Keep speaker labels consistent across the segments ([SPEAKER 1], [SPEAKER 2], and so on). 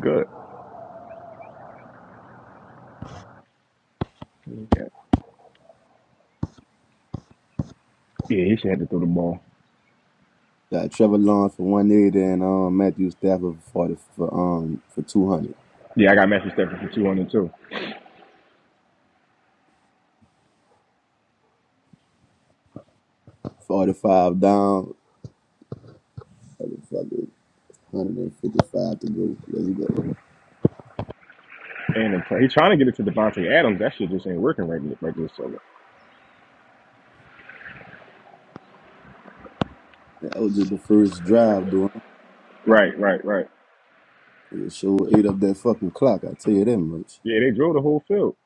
[SPEAKER 1] Good. Yeah, yeah, he should have to throw the ball.
[SPEAKER 2] Got Trevor Lawrence for one eighty and um Matthew Stafford for forty for um for two hundred.
[SPEAKER 1] Yeah, I got Matthew Stafford for two hundred two,
[SPEAKER 2] Forty five down, motherfucker, hundred and fifty five to go. Let's go.
[SPEAKER 1] and the play. He's trying to get it to Devontae Adams. That shit just ain't working right right this second.
[SPEAKER 2] That was just the first drive, dude.
[SPEAKER 1] Right, right, right.
[SPEAKER 2] It sure ate up that fucking clock. I tell you that much.
[SPEAKER 1] Yeah, they drove the whole field.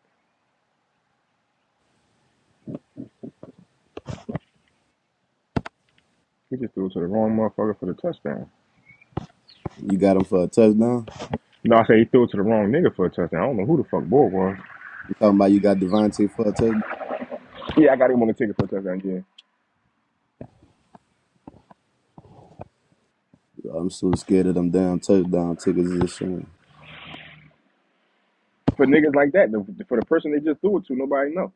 [SPEAKER 1] He just threw it to the wrong motherfucker for the touchdown.
[SPEAKER 2] You got him for a touchdown.
[SPEAKER 1] No, I say he threw it to the wrong nigga for a touchdown. I don't know who the fuck boy was.
[SPEAKER 2] You talking about you got Devontae for a touchdown?
[SPEAKER 1] Yeah, I got him on the ticket for a touchdown. Yeah,
[SPEAKER 2] I'm so scared of them damn touchdown tickets. Is a shame.
[SPEAKER 1] for niggas like that, the, for the person they just threw it to, nobody know.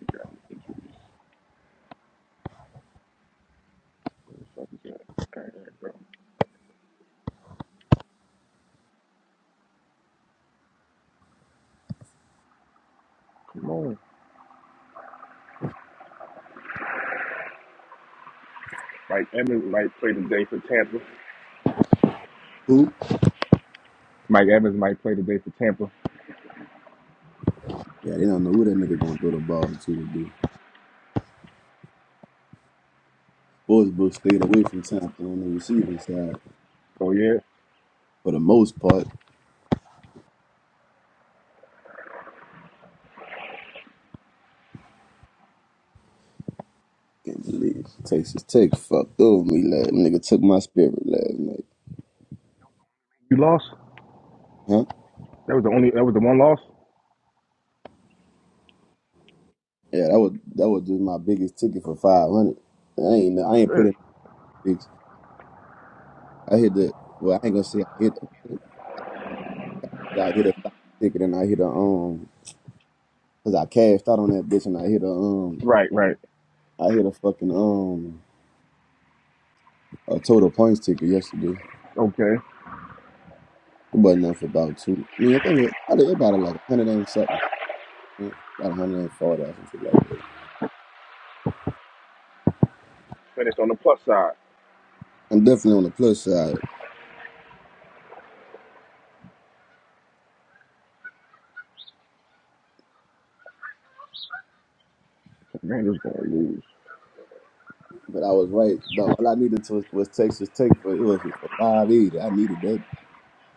[SPEAKER 1] You got any injuries? Where the fuck is that? All right, bro. Come on. Mike Evans might play today for Tampa.
[SPEAKER 2] Who?
[SPEAKER 1] Mike Evans might play today for Tampa.
[SPEAKER 2] Yeah, they don't know who that nigga gonna throw the ball to today. Sportsbook stayed away from Tampa on the receiving side
[SPEAKER 1] So yeah,
[SPEAKER 2] for the most part. Can't believe Texas Tech fucked over me last nigga took my spirit last night.
[SPEAKER 1] You lost.
[SPEAKER 2] Huh?
[SPEAKER 1] That was the only. That was the one loss.
[SPEAKER 2] Yeah, that was that was just my biggest ticket for five hundred. I ain't I ain't put
[SPEAKER 1] Shit.
[SPEAKER 2] in six. I hit the well I ain't gonna say I hit I hit a stock ticket and I hit a um cause I cashed out on that bitch and I hit a um
[SPEAKER 1] Right. Right.
[SPEAKER 2] I hit a fucking um a total points ticket yesterday.
[SPEAKER 1] Okay.
[SPEAKER 2] It wasn't nothing for about two. I mean I think it, I think about it like a hundred and something. About a hundred and forty or something like that.
[SPEAKER 1] Finished on the plus side.
[SPEAKER 2] I'm definitely on the plus side.
[SPEAKER 1] Commanders gonna lose.
[SPEAKER 2] But I was right. No, all I needed to, was Texas Tech but it was for five eighty. I needed that.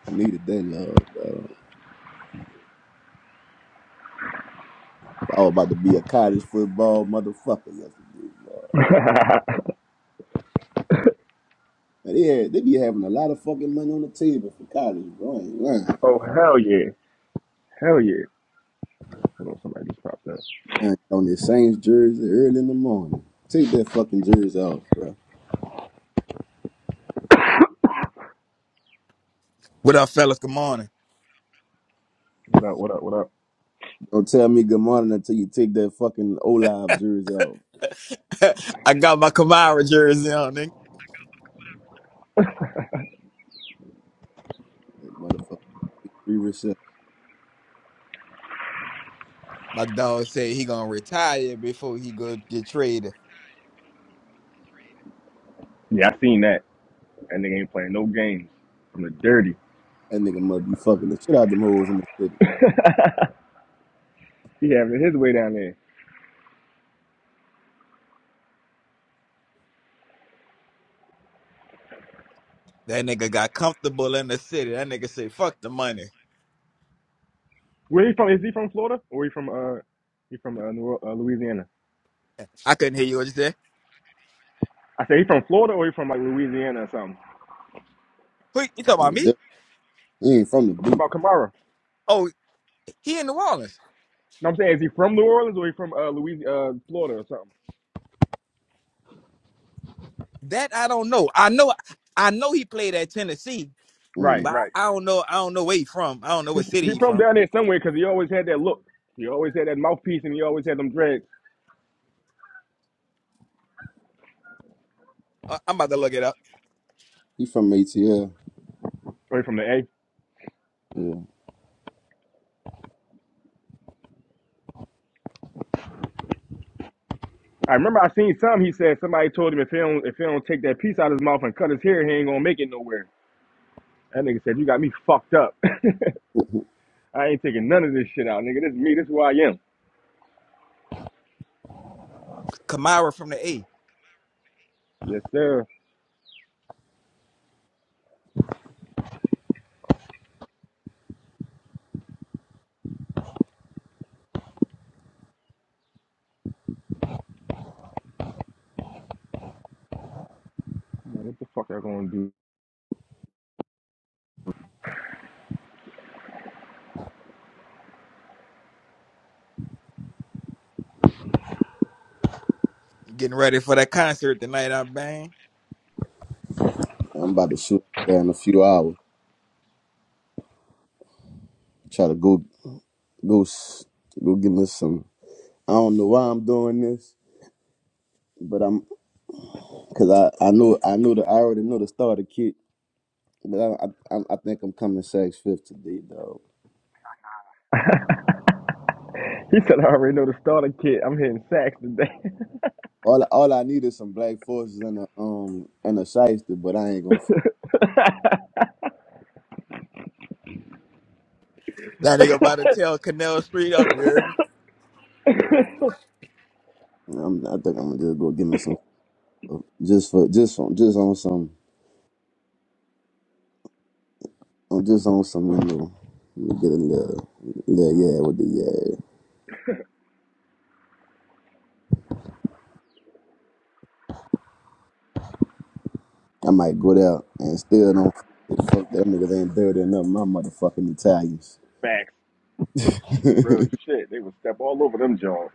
[SPEAKER 2] I needed that love. dawg. I was about to be a college football motherfucker yesterday, bro. But they had, they be having a lot of fucking money on the table for college, bro. I ain't lying.
[SPEAKER 1] oh hell yeah. Hell yeah. Hold on. Somebody just popped up.
[SPEAKER 2] I ain't On this Saints jersey early in the morning. Take that fucking jersey off, bro.
[SPEAKER 3] What up, fellas? Good morning.
[SPEAKER 1] What up? What up? What up?
[SPEAKER 2] Don't tell me good morning until you take that fucking Olive jersey off.
[SPEAKER 3] I got my Kamara jersey on, nigga.
[SPEAKER 2] That motherfucker three receptions.
[SPEAKER 3] My dog said he gonna retire before he go get traded.
[SPEAKER 1] Yeah, I seen that. That nigga ain't playing no games. From the dirty.
[SPEAKER 2] That nigga must be fucking the shit out them hoes in the
[SPEAKER 1] he having his way down there.
[SPEAKER 3] That nigga got comfortable in the city. That nigga said, fuck the money.
[SPEAKER 1] Where he from? Is he from Florida or he from uh he from uh, New, uh Louisiana?
[SPEAKER 3] I couldn't hear you what you said.
[SPEAKER 1] I said he from Florida or he from like Louisiana or something.
[SPEAKER 3] Who you talking about me?
[SPEAKER 2] city. He ain't from the
[SPEAKER 1] I'm talking
[SPEAKER 2] boot.
[SPEAKER 1] about Kamara.
[SPEAKER 3] Oh, he in New Orleans.
[SPEAKER 1] No, I'm saying, is he from New Orleans or he from uh, Louis, uh, Florida or something?
[SPEAKER 3] That I don't know. I know I know he played at Tennessee,
[SPEAKER 2] Mm.
[SPEAKER 1] Right,
[SPEAKER 3] but I,
[SPEAKER 1] right.
[SPEAKER 3] I don't know I don't know where he from. I don't know
[SPEAKER 1] He
[SPEAKER 3] what
[SPEAKER 1] he
[SPEAKER 3] city he
[SPEAKER 1] from
[SPEAKER 3] from.
[SPEAKER 1] down there somewhere because he always had that look. He always had that mouthpiece and he always had them dreads.
[SPEAKER 3] I, I'm about to look it up.
[SPEAKER 2] He from ATL.
[SPEAKER 1] Away from the A.
[SPEAKER 2] Yeah.
[SPEAKER 1] I remember I seen some. He said somebody told him if he don't if he don't take that piece out of his mouth and cut his hair, he ain't gonna make it nowhere. That nigga said, "You got me fucked up. I ain't taking none of this shit out, nigga. This is me. This is who I am."
[SPEAKER 3] Kamara from the A.
[SPEAKER 1] Yes, sir. I'm like, what the fuck I gonna do?
[SPEAKER 3] Getting ready for that concert tonight, I bang.
[SPEAKER 2] I'm about to shoot there in a few hours. Try to go go s- go give me some. I don't know why I'm doing this, but I'm because I I know I know that I already know the starter kit, but I I, I I think I'm coming six fifth today though.
[SPEAKER 1] He said, "I already know the starter kit. I'm hitting sacks today."
[SPEAKER 2] All all I need is some black forces and a um and a shyster, but I ain't gonna. fuck-
[SPEAKER 3] That nigga about to tell Canal Street up, you hear me?
[SPEAKER 1] Facts.
[SPEAKER 2] I'm, I think I'm gonna just go give me some just for just on just on some I'm just on some you know, get a little, little yeah with the yeah I might go there and still don't fuck that niggas ain't dirty enough. My motherfucking Italians.
[SPEAKER 1] Real shit. They would step all over them jaws.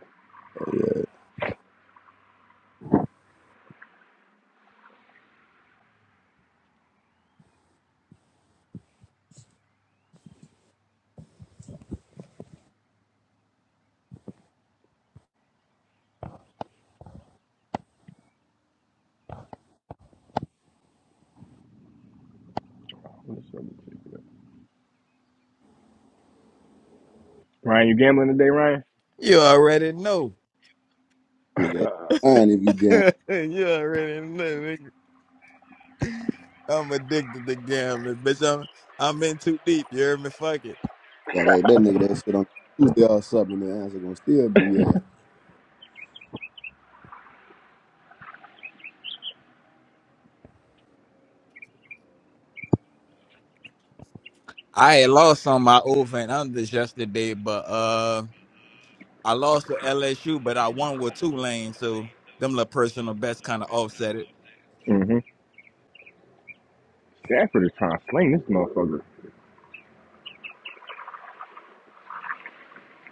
[SPEAKER 1] Ryan, you gambling today, Ryan?
[SPEAKER 3] You already know.
[SPEAKER 2] nigga, and if you get
[SPEAKER 3] you already know. nigga. I'm addicted to gambling, bitch. I'm I'm in too deep. You hear me? Fuck it.
[SPEAKER 2] got that, that nigga that shit on Tuesday or something, the answer gonna still be ass.
[SPEAKER 3] I had lost on my over and unders yesterday, but uh, I lost with LSU, but I won with Tulane, so them little personal best kind of offset it.
[SPEAKER 1] mm-hmm. Stafford is trying to sling this motherfucker.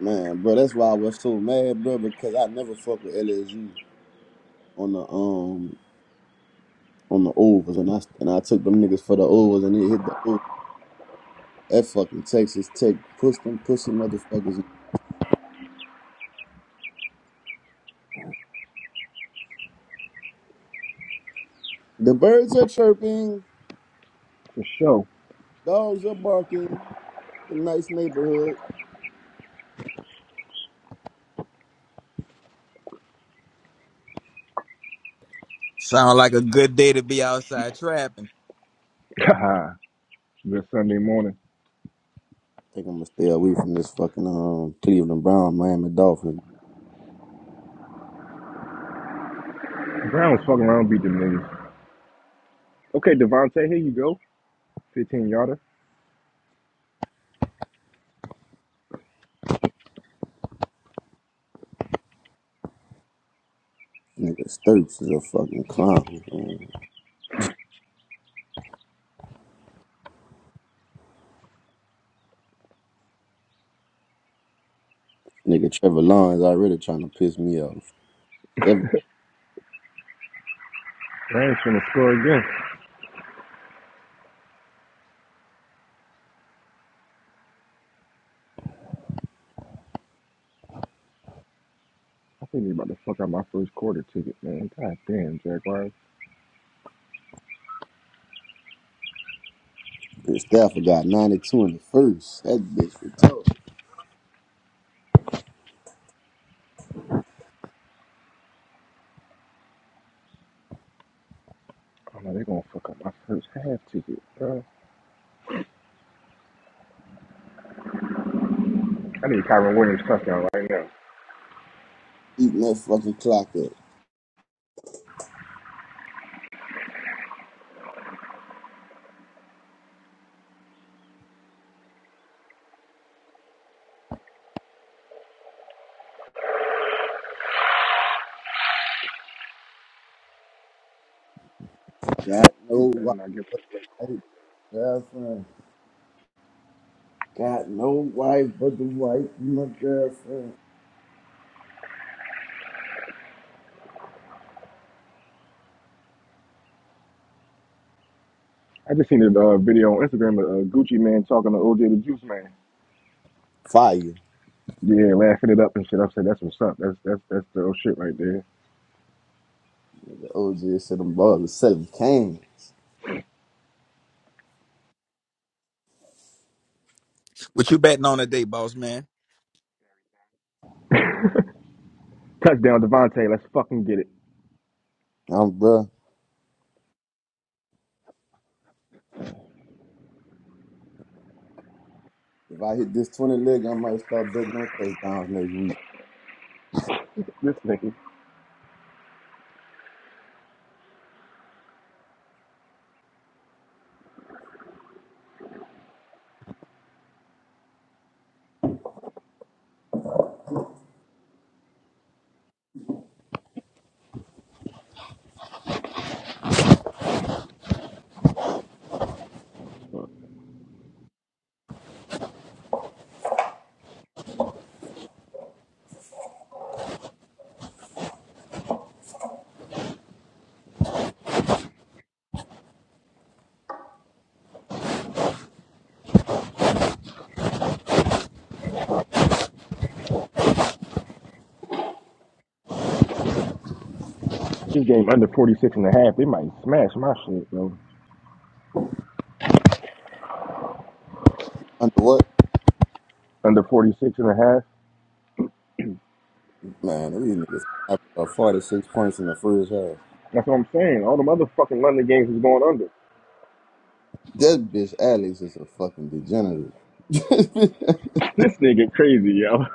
[SPEAKER 2] Man, bro, that's why I was so mad, bro, because I never fuck with LSU on the um on the overs, and I and I took them niggas for the overs, and they hit the overs. That fucking Texas Tech push them pussy motherfuckers. The birds are chirping,
[SPEAKER 1] For sure.
[SPEAKER 2] dogs are barking. It's a nice neighborhood.
[SPEAKER 3] Sound like a good day to be outside trapping.
[SPEAKER 1] Good Sunday morning.
[SPEAKER 2] think I'm gonna stay away from this fucking um Cleveland Brown, Miami Dolphins.
[SPEAKER 1] Brown's fucking around beat them niggas. Okay, Devontae, here you go. 15 yarder.
[SPEAKER 2] Nigga Sturks is a fucking clown. Man. Nigga Trevor Lawrence already trying to piss me off. Seven
[SPEAKER 1] Ryan's gonna score again. I think they are about to fuck up my first quarter ticket, man. God damn, Jaguars.
[SPEAKER 2] Stafford got 92 in the first. That bitch retarded.
[SPEAKER 1] Oh no, they gonna fuck up my first half ticket, bro. I need Kyron Williams touchdown right now.
[SPEAKER 2] Eating that fucking clock up. Got
[SPEAKER 1] You
[SPEAKER 2] no
[SPEAKER 1] better
[SPEAKER 2] wife,
[SPEAKER 1] not give it away.
[SPEAKER 2] girlfriend. Got no wife but the wife, my girlfriend.
[SPEAKER 1] I just seen a uh, video on Instagram of uh, Gucci man talking to OJ the Juice man.
[SPEAKER 2] Fire.
[SPEAKER 1] Yeah, laughing it up and shit. I said, that's what's up. That's that's that's the old shit right there.
[SPEAKER 2] The OG said them balls are selling cans.
[SPEAKER 3] What you betting on today, boss man?
[SPEAKER 1] Touchdown, Devontae. Let's fucking get it.
[SPEAKER 2] I'm bruh. If I hit this 20 leg, I might start betting on touchdowns next week.
[SPEAKER 1] This nigga. fuck. This game under 46 and a half. They might smash my shit, bro.
[SPEAKER 2] Under what?
[SPEAKER 1] Under 46 and a half.
[SPEAKER 2] Man, these niggas after uh, 46 points in the first half.
[SPEAKER 1] That's what I'm saying. All the motherfucking London games is going under.
[SPEAKER 2] That bitch Alex is a fucking degenerate.
[SPEAKER 1] this nigga crazy, yo.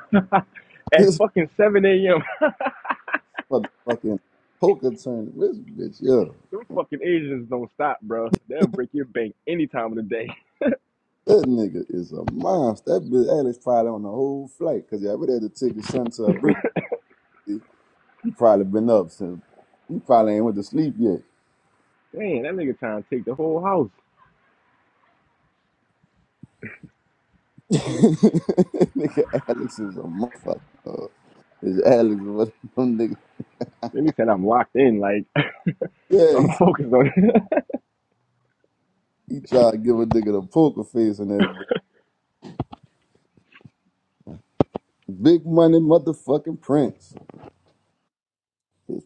[SPEAKER 1] At
[SPEAKER 2] this
[SPEAKER 1] fucking 7 a.m.
[SPEAKER 2] motherfucking poker tournament. This bitch, yo.
[SPEAKER 1] Them fucking Asians don't stop, bro. They'll break your bank any time of the day.
[SPEAKER 2] That nigga is a monster. That bitch Alex probably on the whole flight. Cause y'all would have to take his son to a birthday. He probably been up since He probably ain't went to sleep yet.
[SPEAKER 1] Damn, that nigga trying to take the whole house.
[SPEAKER 2] nigga Alex is a motherfucker. dog. Bitch Alex is one of them niggas.
[SPEAKER 1] Then he said I'm locked in, like
[SPEAKER 2] Yeah,
[SPEAKER 1] I'm
[SPEAKER 2] he,
[SPEAKER 1] focused on it.
[SPEAKER 2] he tried to give a nigga the poker face and that. Big money motherfucking Prince.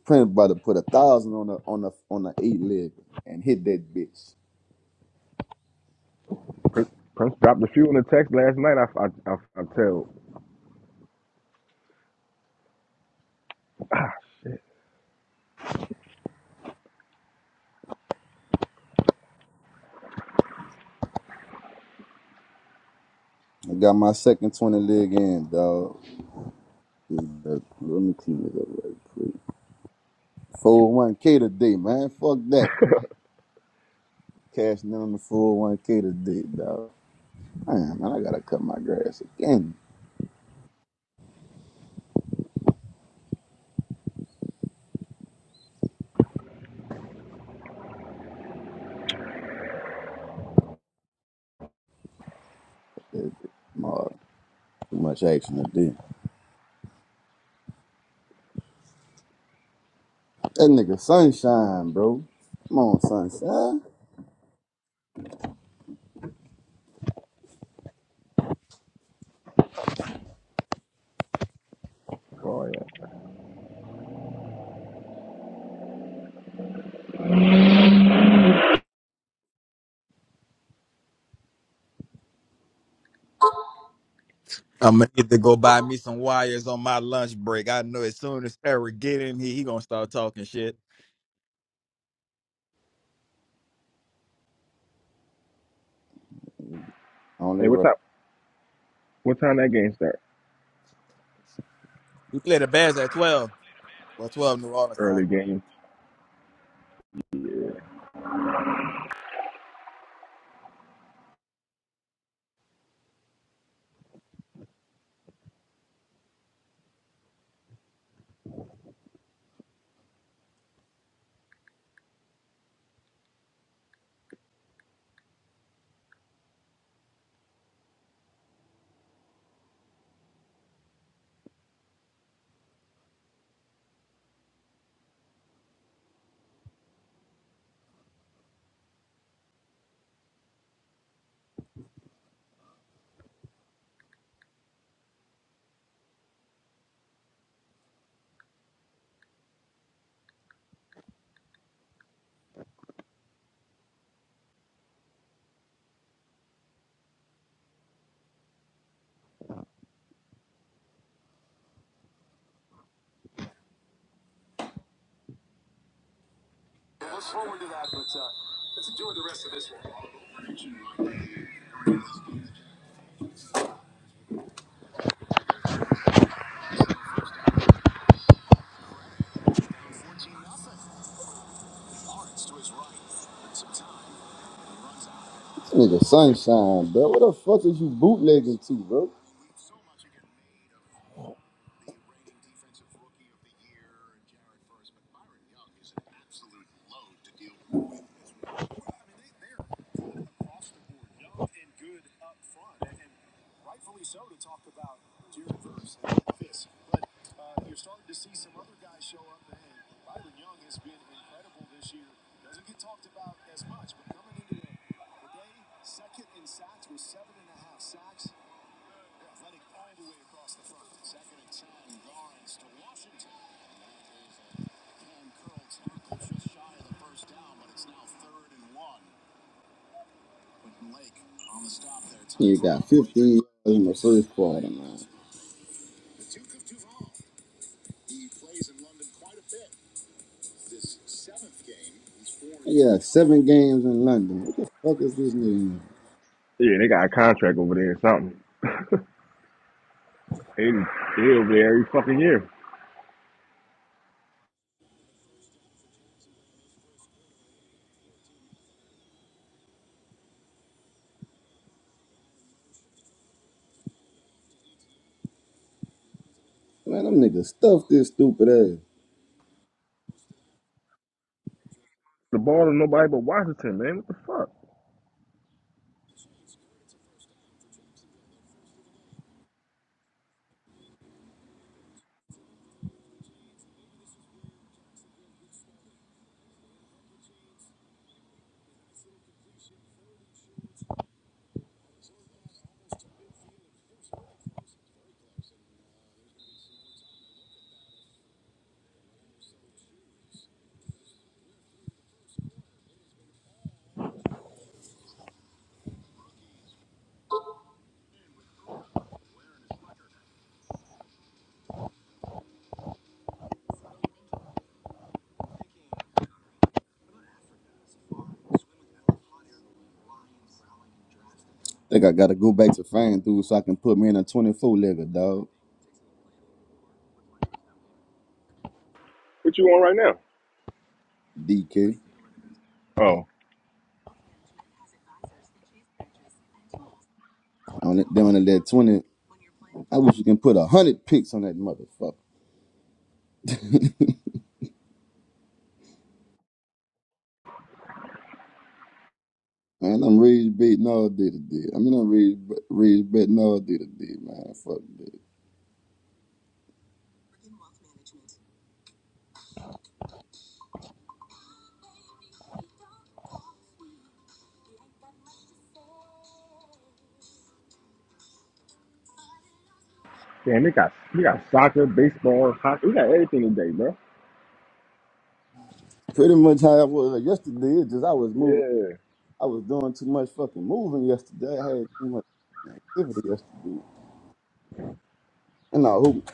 [SPEAKER 2] Prince about to put a thousand on the on the on the eight leg and hit that bitch.
[SPEAKER 1] Prince, Prince dropped a few in the text last night. I I I, I tell. Ah shit.
[SPEAKER 2] I got my second twenty leg in, dog. Let me clean it up right quick. Four oh one K today, man. Fuck that. Cashing in on the four oh one K today, dog. Man, man, I gotta cut my grass again. That bitch Tomorrow. Too much action today. That nigga sunshine, bro. Come on, sunshine.
[SPEAKER 1] Oh yeah.
[SPEAKER 3] I'm gonna need to go buy me some wires on my lunch break. I know as soon as Eric get in here, he gonna start talking shit.
[SPEAKER 2] Only
[SPEAKER 1] Hey, what
[SPEAKER 2] right.
[SPEAKER 1] time? What time that game start?
[SPEAKER 3] He played the Bears at twelve. What's up, New Orleans?
[SPEAKER 1] Early
[SPEAKER 3] Time?
[SPEAKER 1] game.
[SPEAKER 2] nigga Sunshine, bro. What the fuck is you bootlegging to, bro? You got 15 in the first quarter, man. Yeah, seven games in London. What the fuck is this nigga?
[SPEAKER 1] Yeah, they got a contract over there or something. They they over there every fucking year.
[SPEAKER 2] Man, them niggas stuffed this stupid ass.
[SPEAKER 1] The ball to nobody but Washington, man. What the fuck?
[SPEAKER 2] Think I gotta go back to fan dude so I can put me in a 24 legger, dog.
[SPEAKER 1] What you on right now?
[SPEAKER 2] DK.
[SPEAKER 1] Oh,
[SPEAKER 2] On it, down to that 20. I wish you can put a hundred picks on that motherfucker. Man, I'm rage betting all day today. I mean, I'm rage, rage betting all day today, man. Fuck that.
[SPEAKER 1] damn, they got we got soccer, baseball, hockey. We got everything today, bro.
[SPEAKER 2] Pretty much how I was yesterday. It's just I was moving.
[SPEAKER 1] Yeah.
[SPEAKER 2] I was doing too much fucking moving yesterday. I had too much activity yesterday. And I hope,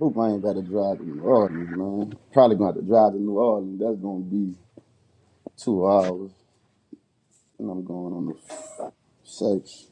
[SPEAKER 2] hope I ain't got to drive to New Orleans, man. Probably going to have to drive to New Orleans. That's going to be two hours. And I'm going on the sex.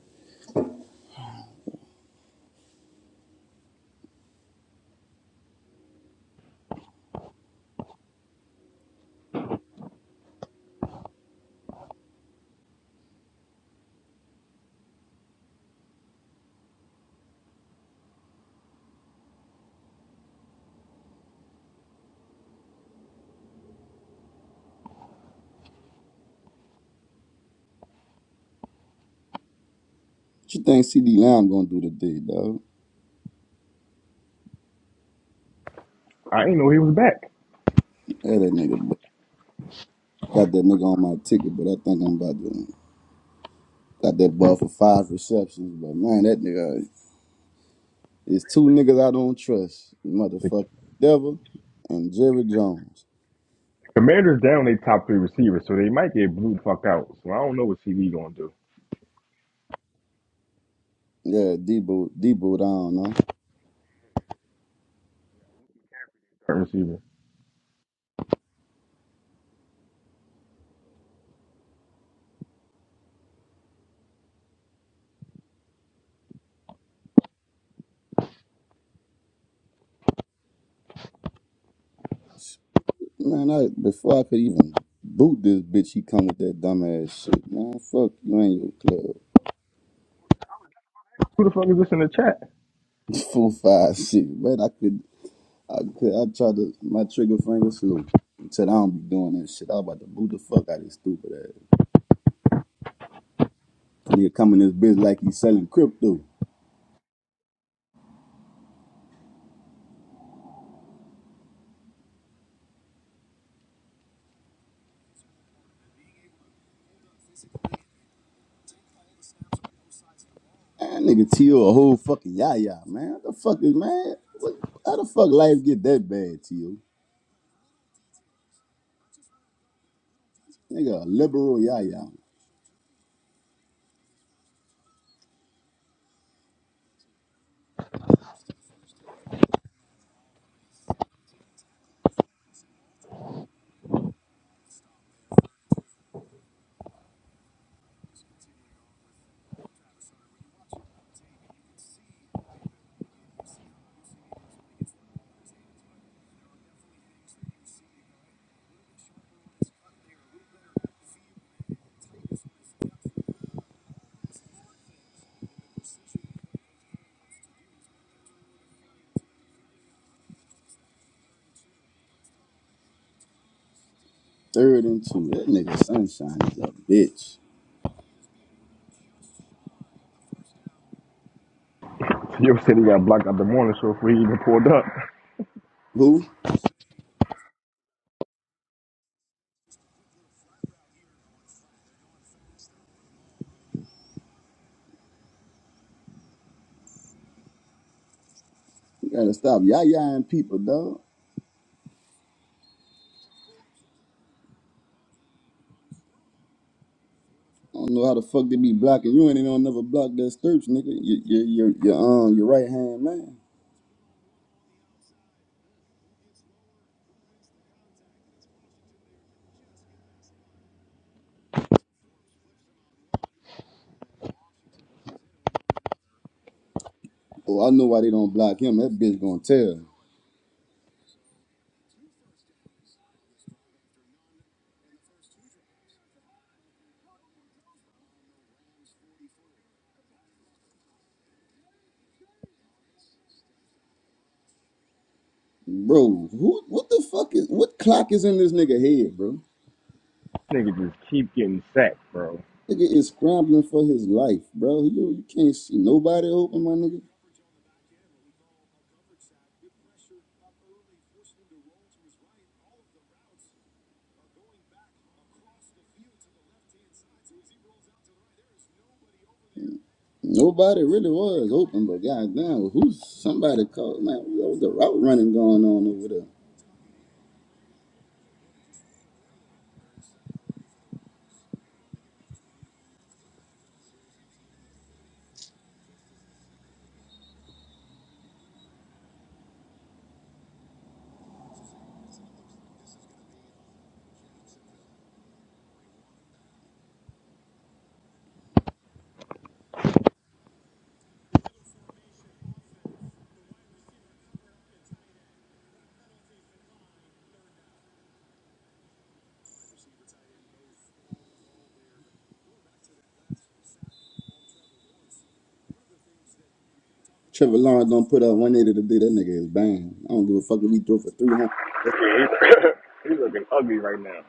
[SPEAKER 2] What you think CD Lamb going to do today, dog?
[SPEAKER 1] I ain't know he was back.
[SPEAKER 2] Yeah, that nigga. Got that nigga on my ticket, but I think I'm about to. Got that ball for five receptions, but man, that nigga is two niggas I don't trust.
[SPEAKER 1] The
[SPEAKER 2] Motherfucker Devil and Jerry Jones.
[SPEAKER 1] Commanders down their top three receivers, so they might get blew the fuck out. So I don't know what CD gonna do.
[SPEAKER 2] Yeah, D-Boot, D-Boot, I don't know.
[SPEAKER 1] Current receiver.
[SPEAKER 2] Man, I, before I could even boot this bitch, he come with that dumbass shit. Man, fuck you and your club.
[SPEAKER 1] Who the fuck is this in the chat?
[SPEAKER 2] Four, five, six. Man, I could, I could, I tried to, my trigger finger flew. Said I don't be doing that shit. I was about to boot the fuck out of this stupid ass. Nigga come in this bitch like he's selling crypto. That nigga T.O. a whole fucking yaya, man. What the fuck is, man? What, how the fuck life get that bad, T.O.? Nigga, a liberal yaya. Third and two. That nigga Sunshine is a bitch.
[SPEAKER 1] Yo said he got blocked out the morning show before he even pulled up.
[SPEAKER 2] Who? You gotta stop yayaing people, dog. I don't know how the fuck they be blocking you, and they don't never block that Sturge, nigga. Your, your, your, your, um, your right hand man. Oh, I know why they don't block him. That bitch gonna tell. Bro, who? What the fuck is? What clock is in this nigga head, bro?
[SPEAKER 1] Nigga just keep getting sacked, bro.
[SPEAKER 2] Nigga is scrambling for his life, bro. You, you can't see nobody open, my nigga. Nobody really was open, but goddamn, who's somebody called? Man, what was the route running going on over there? Trevor Lawrence don't put up 180 today. That nigga is banned. I don't give a fuck if he throw for 300.
[SPEAKER 1] He's looking ugly right now.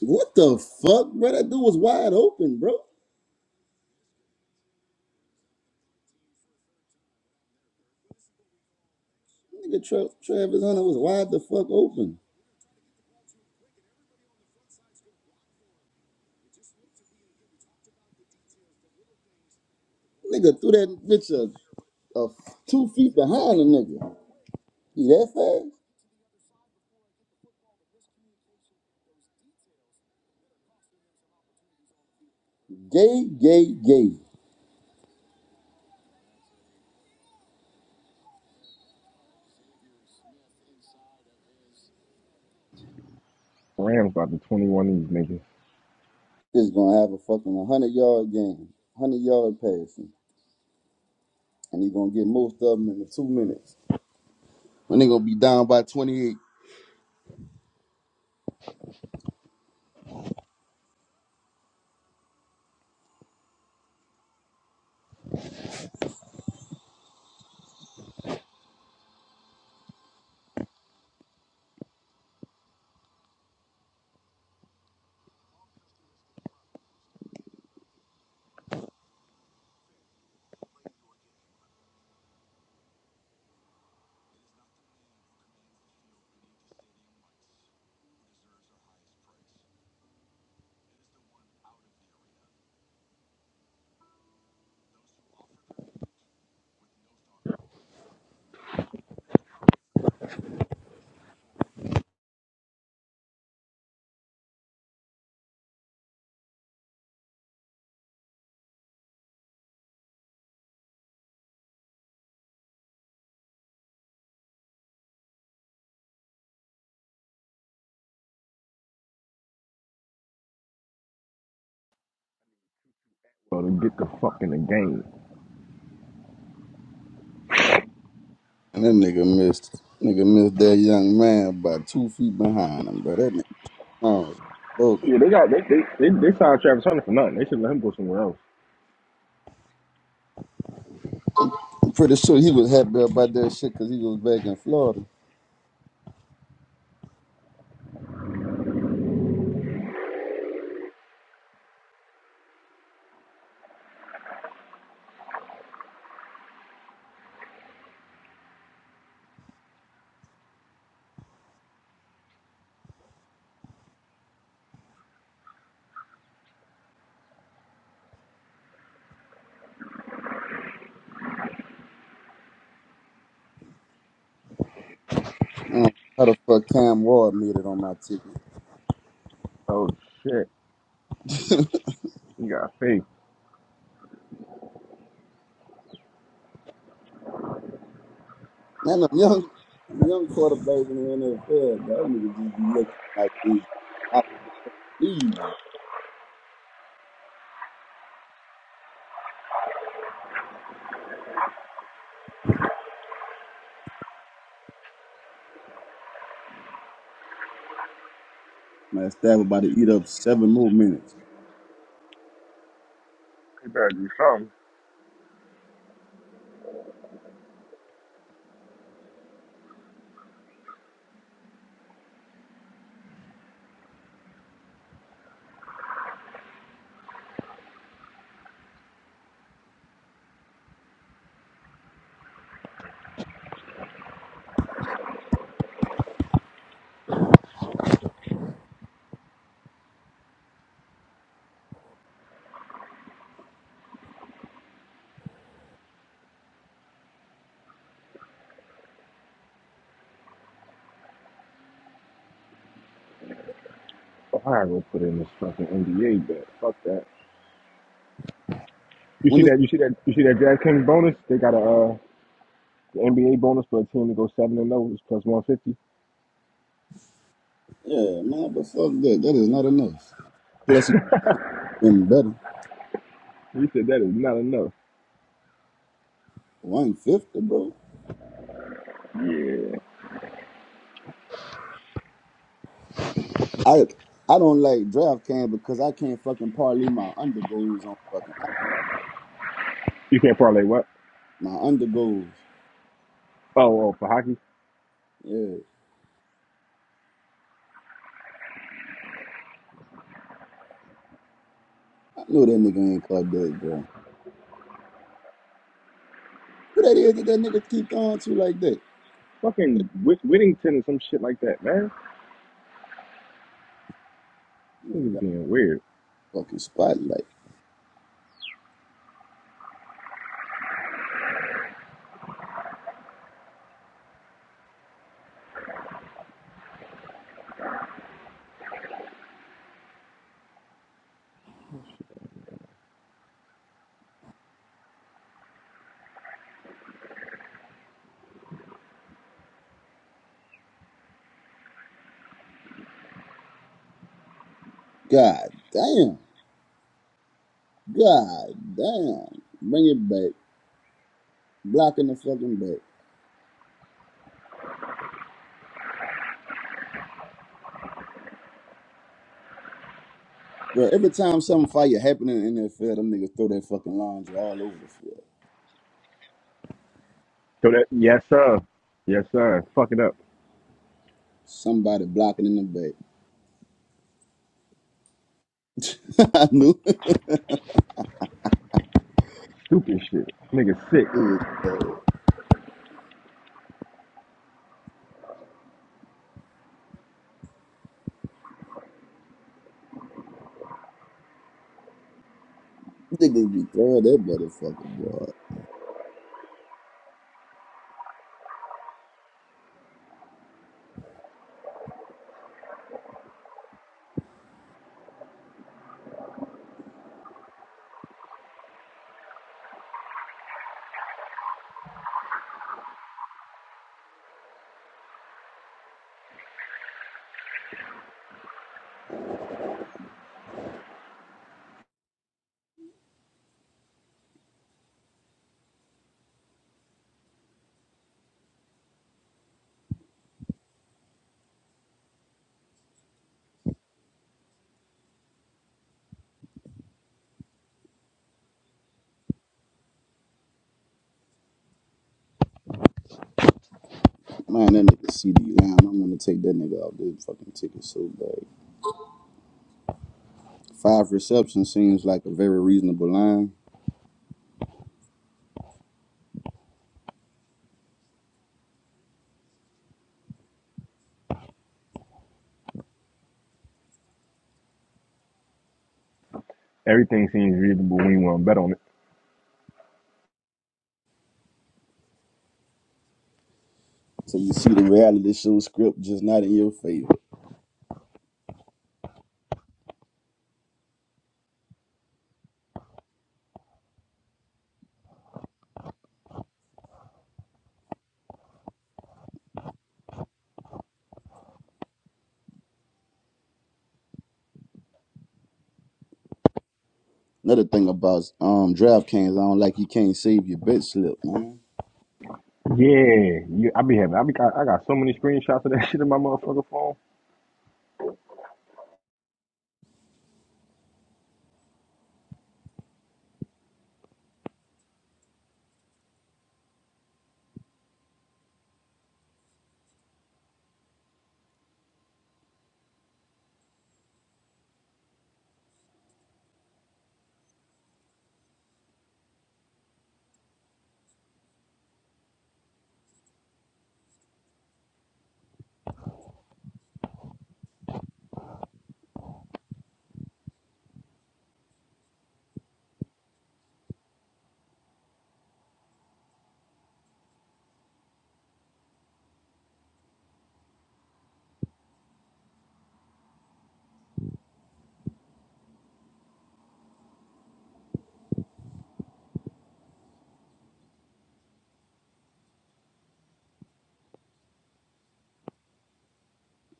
[SPEAKER 2] What the fuck, bro? That dude was wide open, bro. Nigga, Tra- Travis Hunter was wide the fuck open. Nigga threw that bitch a, a two feet behind the nigga. He that fast? Gay, gay, gay.
[SPEAKER 1] Rams about to 21 of these niggas.
[SPEAKER 2] Is gonna have a fucking one hundred yard game, one hundred yard passing, and he's gonna get most of them in the two minutes. And they gonna be down by twenty eight.
[SPEAKER 1] So they get the fuck in the game.
[SPEAKER 2] And that nigga missed. Nigga missed that young man by two feet behind him, bro. That nigga oh, bogus.
[SPEAKER 1] They, they, they signed Travis Hunter for nothing. They should let him go somewhere else.
[SPEAKER 2] I'm pretty sure he was happy about that shit because he was back in Florida. Mm, How the fuck Cam Ward made it on my ticket?
[SPEAKER 1] Oh shit. He got faith.
[SPEAKER 2] Man, them young, them young quarterbacks in the NFL, that nigga just be looking like this. I leave. Man, Stab about to eat up seven more minutes
[SPEAKER 1] He better do something. Ohio gonna put in this fucking NBA bet. Fuck that. You see
[SPEAKER 2] when
[SPEAKER 1] that? You see that? You see that DraftKings bonus? They got a uh, the NBA bonus for a team to go seven and zero is plus one fifty.
[SPEAKER 2] Yeah, man, but fuck that. That is not enough. Plus, he been better.
[SPEAKER 1] you said that is not enough.
[SPEAKER 2] One fifty, bro.
[SPEAKER 1] Yeah.
[SPEAKER 2] I I don't like draft can because I can't fucking parlay my undergoals on fucking
[SPEAKER 1] You can't parlay what?
[SPEAKER 2] my undergoals.
[SPEAKER 1] Oh, oh, for hockey.
[SPEAKER 2] Yeah, I know that nigga ain't called that, bro. Who that is that that nigga keep on to like that? That
[SPEAKER 1] Fucking Whit- Whittington or some shit like that, man. This
[SPEAKER 2] nigga
[SPEAKER 1] is
[SPEAKER 2] got
[SPEAKER 1] being weird.
[SPEAKER 2] fucking spotlight.
[SPEAKER 1] So
[SPEAKER 2] God damn. God damn. Bring it back. Blocking the fucking back. Bro, every time something fire happening in the NFL, them niggas throw that fucking laundry all over the field.
[SPEAKER 1] that yes sir, yes sir. Fuck it up.
[SPEAKER 2] Somebody blocking in the back. I knew it.
[SPEAKER 1] Stupid shit. Nigga sick.
[SPEAKER 2] Niggas be throwing that motherfucker, boy. Man, that nigga CD Lamb. I'm gonna take that nigga off this fucking ticket so bad. Five receptions seems like a very reasonable line.
[SPEAKER 1] Everything seems reasonable when you want to bet on it.
[SPEAKER 2] So you see the reality show script just not in your favor. Another thing about um DraftKings, I don't like you can't save your bet slip, man.
[SPEAKER 1] Yeah, yeah. I be having. I be. I, I got so many screenshots of that shit in my motherfucker phone.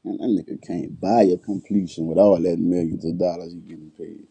[SPEAKER 2] And that nigga can't buy your completion with all that millions of dollars you getting paid.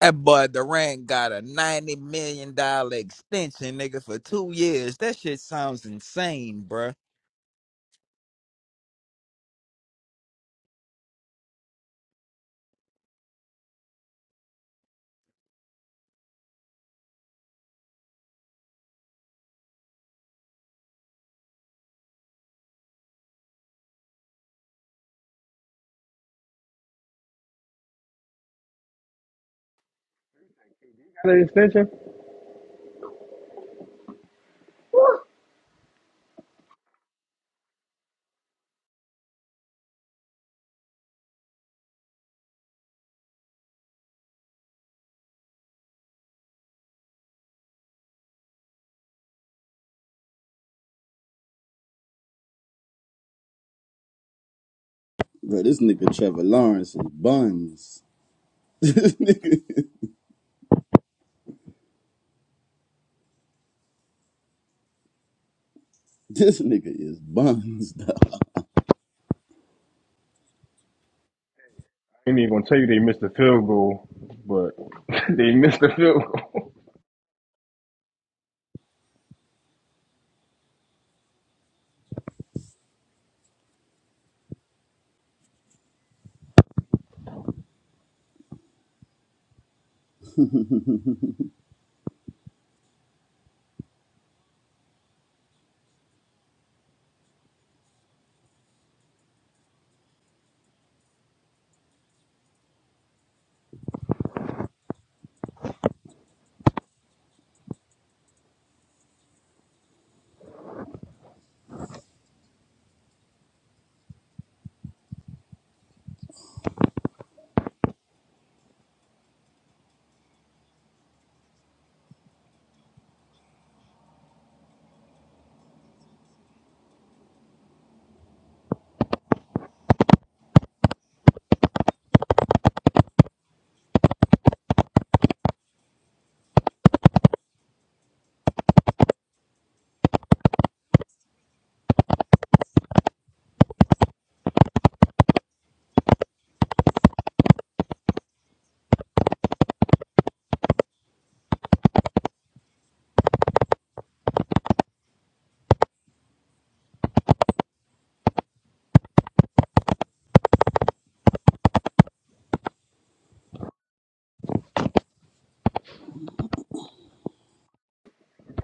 [SPEAKER 3] That boy Durant got a ninety million dollar extension, nigga, for two years. That shit sounds insane, bruh.
[SPEAKER 1] Got an extension?
[SPEAKER 2] Bro, this nigga Trevor Lawrence is buns. this nigga. This nigga is buns.
[SPEAKER 1] ain't even gonna tell you they missed the field goal, but they missed the field goal.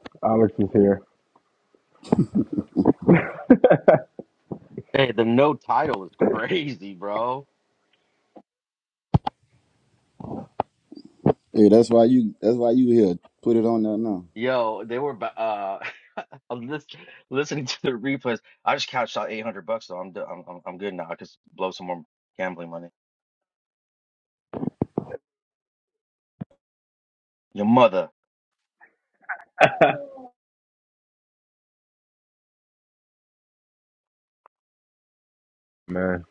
[SPEAKER 1] Alex is here.
[SPEAKER 4] Hey, the no title is crazy, bro.
[SPEAKER 2] hey, that's why you. That's why you here. Put it on there now.
[SPEAKER 4] Yo, they were. ba- Uh, I'm listen, listening to the replays. I just cashed out 800 bucks, so I'm do- I'm I'm I'm good now. I just blow some more gambling money. Your mother.
[SPEAKER 1] Man,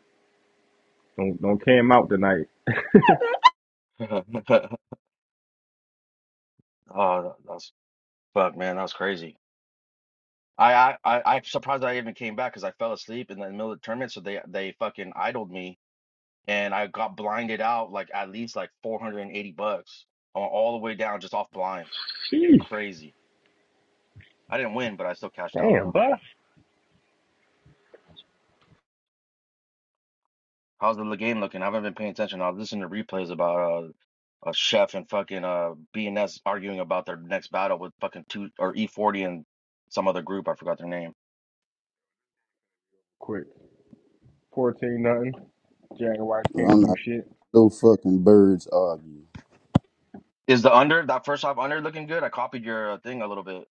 [SPEAKER 1] don't don't came out tonight.
[SPEAKER 4] Oh, that's fuck, man. That was crazy. I I I I'm surprised I even came back because I fell asleep in the middle of the tournament. So they they fucking idled me, and I got blinded out like at least like 480 bucks on all the way down just off blinds.
[SPEAKER 1] Sheesh.
[SPEAKER 4] Crazy. I didn't win, but I still cashed out
[SPEAKER 1] Damn,
[SPEAKER 4] though.
[SPEAKER 1] bud.
[SPEAKER 4] How's the game looking? I haven't been paying attention. I was listening to replays about uh, a chef and fucking uh BNS arguing about their next battle with fucking two or E40 and some other group. I forgot their name.
[SPEAKER 1] Quick. 14 nothing. Jaguars can't
[SPEAKER 2] I'm
[SPEAKER 1] do
[SPEAKER 2] not
[SPEAKER 1] shit.
[SPEAKER 2] no fucking birds argue.
[SPEAKER 4] Is the under that first half under looking good? I copied your uh, thing a little bit,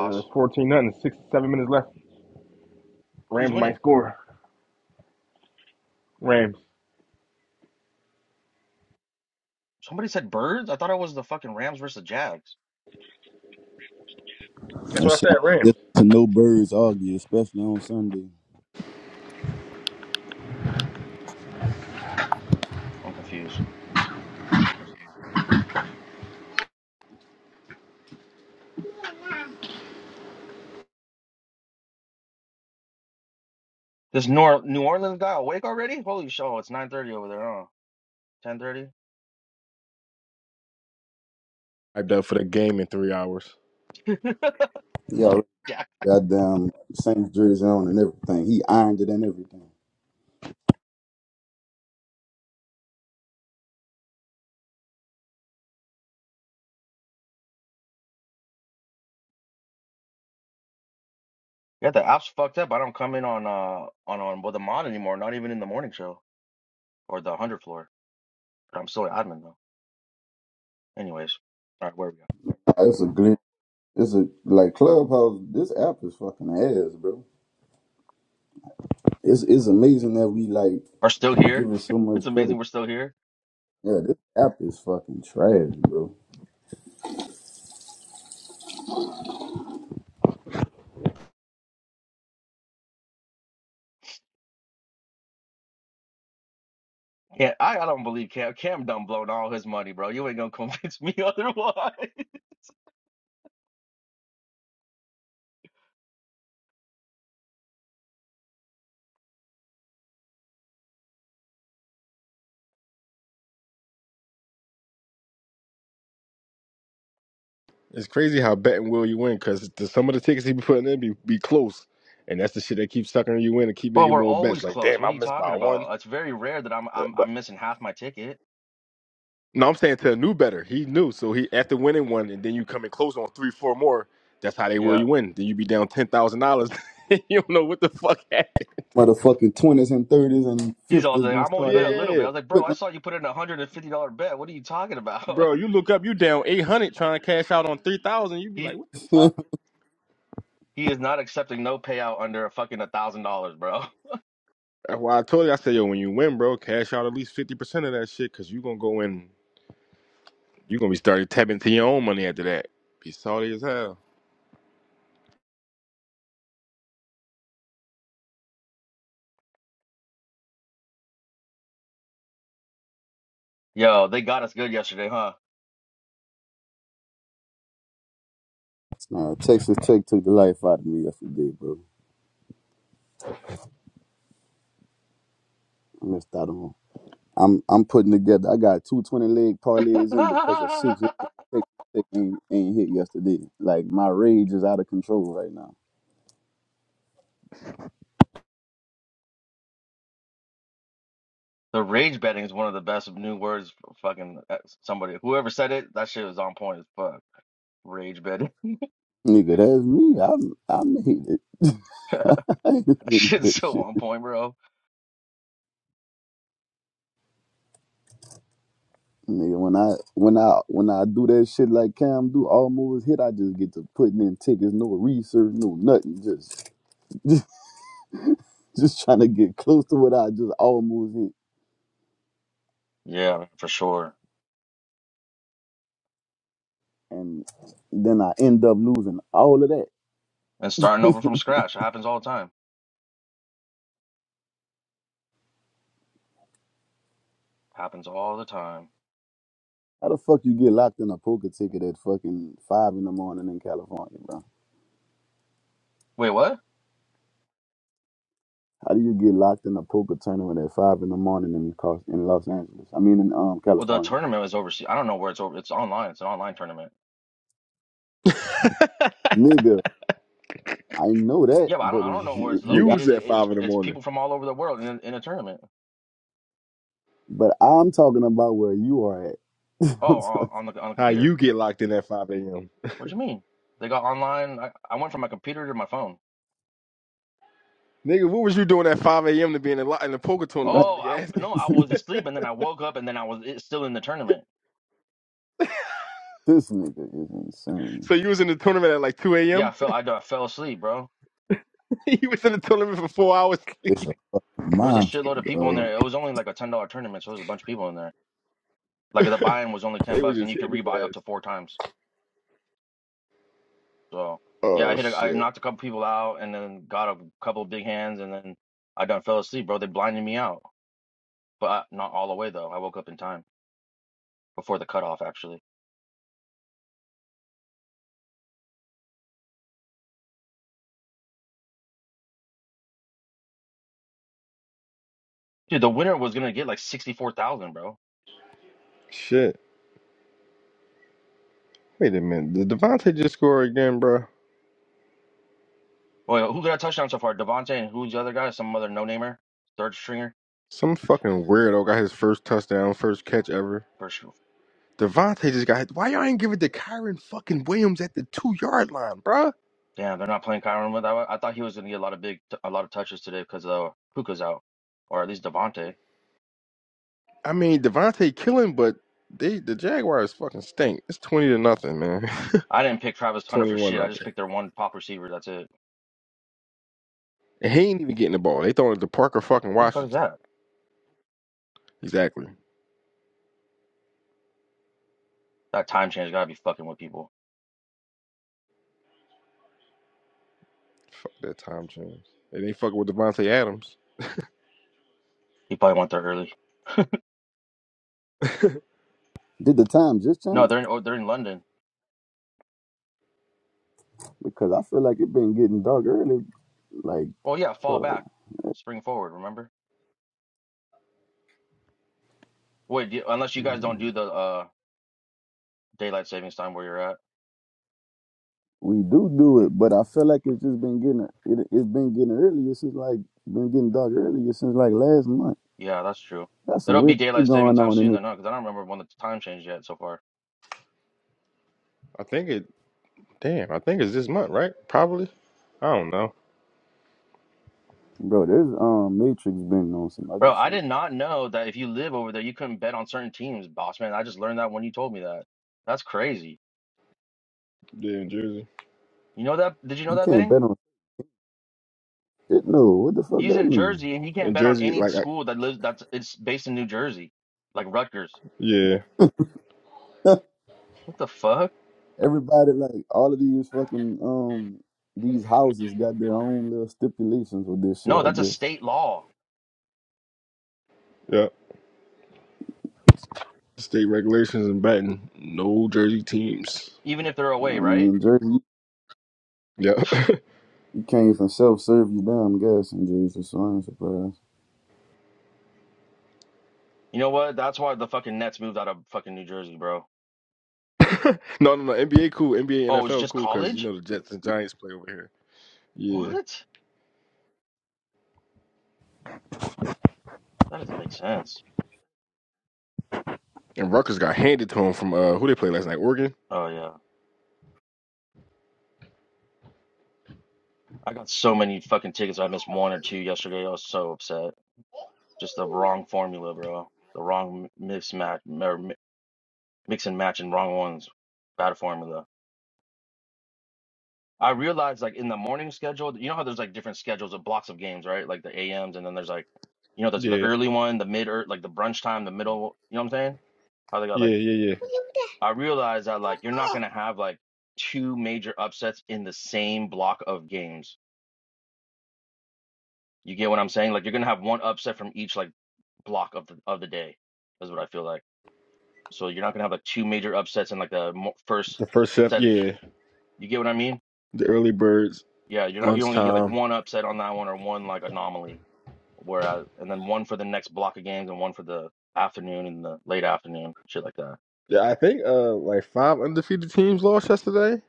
[SPEAKER 1] Uh, it's 14 nothing. Six, seven minutes left.
[SPEAKER 4] Who's
[SPEAKER 1] Rams might
[SPEAKER 4] winning?
[SPEAKER 1] score. Rams.
[SPEAKER 4] Somebody said birds. I thought it was the fucking Rams versus the Jags.
[SPEAKER 1] That's
[SPEAKER 2] That
[SPEAKER 1] what I
[SPEAKER 2] shit.
[SPEAKER 1] said,
[SPEAKER 2] I'm
[SPEAKER 1] Rams.
[SPEAKER 2] listening to no birds argue, especially on Sunday.
[SPEAKER 4] I'm confused. This Nor New Orleans guy awake already? Holy shit! oh, It's 9:30 over there, huh? 10:30.
[SPEAKER 1] hyped up for the game in three hours.
[SPEAKER 2] Yeah, already got damn Saints jersey on and everything. He ironed it and everything.
[SPEAKER 4] Yeah, the app's fucked up. I don't come in on uh on on with the mod anymore. Not even in the morning show. or the 100th floor. But I'm still an admin though. Anyways, all right, where we go?
[SPEAKER 2] It's a glitch. It's a like clubhouse. This app is fucking ass, bro. It's it's amazing that we like
[SPEAKER 4] Are still here?
[SPEAKER 2] give it so
[SPEAKER 4] It's
[SPEAKER 2] much credit.
[SPEAKER 4] amazing we're still here.
[SPEAKER 2] Yeah, this app is fucking trash, bro.
[SPEAKER 4] Yeah, I, I don't believe Cam. Cam done blown all his money, bro. You ain't gonna convince me otherwise.
[SPEAKER 1] It's crazy how betting will you win because some of the tickets he be putting in be, be close, and that's the shit that keeps sucking you in and keep
[SPEAKER 4] But
[SPEAKER 1] making
[SPEAKER 4] we're
[SPEAKER 1] more bets.
[SPEAKER 4] always
[SPEAKER 1] Like,
[SPEAKER 4] close.
[SPEAKER 1] damn,
[SPEAKER 4] What
[SPEAKER 1] I
[SPEAKER 4] are you
[SPEAKER 1] missed by
[SPEAKER 4] talking
[SPEAKER 1] one.
[SPEAKER 4] about? It's very rare that I'm I'm
[SPEAKER 1] but.
[SPEAKER 4] I'm missing half my ticket.
[SPEAKER 1] No, I'm saying to a new better. He knew. So he after winning one and then you come and close on three, four more, that's how they will
[SPEAKER 4] Yeah.
[SPEAKER 1] you win. Then you be down ten thousand dollars. you don't know what the fuck happened.
[SPEAKER 2] Motherfucking twenties and thirties and
[SPEAKER 4] He's also
[SPEAKER 2] fifties
[SPEAKER 4] like,
[SPEAKER 2] gonna
[SPEAKER 4] I'm only
[SPEAKER 2] start
[SPEAKER 4] bet a
[SPEAKER 2] ass.
[SPEAKER 4] little
[SPEAKER 1] Yeah.
[SPEAKER 4] bit. I was like, bro,
[SPEAKER 2] quick
[SPEAKER 4] I saw you put in a hundred and fifty dollar bet. What are you talking about?
[SPEAKER 1] Bro, you look up, you down eight hundred trying to cash out on three thousand, you be like,
[SPEAKER 4] he
[SPEAKER 1] what the fuck?
[SPEAKER 4] he is not accepting no payout under a fucking a thousand dollars, bro.
[SPEAKER 1] That's why I told you, I said, yo, when you win, bro, cash out at least fifty percent of that shit, cause you gonna go in you gonna be starting tapping to your own money after that. Be salty as hell.
[SPEAKER 4] Yo, they got us good yesterday, huh?
[SPEAKER 2] Nah, Texas Tech took the life out of me yesterday, bro. I missed out on. 'em. I'm I'm putting together. I got two twenty leg parlays in because a six leg Texas Tech ain't, ain't hit yesterday. Like my rage is out of control right now.
[SPEAKER 4] The rage betting is one of the best new words. For fucking uh, somebody, whoever said it, that shit was on point as fuck. Rage betting,
[SPEAKER 2] Nigga, that's me. I I made it. I ain't
[SPEAKER 4] that
[SPEAKER 2] finished
[SPEAKER 4] shit's
[SPEAKER 2] that
[SPEAKER 4] so
[SPEAKER 2] shit.
[SPEAKER 4] on point, bro.
[SPEAKER 2] Nigga, when I when I when I do that shit like Cam do, all moves hit, I just get to putting in tickets, no research, no nothing, just just trying to get close to what I just almost hit.
[SPEAKER 4] Yeah, for sure.
[SPEAKER 2] and then I end up losing all of that.
[SPEAKER 4] And starting over from scratch, it happens all the time. Happens all the time.
[SPEAKER 2] How the fuck you get locked in a poker ticket at fucking five in the morning in California, bro?
[SPEAKER 4] Wait, what?
[SPEAKER 2] How do you get locked in a poker tournament at five in the morning in Cos- in Los Angeles? I mean, in um
[SPEAKER 4] Well, the
[SPEAKER 2] California,
[SPEAKER 4] tournament was overseas. I don't know where it's over. It's online. It's an online tournament.
[SPEAKER 2] nigga. I know that,
[SPEAKER 4] Yeah, but I don't.
[SPEAKER 2] but
[SPEAKER 4] I don't know where
[SPEAKER 2] we-
[SPEAKER 4] it's
[SPEAKER 2] nigga,
[SPEAKER 1] Use
[SPEAKER 2] I-
[SPEAKER 4] located. It,
[SPEAKER 1] that
[SPEAKER 4] it's
[SPEAKER 1] five in the
[SPEAKER 4] it's
[SPEAKER 1] morning.
[SPEAKER 4] people from all over the world in in a tournament.
[SPEAKER 2] but I'm talking about where you are at.
[SPEAKER 4] Oh,
[SPEAKER 2] I'm talking
[SPEAKER 4] on the on the
[SPEAKER 1] How
[SPEAKER 4] computer.
[SPEAKER 1] you get locked in at five AM.
[SPEAKER 4] What do you mean? They got online. I, I went from my computer to my phone.
[SPEAKER 1] Nigga, what was you doing at 5 a.m. to be in the, lo- in the poker tournament is
[SPEAKER 2] right.
[SPEAKER 4] Oh,
[SPEAKER 1] what you
[SPEAKER 4] I
[SPEAKER 1] asking.
[SPEAKER 4] no, I was asleep and then I woke up and then I was it, still in the tournament.
[SPEAKER 2] This nigga is insane.
[SPEAKER 1] So you was in the tournament at like 2
[SPEAKER 4] Yeah,
[SPEAKER 1] a.m.?
[SPEAKER 4] I fell. I, d- I fell asleep, bro.
[SPEAKER 1] you was in the tournament for four hours.
[SPEAKER 2] It's a fucking
[SPEAKER 4] There was a
[SPEAKER 2] monster,
[SPEAKER 4] shitload of people in
[SPEAKER 2] dog.
[SPEAKER 4] there. It was only like a ten dollar tournament, so there was a bunch of people in there. Like the buy-in was only ten
[SPEAKER 1] they was
[SPEAKER 4] bucks, and
[SPEAKER 1] just
[SPEAKER 4] you could
[SPEAKER 1] hitting his
[SPEAKER 4] rebuy up
[SPEAKER 1] ass.
[SPEAKER 4] to four times. So yeah,
[SPEAKER 1] Oh,
[SPEAKER 4] I hit. A, I
[SPEAKER 1] shit.
[SPEAKER 4] knocked a couple people out, and then got a couple of big hands, and then I done fell asleep, bro. They blinded me out, but I, not all the way though. I woke up in time before the cutoff, actually. Dude, the winner was gonna get like sixty-four thousand, bro.
[SPEAKER 1] Shit. Wait a minute. Did Devontae just score again, bro?
[SPEAKER 4] Well, who got a touchdown so far? Devontae and who's the other guy? Some other no-namer, third stringer.
[SPEAKER 1] Some fucking weirdo got his first touchdown, first catch ever.
[SPEAKER 4] For sure.
[SPEAKER 1] Devontae just got Why y'all ain't give it to Kyron fucking Williams at the two-yard line, bro?
[SPEAKER 4] Yeah, they're not playing Kyron with. I, I thought he was going to get a lot of big, a lot of touches today because uh, Puka's out, or at least Devontae.
[SPEAKER 1] I mean, Devontae killing, but they the Jaguars fucking stink. It's 20 to nothing, man.
[SPEAKER 4] I didn't pick Travis Hunter for
[SPEAKER 1] 21
[SPEAKER 4] shit. I
[SPEAKER 1] nothing.
[SPEAKER 4] just picked their one pop receiver. That's it.
[SPEAKER 1] And he ain't even getting the ball. They throwing it to Parker fucking
[SPEAKER 4] Who the fuck is
[SPEAKER 1] Washington.
[SPEAKER 4] that?
[SPEAKER 1] Exactly.
[SPEAKER 4] That time change gotta be fucking with people.
[SPEAKER 1] Fuck that Tom James. They ain't fucking with Devontae Adams.
[SPEAKER 4] He probably went there early.
[SPEAKER 2] Did the time just
[SPEAKER 4] No,
[SPEAKER 2] change?
[SPEAKER 4] they're in, oh, they're in London.
[SPEAKER 2] Because I feel like it been getting dark early, like.
[SPEAKER 4] Well, yeah, fall
[SPEAKER 2] for.
[SPEAKER 4] back, spring forward. Remember? Wait, do, unless you guys don't do the uh daylight savings time where you're at.
[SPEAKER 2] we do do it, but I feel like it's just been getting it, it's been getting earlier since like been getting dark earlier since like last month.
[SPEAKER 4] Yeah, that's true.
[SPEAKER 2] That's some
[SPEAKER 4] It'll be
[SPEAKER 2] weird shit
[SPEAKER 4] daylight saving
[SPEAKER 2] going
[SPEAKER 4] time
[SPEAKER 2] on in
[SPEAKER 4] soon,
[SPEAKER 2] this,
[SPEAKER 4] though, no? Because I don't remember when the time changed yet so far.
[SPEAKER 1] I think it. Damn, I think it's this month, right? Probably. I don't know.
[SPEAKER 2] bro. There's um Matrix been on some other
[SPEAKER 4] Bro, I
[SPEAKER 2] shit.
[SPEAKER 4] did not know that if you live over there, you couldn't bet on certain teams, boss man. I just learned that when you told me that. That's crazy.
[SPEAKER 1] Yeah, in Jersey.
[SPEAKER 4] You know that? Did you know
[SPEAKER 2] You
[SPEAKER 4] that,
[SPEAKER 2] can't
[SPEAKER 4] Bang?
[SPEAKER 2] bet on shit. No, what the fuck
[SPEAKER 4] He's
[SPEAKER 2] that
[SPEAKER 4] in
[SPEAKER 2] mean?
[SPEAKER 4] Jersey and he can't
[SPEAKER 1] In
[SPEAKER 4] bet on
[SPEAKER 1] Jersey,
[SPEAKER 4] any
[SPEAKER 1] like, I,
[SPEAKER 4] school that lives that's it's based in New Jersey, like Rutgers.
[SPEAKER 1] yeah,
[SPEAKER 4] What the fuck?
[SPEAKER 2] Everybody like all of these fucking um these houses got their own little stipulations with this shit.
[SPEAKER 4] No,
[SPEAKER 2] I
[SPEAKER 4] that's a
[SPEAKER 2] guess.
[SPEAKER 4] state law.
[SPEAKER 1] yeah. State regulations in batting. No Jersey teams.
[SPEAKER 4] Even if they're
[SPEAKER 2] I
[SPEAKER 4] away, right?
[SPEAKER 2] mean, Jersey
[SPEAKER 1] Yeah.
[SPEAKER 2] you came from self serve you down. I'm guessing Jersey, so I ain't surprised.
[SPEAKER 4] You know what? That's why the fucking Nets moved out of fucking New Jersey, bro.
[SPEAKER 1] no, no, no. NBA cool. NBA,
[SPEAKER 4] Oh, it's
[SPEAKER 1] NFL
[SPEAKER 4] just
[SPEAKER 1] cool. Cause you
[SPEAKER 4] college?
[SPEAKER 1] know the Jets and Giants play over here. Yeah.
[SPEAKER 4] What? That doesn't make sense.
[SPEAKER 1] And Rutgers got handed to him from uh who they played last night. Oregon.
[SPEAKER 4] Oh yeah. I got so many fucking tickets. I missed one or two yesterday. I was so upset. Just the wrong formula, bro. The wrong mix match, or mi- mix and match, and wrong ones. Bad formula. I realized like in the morning schedule, you know how there's like different schedules of blocks of games, right? Like the AMs, and then there's like, you know, there's the
[SPEAKER 1] Yeah.
[SPEAKER 4] early one, the mid, or like the brunch time, the middle. You know what I'm saying? How they got
[SPEAKER 1] Yeah.
[SPEAKER 4] like.
[SPEAKER 1] Yeah. Yeah.
[SPEAKER 4] I realized that like you're not gonna have like two major upsets in the same block of games. You get what I'm saying? Like you're gonna have one upset from each like block of the of the day. Is what I feel like. So you're not gonna have like two major upsets in like the mo- first
[SPEAKER 1] The first chef,
[SPEAKER 4] set.
[SPEAKER 1] yeah.
[SPEAKER 4] You get what I mean?
[SPEAKER 1] The early birds,
[SPEAKER 4] Yeah, you're not. You're only gonna get like
[SPEAKER 1] lunchtime.
[SPEAKER 4] one upset on that one or one like anomaly. Whereas, and then one for the next block of games and one for the afternoon and the late afternoon, shit like that.
[SPEAKER 1] Yeah, I think uh like five undefeated teams lost yesterday.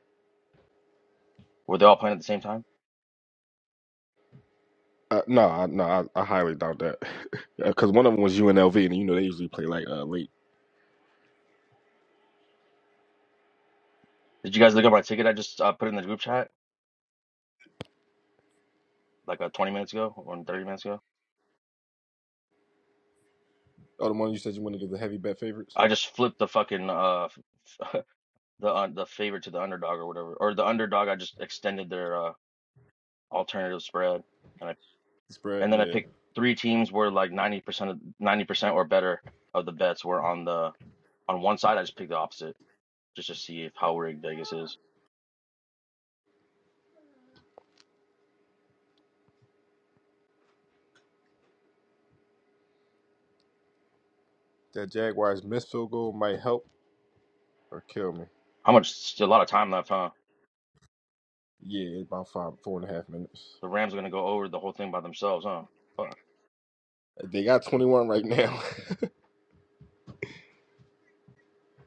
[SPEAKER 4] Were they all playing at the same time?
[SPEAKER 1] Uh, no, I, no, I, I highly doubt that. Because one of them was UNLV, and you know they usually play like uh late.
[SPEAKER 4] Did you guys look at my ticket? I just uh, put in the group chat like uh, 20 minutes ago or 30 minutes ago.
[SPEAKER 1] Oh, the one you said you want to give the heavy bet favorites
[SPEAKER 4] I just flipped the fucking uh f- the uh, the favorite to the underdog or whatever, or the underdog. I just extended their uh alternative spread and I.
[SPEAKER 1] spread.
[SPEAKER 4] And then I
[SPEAKER 1] Yeah,
[SPEAKER 4] picked three teams where like 90% of 90% or better of the bets were on the on one side. I just picked the opposite just to see if how rigged Vegas is.
[SPEAKER 1] that Jaguars missed field goal might help or kill me.
[SPEAKER 4] How much a lot of time left, huh?
[SPEAKER 1] Yeah, it's about five, four and a half minutes.
[SPEAKER 4] The Rams are gonna go over the whole thing by themselves, huh? Fuck.
[SPEAKER 1] They got twenty one right now.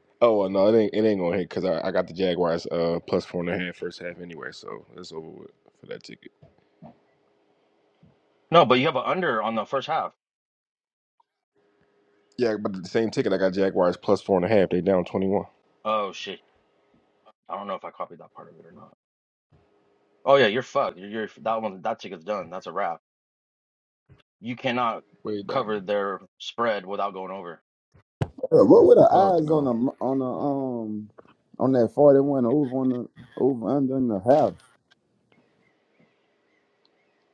[SPEAKER 1] oh well, no, it ain't it ain't gonna hit because I, I got the Jaguars uh plus four and a half first half anyway, so it's over with for that ticket.
[SPEAKER 4] No, but you have an under on the first half.
[SPEAKER 1] Yeah, but the same ticket, I got Jaguars plus four and a half. They down twenty one.
[SPEAKER 4] Oh shit. I don't know if I copied that part of it or not. Oh yeah, you're fucked. You're, you're that one that ticket's done. That's a wrap. You cannot
[SPEAKER 1] Way done.
[SPEAKER 4] cover their spread without going over.
[SPEAKER 2] Uh, What were the
[SPEAKER 1] Fuck
[SPEAKER 2] eyes on
[SPEAKER 1] no.
[SPEAKER 2] the on the um on that forty one over on the over under in the half?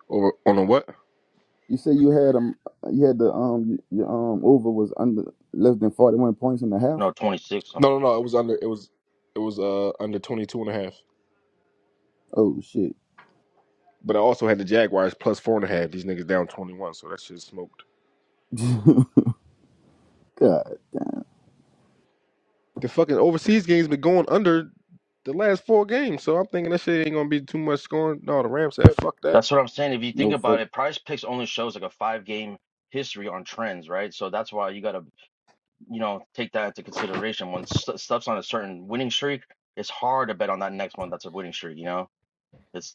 [SPEAKER 1] Over on a what?
[SPEAKER 2] You said you had um you had the um y- your um over was under less than forty one points in the half.
[SPEAKER 4] No, 26.
[SPEAKER 1] No, no, no. It was under. It was. It was uh under twenty two and a half.
[SPEAKER 2] Oh shit!
[SPEAKER 1] But I also had the Jaguars plus four and a half. These niggas down twenty one, so that shit smoked.
[SPEAKER 2] God,
[SPEAKER 1] The fucking overseas games been going under the last four games, so I'm thinking that shit ain't gonna be too much scoring. No, the Rams said fuck that.
[SPEAKER 4] That's what I'm saying. If you think
[SPEAKER 2] no fuck,
[SPEAKER 4] about it, Prize Picks only shows like a five game history on trends, right? So that's why you got to, you know, take that into consideration. When st stuff's on a certain winning streak, it's hard to bet on that next one that's a winning streak, you know? It's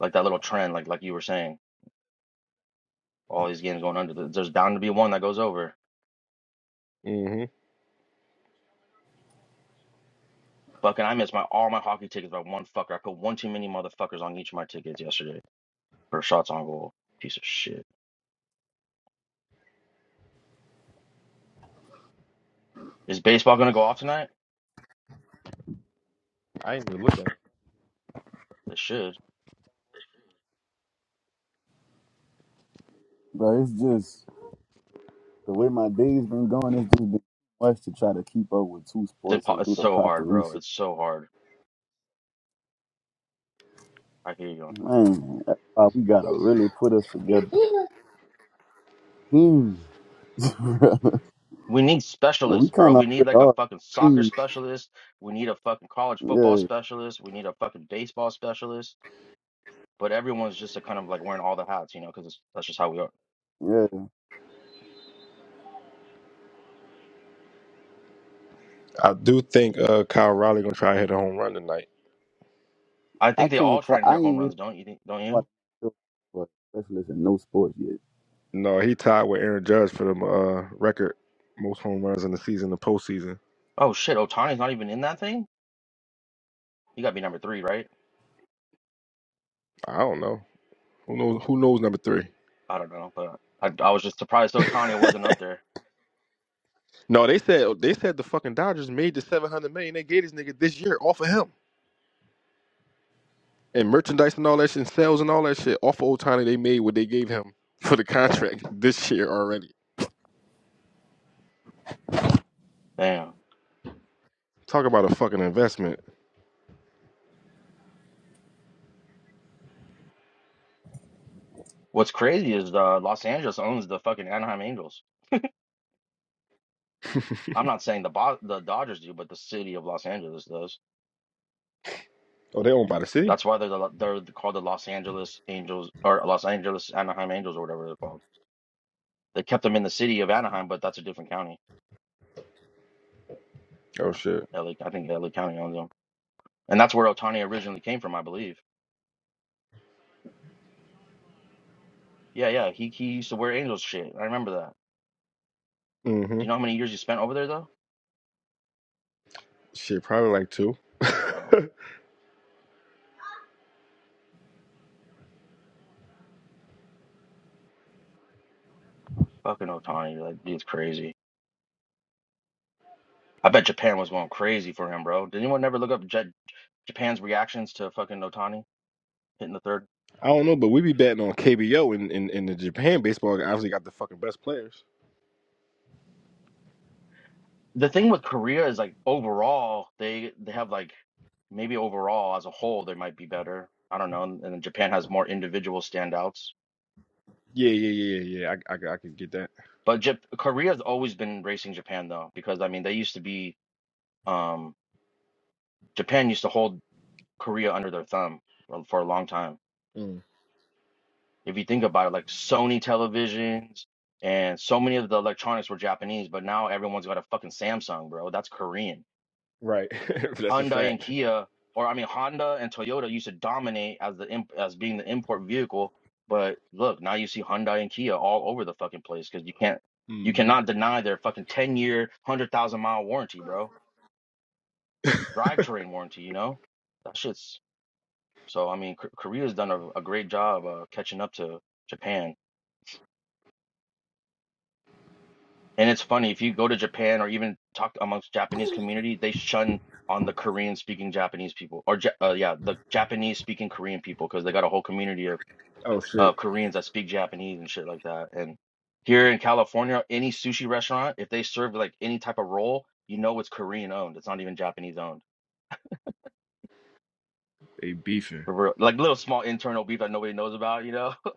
[SPEAKER 4] like that little trend, like like you were saying, all these games going under. There's there's bound to be one that goes over.
[SPEAKER 1] Mm-hmm.
[SPEAKER 4] Fucking, I missed my all my hockey tickets by one fucker. I put one too many motherfuckers on each of my tickets yesterday for shots on goal. Piece of shit. Is baseball gonna go off tonight?
[SPEAKER 1] I ain't even look at it.
[SPEAKER 4] It should.
[SPEAKER 2] bro. It's just the way my day's been going. It's just been too much to try to keep up with two
[SPEAKER 4] It's
[SPEAKER 2] sports
[SPEAKER 4] impo-
[SPEAKER 2] and
[SPEAKER 4] it's
[SPEAKER 2] do the
[SPEAKER 4] so
[SPEAKER 2] proper
[SPEAKER 4] hard, bro.
[SPEAKER 2] research.
[SPEAKER 4] It's so hard. I hear you.
[SPEAKER 2] Man, that's why we gotta really put us together. Hmm.
[SPEAKER 4] We need
[SPEAKER 2] we
[SPEAKER 4] specialists, bro.
[SPEAKER 2] kind
[SPEAKER 4] We
[SPEAKER 2] of
[SPEAKER 4] need
[SPEAKER 2] already
[SPEAKER 4] like a
[SPEAKER 2] are.
[SPEAKER 4] fucking
[SPEAKER 2] a
[SPEAKER 4] soccer
[SPEAKER 2] team.
[SPEAKER 4] specialist. We need a fucking college football
[SPEAKER 2] Yeah,
[SPEAKER 4] specialist. We need a fucking baseball specialist. But everyone's just a kind of like wearing all the hats, you know, because that's just how we are.
[SPEAKER 2] yeah.
[SPEAKER 1] I do think uh Kyle Riley gonna try to hit a home run tonight.
[SPEAKER 4] I
[SPEAKER 2] I
[SPEAKER 4] think they
[SPEAKER 2] can't.
[SPEAKER 4] all try
[SPEAKER 2] Cl-
[SPEAKER 4] and hit
[SPEAKER 2] I ain't
[SPEAKER 4] home
[SPEAKER 2] even
[SPEAKER 4] runs, don't you think? Don't
[SPEAKER 2] part
[SPEAKER 4] you?
[SPEAKER 2] myself for a specialist in no sports yet.
[SPEAKER 1] No, he tied with Aaron Judge for the uh, record most home runs in the season, the postseason.
[SPEAKER 4] Oh shit, Otani's not even in that thing. He got to be number three, right?
[SPEAKER 1] I don't know. Who knows? Who knows number three?
[SPEAKER 4] I don't know, but I, I was just surprised Otani wasn't up there.
[SPEAKER 1] No, they said they said the fucking Dodgers made the seven hundred million they gave this nigga this year off of him and merchandise and all that shit, and sales and all that shit off of Otani. They made what they gave him for the
[SPEAKER 4] Damn,
[SPEAKER 1] contract this year already.
[SPEAKER 4] damn.
[SPEAKER 1] Talk about a fucking investment.
[SPEAKER 4] What's crazy is uh, Los Angeles owns the fucking Anaheim Angels. I'm not saying the Bo- the Dodgers do, but the city of Los Angeles does.
[SPEAKER 1] Oh, they owned by the city.
[SPEAKER 4] That's why they're the, they're called the Los Angeles Angels or Los Angeles Anaheim Angels or whatever they're called. They kept them in the city of Anaheim, but that's a different county.
[SPEAKER 1] Oh
[SPEAKER 4] Yeah,
[SPEAKER 1] shit.
[SPEAKER 4] LA, I think LA County owns them, and that's where Otani originally came from, I believe. Yeah, yeah, he he used to wear Angels shit. I remember that.
[SPEAKER 1] Mm-hmm.
[SPEAKER 4] Do you know how many years he spent over there though?
[SPEAKER 1] Shit, probably like two.
[SPEAKER 4] Oh,
[SPEAKER 1] I
[SPEAKER 4] fucking Otani, that dude's crazy. I bet Japan was going crazy for him, bro. Did anyone ever look up J- Japan's reactions to fucking Otani hitting the third?
[SPEAKER 1] don't know, but we be betting on KBO and in, in, in the Japan baseball obviously got the fucking best players.
[SPEAKER 4] the thing with Korea is like overall they they have like maybe overall as a whole they might be better. I don't know. And then Japan has more individual standouts.
[SPEAKER 1] Yeah, yeah, yeah, yeah, yeah. I, I, I can get that.
[SPEAKER 4] But Jap- Korea's always been racing Japan though, because I mean they used to be um Japan used to hold Korea under their thumb for, for a long time.
[SPEAKER 1] Mm.
[SPEAKER 4] If you think about it, like Sony televisions and so many of the electronics were Japanese, but now everyone's got a fucking Samsung, bro. That's Korean.
[SPEAKER 1] Right. That's a
[SPEAKER 4] Hyundai and
[SPEAKER 1] fact.
[SPEAKER 4] Kia, or I mean Honda and Toyota used to dominate as the imp as being the import vehicle, but look, now you see Hyundai and Kia all over the fucking place because you can't you
[SPEAKER 1] hmm
[SPEAKER 4] cannot deny their fucking 10 year, 100,000 mile warranty, bro. Drivetrain warranty, you know? That shit's so I mean K Korea's done a, a great job uh, catching up to Japan. And it's funny if you go to Japan or even talk amongst Japanese community, they shun on the Korean speaking Japanese people or Ja- uh, yeah, the Japanese speaking Korean people because they got a whole community of
[SPEAKER 1] Oh shit.
[SPEAKER 4] uh, Koreans that speak Japanese and shit like that. And here in California, any sushi restaurant, if they serve like any type of roll, you know it's Korean owned. It's not even Japanese owned. For real. Like little small internal beef that nobody knows about, you know?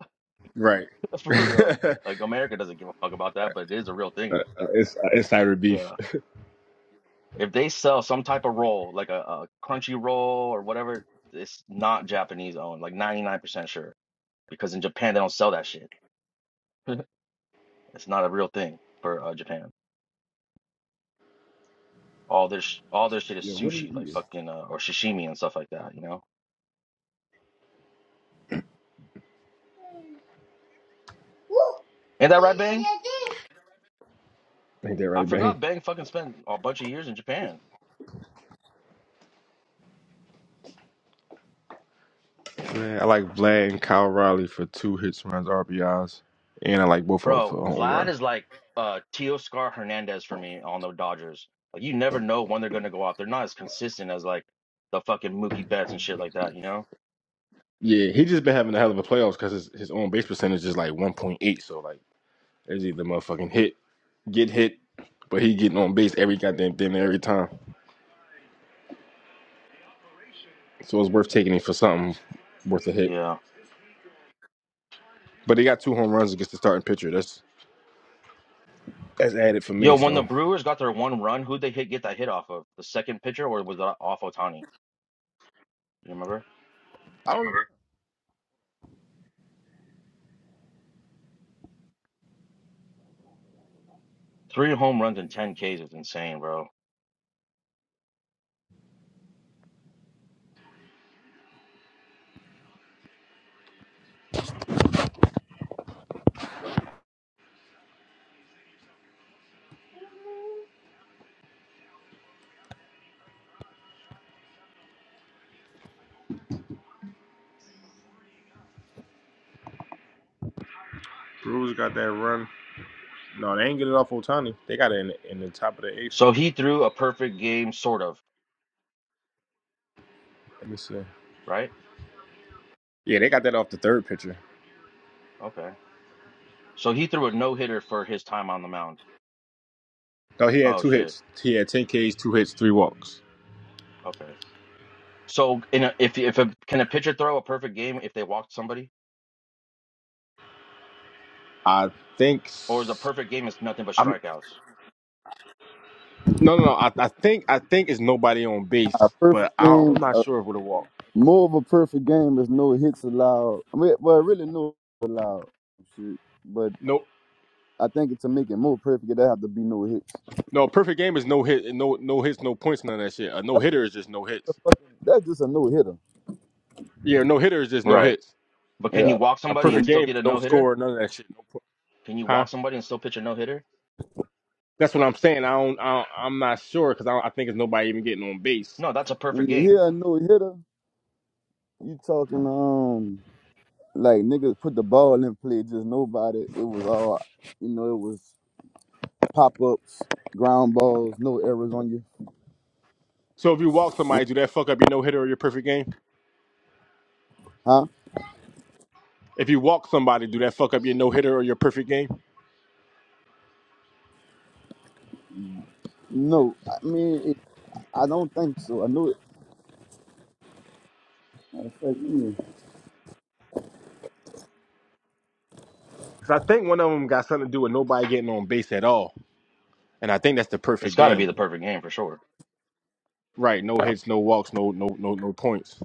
[SPEAKER 1] Right.
[SPEAKER 4] For real.
[SPEAKER 1] uh,
[SPEAKER 4] Like America doesn't give a fuck about that, but it is a real
[SPEAKER 1] uh,
[SPEAKER 4] thing.
[SPEAKER 1] it's uh, it's beef.
[SPEAKER 4] Yeah. If they sell some type of roll, like a, a crunchy roll or whatever, it's not Japanese owned, like 99% sure. Because in Japan, they don't sell that shit. It's not a real thing for uh, Japan. All their sh- all their shit is
[SPEAKER 1] Yeah. What are you
[SPEAKER 4] sushi, like
[SPEAKER 1] eating?
[SPEAKER 4] fucking uh, or sashimi and stuff like that. You know, ain't that right, Bang?
[SPEAKER 1] Ain't that
[SPEAKER 4] I
[SPEAKER 1] right, bang?
[SPEAKER 4] forgot Bang fucking spent a bunch of years in Japan,
[SPEAKER 1] Man, I like Vlad and Kyle Riley for two hits runs, RBIs, and I like both of them for
[SPEAKER 4] bro.
[SPEAKER 1] a home
[SPEAKER 4] Vlad
[SPEAKER 1] run.
[SPEAKER 4] is like uh Teoscar Hernandez for me on the Dodgers. Like you never know when they're gonna go out. They're not as consistent as like the fucking Mookie Betts and shit like that. You know?
[SPEAKER 1] Yeah, he just been having a hell of a playoffs because his his own base percentage is like one point eight. So like, it's either motherfucking hit, get hit, but he getting on base every goddamn thing every time. So it's worth taking him for something worth a hit.
[SPEAKER 4] Yeah.
[SPEAKER 1] But he got two home runs against the starting pitcher. That's that's added for
[SPEAKER 4] Yo,
[SPEAKER 1] me.
[SPEAKER 4] when the
[SPEAKER 1] So
[SPEAKER 4] Brewers got their one run, who'd they hit get that hit off of? The second pitcher or was that off Otani? You remember?
[SPEAKER 1] I don't. know.
[SPEAKER 4] Three home runs and ten Ks is insane, bro.
[SPEAKER 1] Brewers got that run. No, they ain't get it off Otani. They got it in the, in the top of the eighth.
[SPEAKER 4] So he threw a perfect game, sort of,
[SPEAKER 1] Let me see.
[SPEAKER 4] right?
[SPEAKER 1] Yeah, they got that off the third pitcher.
[SPEAKER 4] Okay. So he threw a no hitter for his time on the mound.
[SPEAKER 1] No, he had
[SPEAKER 4] Oh
[SPEAKER 1] two
[SPEAKER 4] shit.
[SPEAKER 1] hits. He had ten Ks, two hits, three walks.
[SPEAKER 4] Okay. So in a, if if a can a pitcher throw a perfect game if they walked somebody,
[SPEAKER 1] I think.
[SPEAKER 4] or is a perfect game is nothing but
[SPEAKER 1] I'm
[SPEAKER 4] strikeouts?
[SPEAKER 1] no, no, no. I, I think I think it's nobody on
[SPEAKER 2] A
[SPEAKER 1] base,
[SPEAKER 2] perfect
[SPEAKER 1] but I,
[SPEAKER 2] game,
[SPEAKER 1] I'm not
[SPEAKER 2] uh,
[SPEAKER 1] sure if with a walk.
[SPEAKER 2] more of a perfect game is no hits allowed. I mean, well, really no allowed. Shit. But
[SPEAKER 1] No,
[SPEAKER 2] I think to make it more perfect, there have to be no hits.
[SPEAKER 1] no. Perfect game is no hit, no no hits, no points, none of that shit. A no hitter is just no hits.
[SPEAKER 2] Fucking- That's just a no hitter.
[SPEAKER 1] Yeah, no hitter is just no
[SPEAKER 4] Right.
[SPEAKER 1] hits.
[SPEAKER 4] But can
[SPEAKER 2] Yeah.
[SPEAKER 4] you walk
[SPEAKER 1] A
[SPEAKER 4] somebody
[SPEAKER 2] But
[SPEAKER 4] and
[SPEAKER 1] perfect
[SPEAKER 2] a,
[SPEAKER 4] still
[SPEAKER 1] game
[SPEAKER 4] get
[SPEAKER 1] is
[SPEAKER 4] a
[SPEAKER 1] no
[SPEAKER 4] no hitter?
[SPEAKER 1] score, none of that shit. No, po-
[SPEAKER 4] Can you
[SPEAKER 1] huh?
[SPEAKER 4] walk somebody and still pitch a no hitter?
[SPEAKER 1] That's what I'm saying. I don't. I don't I'm not sure because I, don't- I think it's nobody even getting on base.
[SPEAKER 4] No, that's a
[SPEAKER 2] when
[SPEAKER 4] perfect
[SPEAKER 2] you
[SPEAKER 4] game.
[SPEAKER 2] hear a no hitter, you talking um like niggas put the ball in play, just nobody. It was all you know. It was pop ups, ground balls, no errors on you,
[SPEAKER 1] So if you walk somebody, do that fuck up your no hitter or your perfect game?
[SPEAKER 2] huh?
[SPEAKER 1] If you walk somebody, do that fuck up your no hitter or your perfect game?
[SPEAKER 2] No, I mean, it, I don't think so. I know it. matter of fact, let me-
[SPEAKER 1] Because I think one of them got something to do with nobody getting on base at all, and I think that's the
[SPEAKER 4] It's
[SPEAKER 1] perfect
[SPEAKER 4] got to be
[SPEAKER 1] game.
[SPEAKER 4] the perfect game for sure.
[SPEAKER 1] Right? No hits, no walks, no no no no points.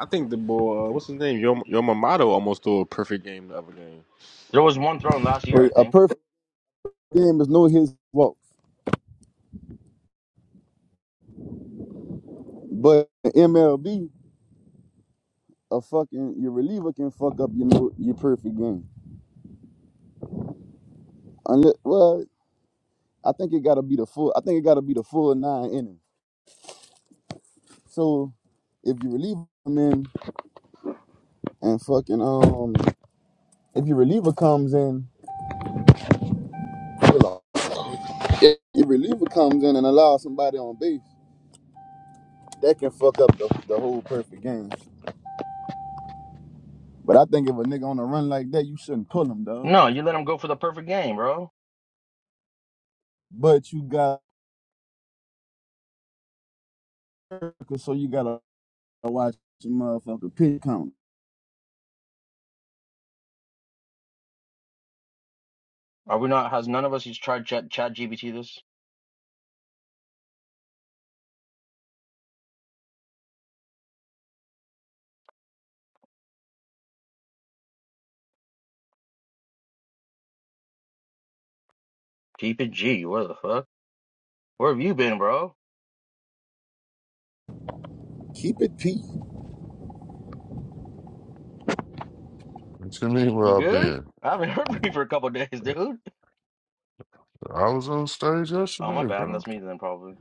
[SPEAKER 1] I think the boy, uh, what's his name? Yo Yo Mamato almost threw a perfect game the other game.
[SPEAKER 4] There was one thrown last year, I
[SPEAKER 2] A
[SPEAKER 4] think.
[SPEAKER 2] perfect game is no his fault, but in MLB, a fucking your reliever can fuck up your no, your perfect game. Unless, well, I think it gotta be the full. I think it gotta be the full nine innings. So if your reliever come in and fucking um, if your reliever comes in, hold on. your reliever comes in and allows somebody on base, that can fuck up the, the whole perfect game. But I think if a nigga on a run like that, you shouldn't pull him, dog.
[SPEAKER 4] No, you let him go for the perfect game, bro.
[SPEAKER 2] But you got so you gotta watch your motherfucker pit count.
[SPEAKER 4] Are we not? Has none of us has tried Chat Chat GBT this? Keep it G. Where the fuck? Where have you been, bro?
[SPEAKER 2] Keep it peace.
[SPEAKER 5] What you mean
[SPEAKER 4] You
[SPEAKER 5] where I've
[SPEAKER 4] good?
[SPEAKER 5] been?
[SPEAKER 4] I haven't heard from you for a couple days, dude.
[SPEAKER 5] I was on stage
[SPEAKER 4] Oh, my
[SPEAKER 5] yesterday,
[SPEAKER 4] bad.
[SPEAKER 5] bro.
[SPEAKER 4] That's me then, probably.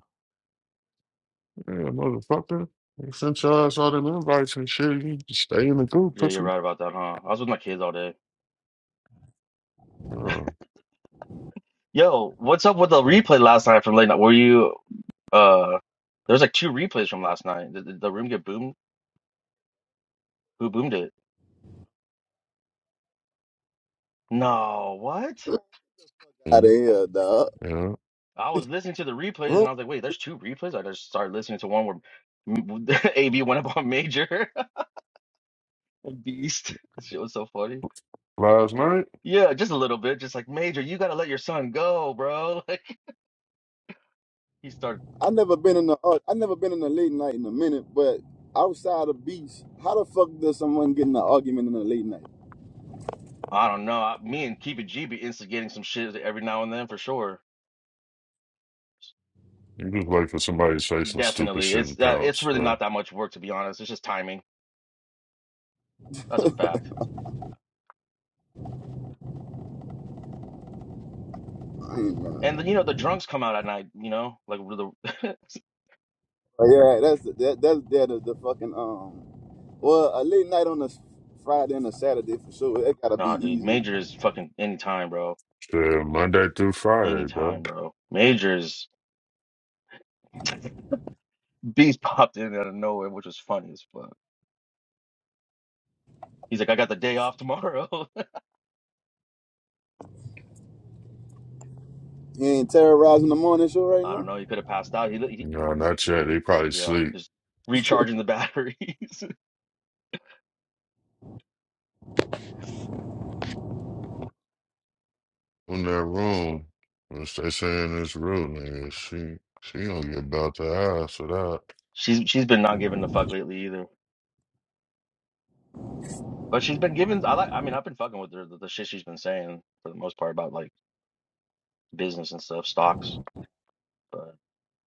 [SPEAKER 5] Yeah, motherfucker. You sent your ass all them invites and shit. You just stay in the group,
[SPEAKER 4] Yeah, you're
[SPEAKER 5] pussy.
[SPEAKER 4] right about that, huh? I was with my kids all day.
[SPEAKER 5] Oh,
[SPEAKER 4] Yo, what's up with the replay last night from late night? Were you, uh, there's like two replays from last night. Did, did the room get boomed? Who boomed it? No, what?
[SPEAKER 2] Out of
[SPEAKER 5] yeah.
[SPEAKER 2] here, dog.
[SPEAKER 5] yeah.
[SPEAKER 4] I was listening to the replays and
[SPEAKER 2] Room.
[SPEAKER 4] I was like, wait, there's two replays? I just started listening to one where m- AB went up on Major. Beast. That shit was so funny.
[SPEAKER 5] Last night,
[SPEAKER 4] Yeah, just a little bit. Just like, Major, you gotta let your son go, bro. Like, he started.
[SPEAKER 2] I never been in the uh, I never been in the late night in a minute, but outside of beats, how the fuck does someone get in an argument in a late night?
[SPEAKER 4] I don't know. I- Me and Keep It G be instigating some shit every now and then for sure.
[SPEAKER 5] you just wait for somebody's face some stupid
[SPEAKER 4] Definitely.
[SPEAKER 5] shit and
[SPEAKER 4] It's uh, it's
[SPEAKER 5] pounce,
[SPEAKER 4] really
[SPEAKER 5] bro.
[SPEAKER 4] not that much work to be honest. It's just timing. That's a fact.
[SPEAKER 2] I ain't gonna-
[SPEAKER 4] And then, you know the drunks come out at night. You know, like with the
[SPEAKER 2] But yeah, that's that, that's that is the fucking um. Well, a late night on a Friday and a Saturday for sure. It gotta be
[SPEAKER 4] nah, dude.
[SPEAKER 2] easy.
[SPEAKER 4] Major is fucking anytime, bro.
[SPEAKER 5] Yeah. Monday through Friday, bro.
[SPEAKER 4] Anytime, bro. Major's beast popped in out of nowhere, which was funny as fuck. He's like, I got the day off tomorrow.
[SPEAKER 2] You ain't terrorizing the morning show right
[SPEAKER 4] I don't
[SPEAKER 2] now.
[SPEAKER 4] know. He could have passed out. He, li- he
[SPEAKER 5] No, not yet. They probably
[SPEAKER 4] yeah,
[SPEAKER 5] sleep
[SPEAKER 4] just recharging the batteries.
[SPEAKER 5] in their room. Once they saying this rude, nigga, she, she gonna get about the ass for that.
[SPEAKER 4] she's she's been not giving a fuck lately either. But she's been giving. I like. I mean, I've been fucking with her. The, the shit she's been saying for the most part about like business and stuff, stocks. But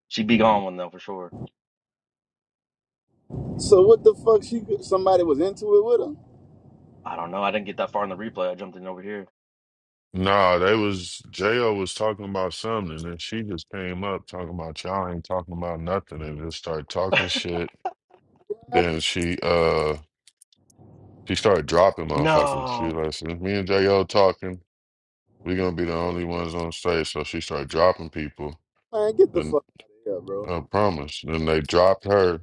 [SPEAKER 4] she'd be gone one though for sure.
[SPEAKER 2] So what the fuck? She somebody was into it with her.
[SPEAKER 4] I don't know. I didn't get that far in the replay. I jumped in over here.
[SPEAKER 5] Nah, they was Jo was talking about something, and she just came up talking about y'all ain't talking about nothing, and just started talking shit. Then she uh she started dropping motherfuckers. She was
[SPEAKER 4] no.
[SPEAKER 5] like, since me and Jo talking, we gonna be the only ones on stage. So she started dropping people.
[SPEAKER 2] Man, get the
[SPEAKER 5] Then
[SPEAKER 2] fuck out of here, bro.
[SPEAKER 5] I promise. Then they dropped her,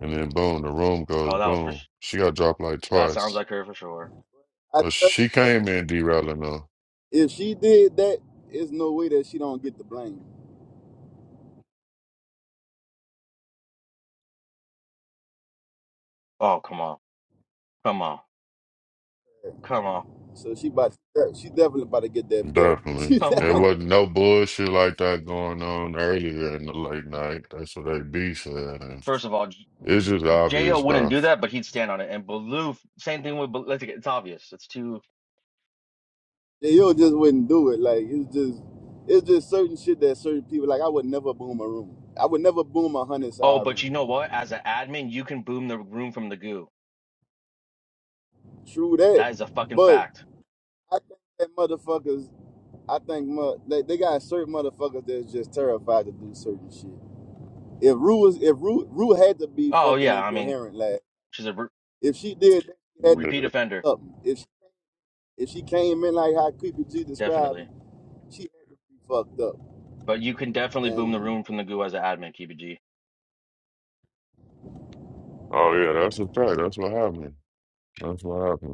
[SPEAKER 5] and then boom, the room goes
[SPEAKER 4] Oh, that was for.
[SPEAKER 5] boom.
[SPEAKER 4] s-
[SPEAKER 5] She got dropped like
[SPEAKER 4] That sounds
[SPEAKER 5] twice,
[SPEAKER 4] like her for sure.
[SPEAKER 2] I
[SPEAKER 5] but
[SPEAKER 2] tell
[SPEAKER 5] she came in derailing though.
[SPEAKER 2] you, if she did that, it's no way that she don't get the blame.
[SPEAKER 4] Oh, come on, come on, come on,
[SPEAKER 2] So she about to, she definitely about to get that belt. She
[SPEAKER 5] Definitely.
[SPEAKER 4] come
[SPEAKER 5] There
[SPEAKER 2] definitely
[SPEAKER 4] on.
[SPEAKER 5] wasn't no bullshit like that going on earlier in the late night. That's what they be saying.
[SPEAKER 4] First of all, J-
[SPEAKER 5] It's just
[SPEAKER 4] Jo
[SPEAKER 5] obvious,
[SPEAKER 4] wouldn't
[SPEAKER 5] bro.
[SPEAKER 4] do that, but he'd stand on it. And Baloo, same thing with. Baloo. let It's obvious. It's too.
[SPEAKER 2] yo just wouldn't do it. Like it's just it's just certain shit that certain people like. I would never boom a room. I would never boom a hundred
[SPEAKER 4] Oh,
[SPEAKER 2] side
[SPEAKER 4] but
[SPEAKER 2] room.
[SPEAKER 4] you know what? As an admin, you can boom the room from the goo.
[SPEAKER 2] True that,
[SPEAKER 4] That is a fucking
[SPEAKER 2] but
[SPEAKER 4] fact.
[SPEAKER 2] I think that motherfuckers. I think mu- they, they got certain motherfuckers that's just terrified to do certain shit. If Rue was if Rue Rue had to be
[SPEAKER 4] Oh
[SPEAKER 2] fucking
[SPEAKER 4] yeah, I mean
[SPEAKER 2] incoherent, lad.
[SPEAKER 4] She's a re-
[SPEAKER 2] If she did, that, she had to
[SPEAKER 5] Yeah.
[SPEAKER 2] be
[SPEAKER 4] repeat offender,
[SPEAKER 2] fucked up. If she, if she came in like how creepy G described,
[SPEAKER 4] definitely.
[SPEAKER 2] she had to be fucked up.
[SPEAKER 4] But you can definitely boom the
[SPEAKER 2] And
[SPEAKER 4] room from the goo as an admin, KBG.
[SPEAKER 5] Oh yeah, that's a fact. That's what happened. That's what happened.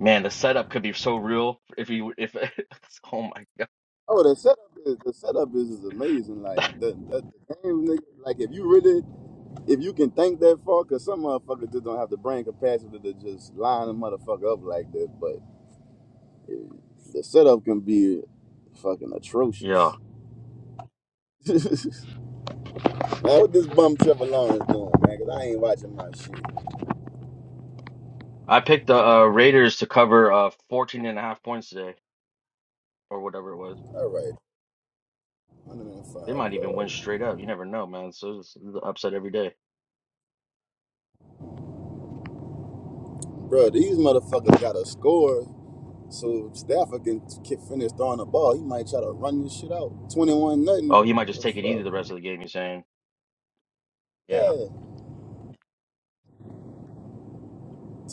[SPEAKER 4] Man, the setup could be so real if you if oh my
[SPEAKER 2] oh, the setup is the setup is, is amazing.
[SPEAKER 4] god.
[SPEAKER 2] Like the, the, the game, nigga. Like if you really if you can think that far, cause some motherfuckers just don't have the brain capacity to just line a motherfucker up like that. But eh, the setup can be fucking
[SPEAKER 4] Yeah.
[SPEAKER 2] atrocious. I hope this bum Trevor Lawrence doing, man, because I ain't watching my shit.
[SPEAKER 4] I picked the uh, Raiders to cover uh fourteen and a half points today or whatever it was.
[SPEAKER 2] All right, 105
[SPEAKER 4] They might even win
[SPEAKER 2] yards.
[SPEAKER 4] straight up. You never know, man. So it's the upset every day.
[SPEAKER 2] Bro, these motherfuckers got to score so Stafford can kick, finish throwing the ball. He might try to run this shit out. 21
[SPEAKER 4] Oh,
[SPEAKER 2] nothing.
[SPEAKER 4] he might just
[SPEAKER 2] The
[SPEAKER 4] take it easy the
[SPEAKER 2] fuck?
[SPEAKER 4] rest of the game, you're saying. Yeah.
[SPEAKER 2] Yeah,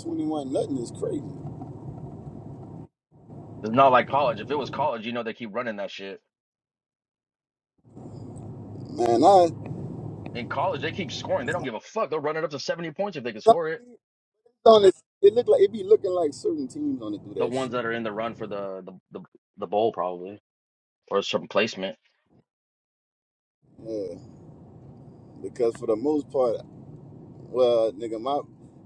[SPEAKER 2] 21 nothing is crazy.
[SPEAKER 4] It's not like college. If it was college, you know they keep running that shit.
[SPEAKER 2] Man, I.
[SPEAKER 4] In college, they keep scoring. They don't give a fuck. They'll run it up to 70 points if they can
[SPEAKER 2] Some
[SPEAKER 4] score it.
[SPEAKER 2] teams on this, it look like it be looking like certain teams on it do
[SPEAKER 4] the
[SPEAKER 2] that
[SPEAKER 4] ones
[SPEAKER 2] shit.
[SPEAKER 4] that are in the run for the the the, the bowl probably or some placement.
[SPEAKER 2] Yeah, because for the most part, Well, nigga, my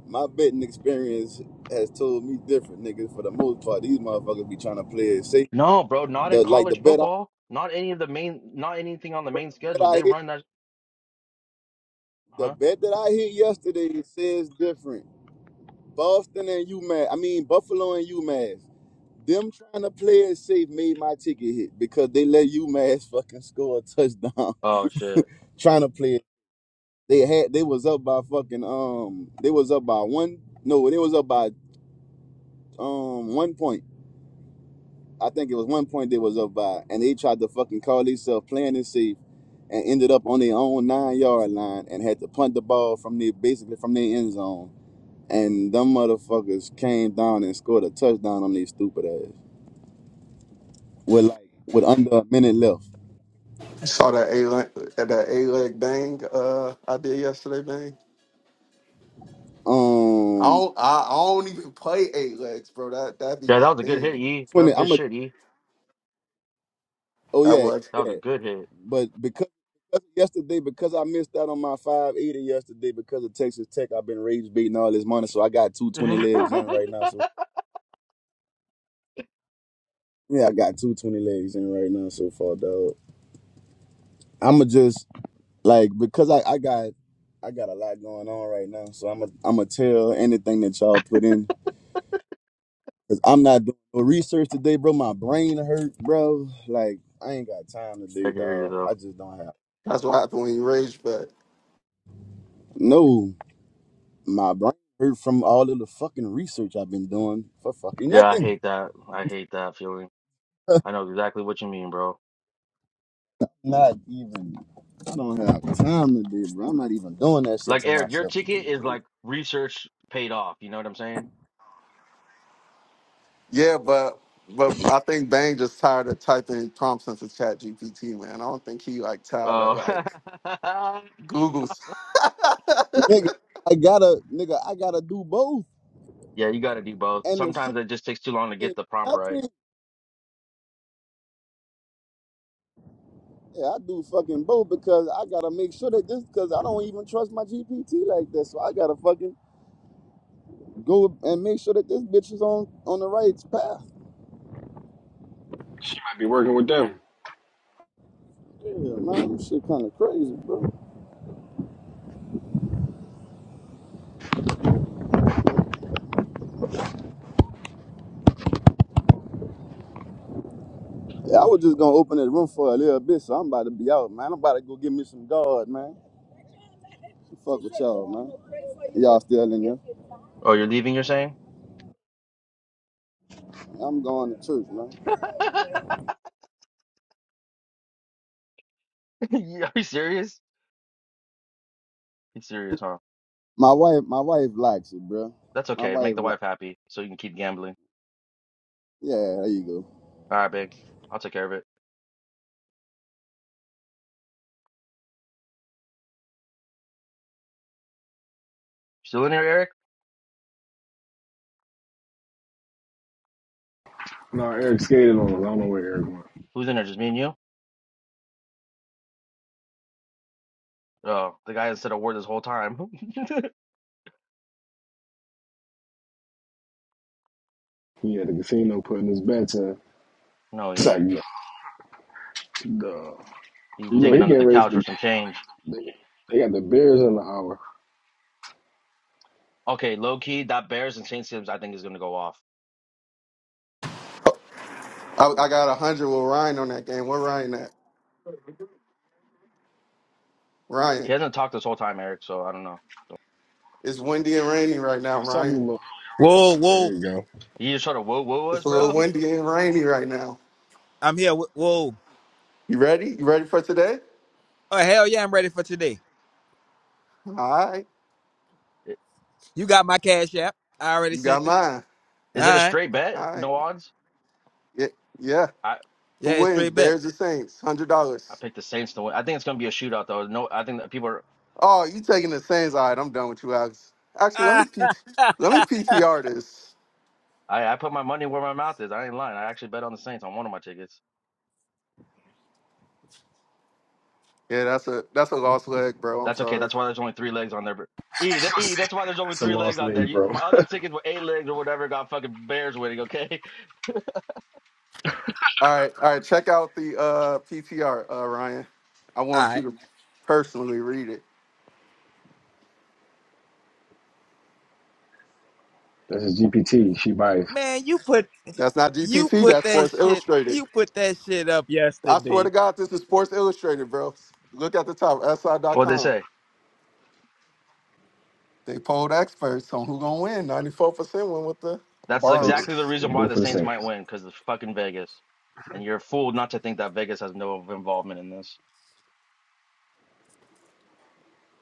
[SPEAKER 2] my betting experience has told me different, nigga. For the most part, these motherfuckers be trying to play it safe.
[SPEAKER 4] No, bro, not in
[SPEAKER 2] The like the
[SPEAKER 4] college
[SPEAKER 2] bet I
[SPEAKER 4] football. Not any of the main, not anything on the
[SPEAKER 2] bro,
[SPEAKER 4] main
[SPEAKER 2] the bet
[SPEAKER 4] schedule.
[SPEAKER 2] I
[SPEAKER 4] They
[SPEAKER 2] hit
[SPEAKER 4] run that,
[SPEAKER 2] the
[SPEAKER 4] huh?
[SPEAKER 2] bet that I hit yesterday it says different. Boston and UMass, I mean Buffalo and UMass. Them trying to play it safe made my ticket hit because they let UMass fucking score a touchdown.
[SPEAKER 4] Oh shit.
[SPEAKER 2] trying to play it. They had they was up by fucking um they was up by one no they was up by um one point I think it was one point they was up by, and they tried to fucking call themselves playing it safe, and ended up on their own nine yard line and had to punt the ball from their basically from their end zone. And them motherfuckers came down and scored a touchdown on their stupid ass with like with under a minute left.
[SPEAKER 6] You saw that A leg that A leg bang uh I did yesterday, bang. I
[SPEAKER 2] Um,
[SPEAKER 6] don't I, I don't even play eight legs, bro. That that be
[SPEAKER 4] Yeah, that
[SPEAKER 6] my
[SPEAKER 4] was a good hit,
[SPEAKER 6] thing.
[SPEAKER 2] I'm
[SPEAKER 4] E.
[SPEAKER 2] a
[SPEAKER 4] That
[SPEAKER 2] twenty.
[SPEAKER 4] was good
[SPEAKER 2] I'm a
[SPEAKER 4] shit, E.
[SPEAKER 2] oh
[SPEAKER 6] That
[SPEAKER 2] yeah
[SPEAKER 6] was
[SPEAKER 4] That
[SPEAKER 2] yeah.
[SPEAKER 4] was
[SPEAKER 2] yeah.
[SPEAKER 4] a good hit.
[SPEAKER 2] But because because yesterday because I missed out on my five eighty yesterday because of Texas Tech, I've been rage beating all this money, so I got two twenty
[SPEAKER 4] I
[SPEAKER 2] legs in right now. So Yeah, I got two twenty legs in right now so far, dog. I'ma just like because I, I got I got a lot going on right now, so I'm i I'm gonna tell anything that y'all put in because I'm not doing no research today, bro. My brain hurt, bro. Like I ain't got time today,
[SPEAKER 4] hear you
[SPEAKER 2] dog. I
[SPEAKER 4] though.
[SPEAKER 2] just don't have
[SPEAKER 6] that's what happened when you rage, but
[SPEAKER 2] no. My brain hurt from all of the fucking research I've been doing for fucking
[SPEAKER 4] Yeah, I
[SPEAKER 2] nothing.
[SPEAKER 4] hate that. I hate that feeling. I know exactly what you mean, bro.
[SPEAKER 2] Not even. I don't have time today, bro. I'm not even doing that shit to
[SPEAKER 4] Like Eric, your
[SPEAKER 2] myself today,
[SPEAKER 4] ticket is
[SPEAKER 2] bro.
[SPEAKER 4] like research paid off. You know what I'm saying?
[SPEAKER 6] yeah, but but I think Bang just tired of typing prompts into Chat GPT, man. I don't think he like tired of
[SPEAKER 4] Oh,
[SPEAKER 6] like Google's.
[SPEAKER 2] nigga, I gotta, nigga, I gotta do both.
[SPEAKER 4] yeah, you got to do both.
[SPEAKER 2] And the
[SPEAKER 4] Sometimes
[SPEAKER 2] shit,
[SPEAKER 4] it just takes too long to get
[SPEAKER 2] ain't
[SPEAKER 4] the prompt right.
[SPEAKER 2] nothing. Yeah, I do fucking both because I gotta make sure that this, because I don't even trust my GPT like this. So I gotta fucking go and make sure that this bitch is on on the right path.
[SPEAKER 1] Might be working with them.
[SPEAKER 2] Yeah, man, this shit kind of crazy, bro. Yeah, I was just gonna open this room for a little bit, so I'm about to be out, man. I'm about to go get me some guard, man. Fuck with y'all, man. Y'all still in here?
[SPEAKER 4] Oh, you're leaving, you're saying?
[SPEAKER 2] I'm going to church, man.
[SPEAKER 4] Yeah, Are you serious? He's serious, huh?
[SPEAKER 2] My wife, my wife likes it, bro.
[SPEAKER 4] That's
[SPEAKER 2] My
[SPEAKER 4] okay.
[SPEAKER 2] wife
[SPEAKER 4] Make the
[SPEAKER 2] like,
[SPEAKER 4] wife happy so you can keep gambling.
[SPEAKER 2] yeah, there you go.
[SPEAKER 4] All right, big. I'll take care of it. Still in here, Eric? Who's in there? Just me and you? Oh, the guy that said a word this whole time.
[SPEAKER 1] Yeah.
[SPEAKER 4] No, he ain't.
[SPEAKER 1] He
[SPEAKER 4] He's digging under the couch for some change. Okay, low key, that Bears and Saints Sims, I think, is gonna go off.
[SPEAKER 6] I, I got a hundred with Ryan on that game. Where Ryan at? Ryan,
[SPEAKER 4] He hasn't talked this whole time, Eric, so I don't know.
[SPEAKER 6] it's windy and rainy right now,
[SPEAKER 1] was talking a
[SPEAKER 6] Ryan.
[SPEAKER 1] little.
[SPEAKER 3] Whoa,
[SPEAKER 1] There
[SPEAKER 3] whoa,
[SPEAKER 1] you go.
[SPEAKER 4] He just sort of woo woo
[SPEAKER 6] It's
[SPEAKER 4] us,
[SPEAKER 6] a little
[SPEAKER 4] bro.
[SPEAKER 6] windy and rainy right now.
[SPEAKER 3] I'm here. Wh- Whoa,
[SPEAKER 6] You ready? You ready for today?
[SPEAKER 3] oh hell yeah, I'm ready for today.
[SPEAKER 6] All right.
[SPEAKER 4] I-
[SPEAKER 3] You got my cash app? I already
[SPEAKER 6] You
[SPEAKER 3] sent
[SPEAKER 6] got
[SPEAKER 3] it.
[SPEAKER 6] mine.
[SPEAKER 3] All
[SPEAKER 4] Is it a
[SPEAKER 3] right,
[SPEAKER 4] straight bet?
[SPEAKER 6] All right.
[SPEAKER 4] No odds?
[SPEAKER 6] Yeah. yeah.
[SPEAKER 4] I
[SPEAKER 3] yeah,
[SPEAKER 6] Who
[SPEAKER 3] it's
[SPEAKER 6] wins?
[SPEAKER 3] straight back.
[SPEAKER 6] Bears or Saints? Hundred
[SPEAKER 4] I
[SPEAKER 6] dollars.
[SPEAKER 4] picked the Saints to win. I think it's gonna be a shootout though. No, I think that people are
[SPEAKER 6] Oh, you taking the Saints? All right, I'm done with you, Alex. Actually, let me
[SPEAKER 3] Ah,
[SPEAKER 6] PT, let me PTR this.
[SPEAKER 4] I, I put my money where my mouth is. I ain't lying. I actually bet on the Saints on one of my tickets.
[SPEAKER 6] Yeah, that's a that's a lost leg, bro. I'm
[SPEAKER 4] That's okay.
[SPEAKER 6] sorry.
[SPEAKER 4] That's why there's only three legs on there. bro. E, that, e,
[SPEAKER 1] See,
[SPEAKER 4] that's why there's only three legs out there. You, my other tickets were eight legs or whatever. Got fucking Bears winning. Okay,
[SPEAKER 6] All right, all right. Check out the uh, PTR, uh, Ryan. I
[SPEAKER 3] all
[SPEAKER 6] want you
[SPEAKER 3] right,
[SPEAKER 6] to personally read it.
[SPEAKER 3] man, you put
[SPEAKER 6] That's not
[SPEAKER 3] you
[SPEAKER 6] GPT.
[SPEAKER 3] put
[SPEAKER 6] That's
[SPEAKER 3] that
[SPEAKER 6] Sports
[SPEAKER 3] shit
[SPEAKER 6] Illustrated.
[SPEAKER 3] you put that shit up
[SPEAKER 6] I swear to
[SPEAKER 3] yesterday.
[SPEAKER 6] God, this is Sports Illustrated, bro. Look at the top,
[SPEAKER 4] what they
[SPEAKER 6] SI.com.
[SPEAKER 4] say.
[SPEAKER 6] They polled experts on who gonna win. Ninety-four percent went with the
[SPEAKER 4] That's
[SPEAKER 1] Saints.
[SPEAKER 4] exactly the
[SPEAKER 6] Birds.
[SPEAKER 4] reason
[SPEAKER 1] Go
[SPEAKER 4] why the
[SPEAKER 1] for the
[SPEAKER 4] Saints might
[SPEAKER 1] Saints.
[SPEAKER 4] win because it's fucking Vegas, and you're a fool not to think that Vegas has no involvement in this.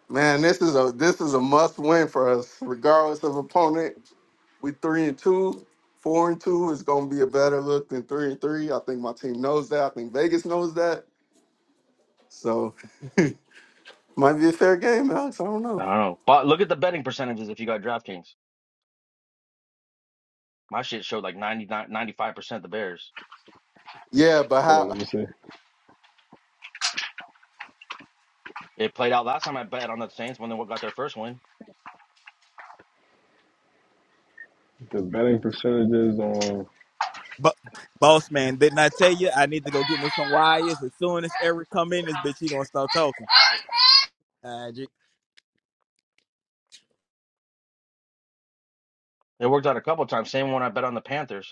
[SPEAKER 6] Man, this is a this is a must-win for us, regardless of opponent. We three and two, four and two is gonna be a better look than three and three. I think my team knows that. I think Vegas knows that. So might be a fair game, Alex. I don't
[SPEAKER 4] I
[SPEAKER 6] know.
[SPEAKER 4] don't know. But look at the betting percentages if you got DraftKings. My shit showed like ninety-nine, ninety-five percent the Bears.
[SPEAKER 6] Yeah, but
[SPEAKER 1] Hold on,
[SPEAKER 6] how?
[SPEAKER 1] let me see.
[SPEAKER 4] It played out last time I bet on the Saints when they got their first win.
[SPEAKER 1] The betting percentages on
[SPEAKER 3] But boss man, didn't I tell you I need to go get me some wires as soon as Eric come in? This bitch he gonna start talking.
[SPEAKER 4] It worked out a couple times. Same one I bet on the Panthers.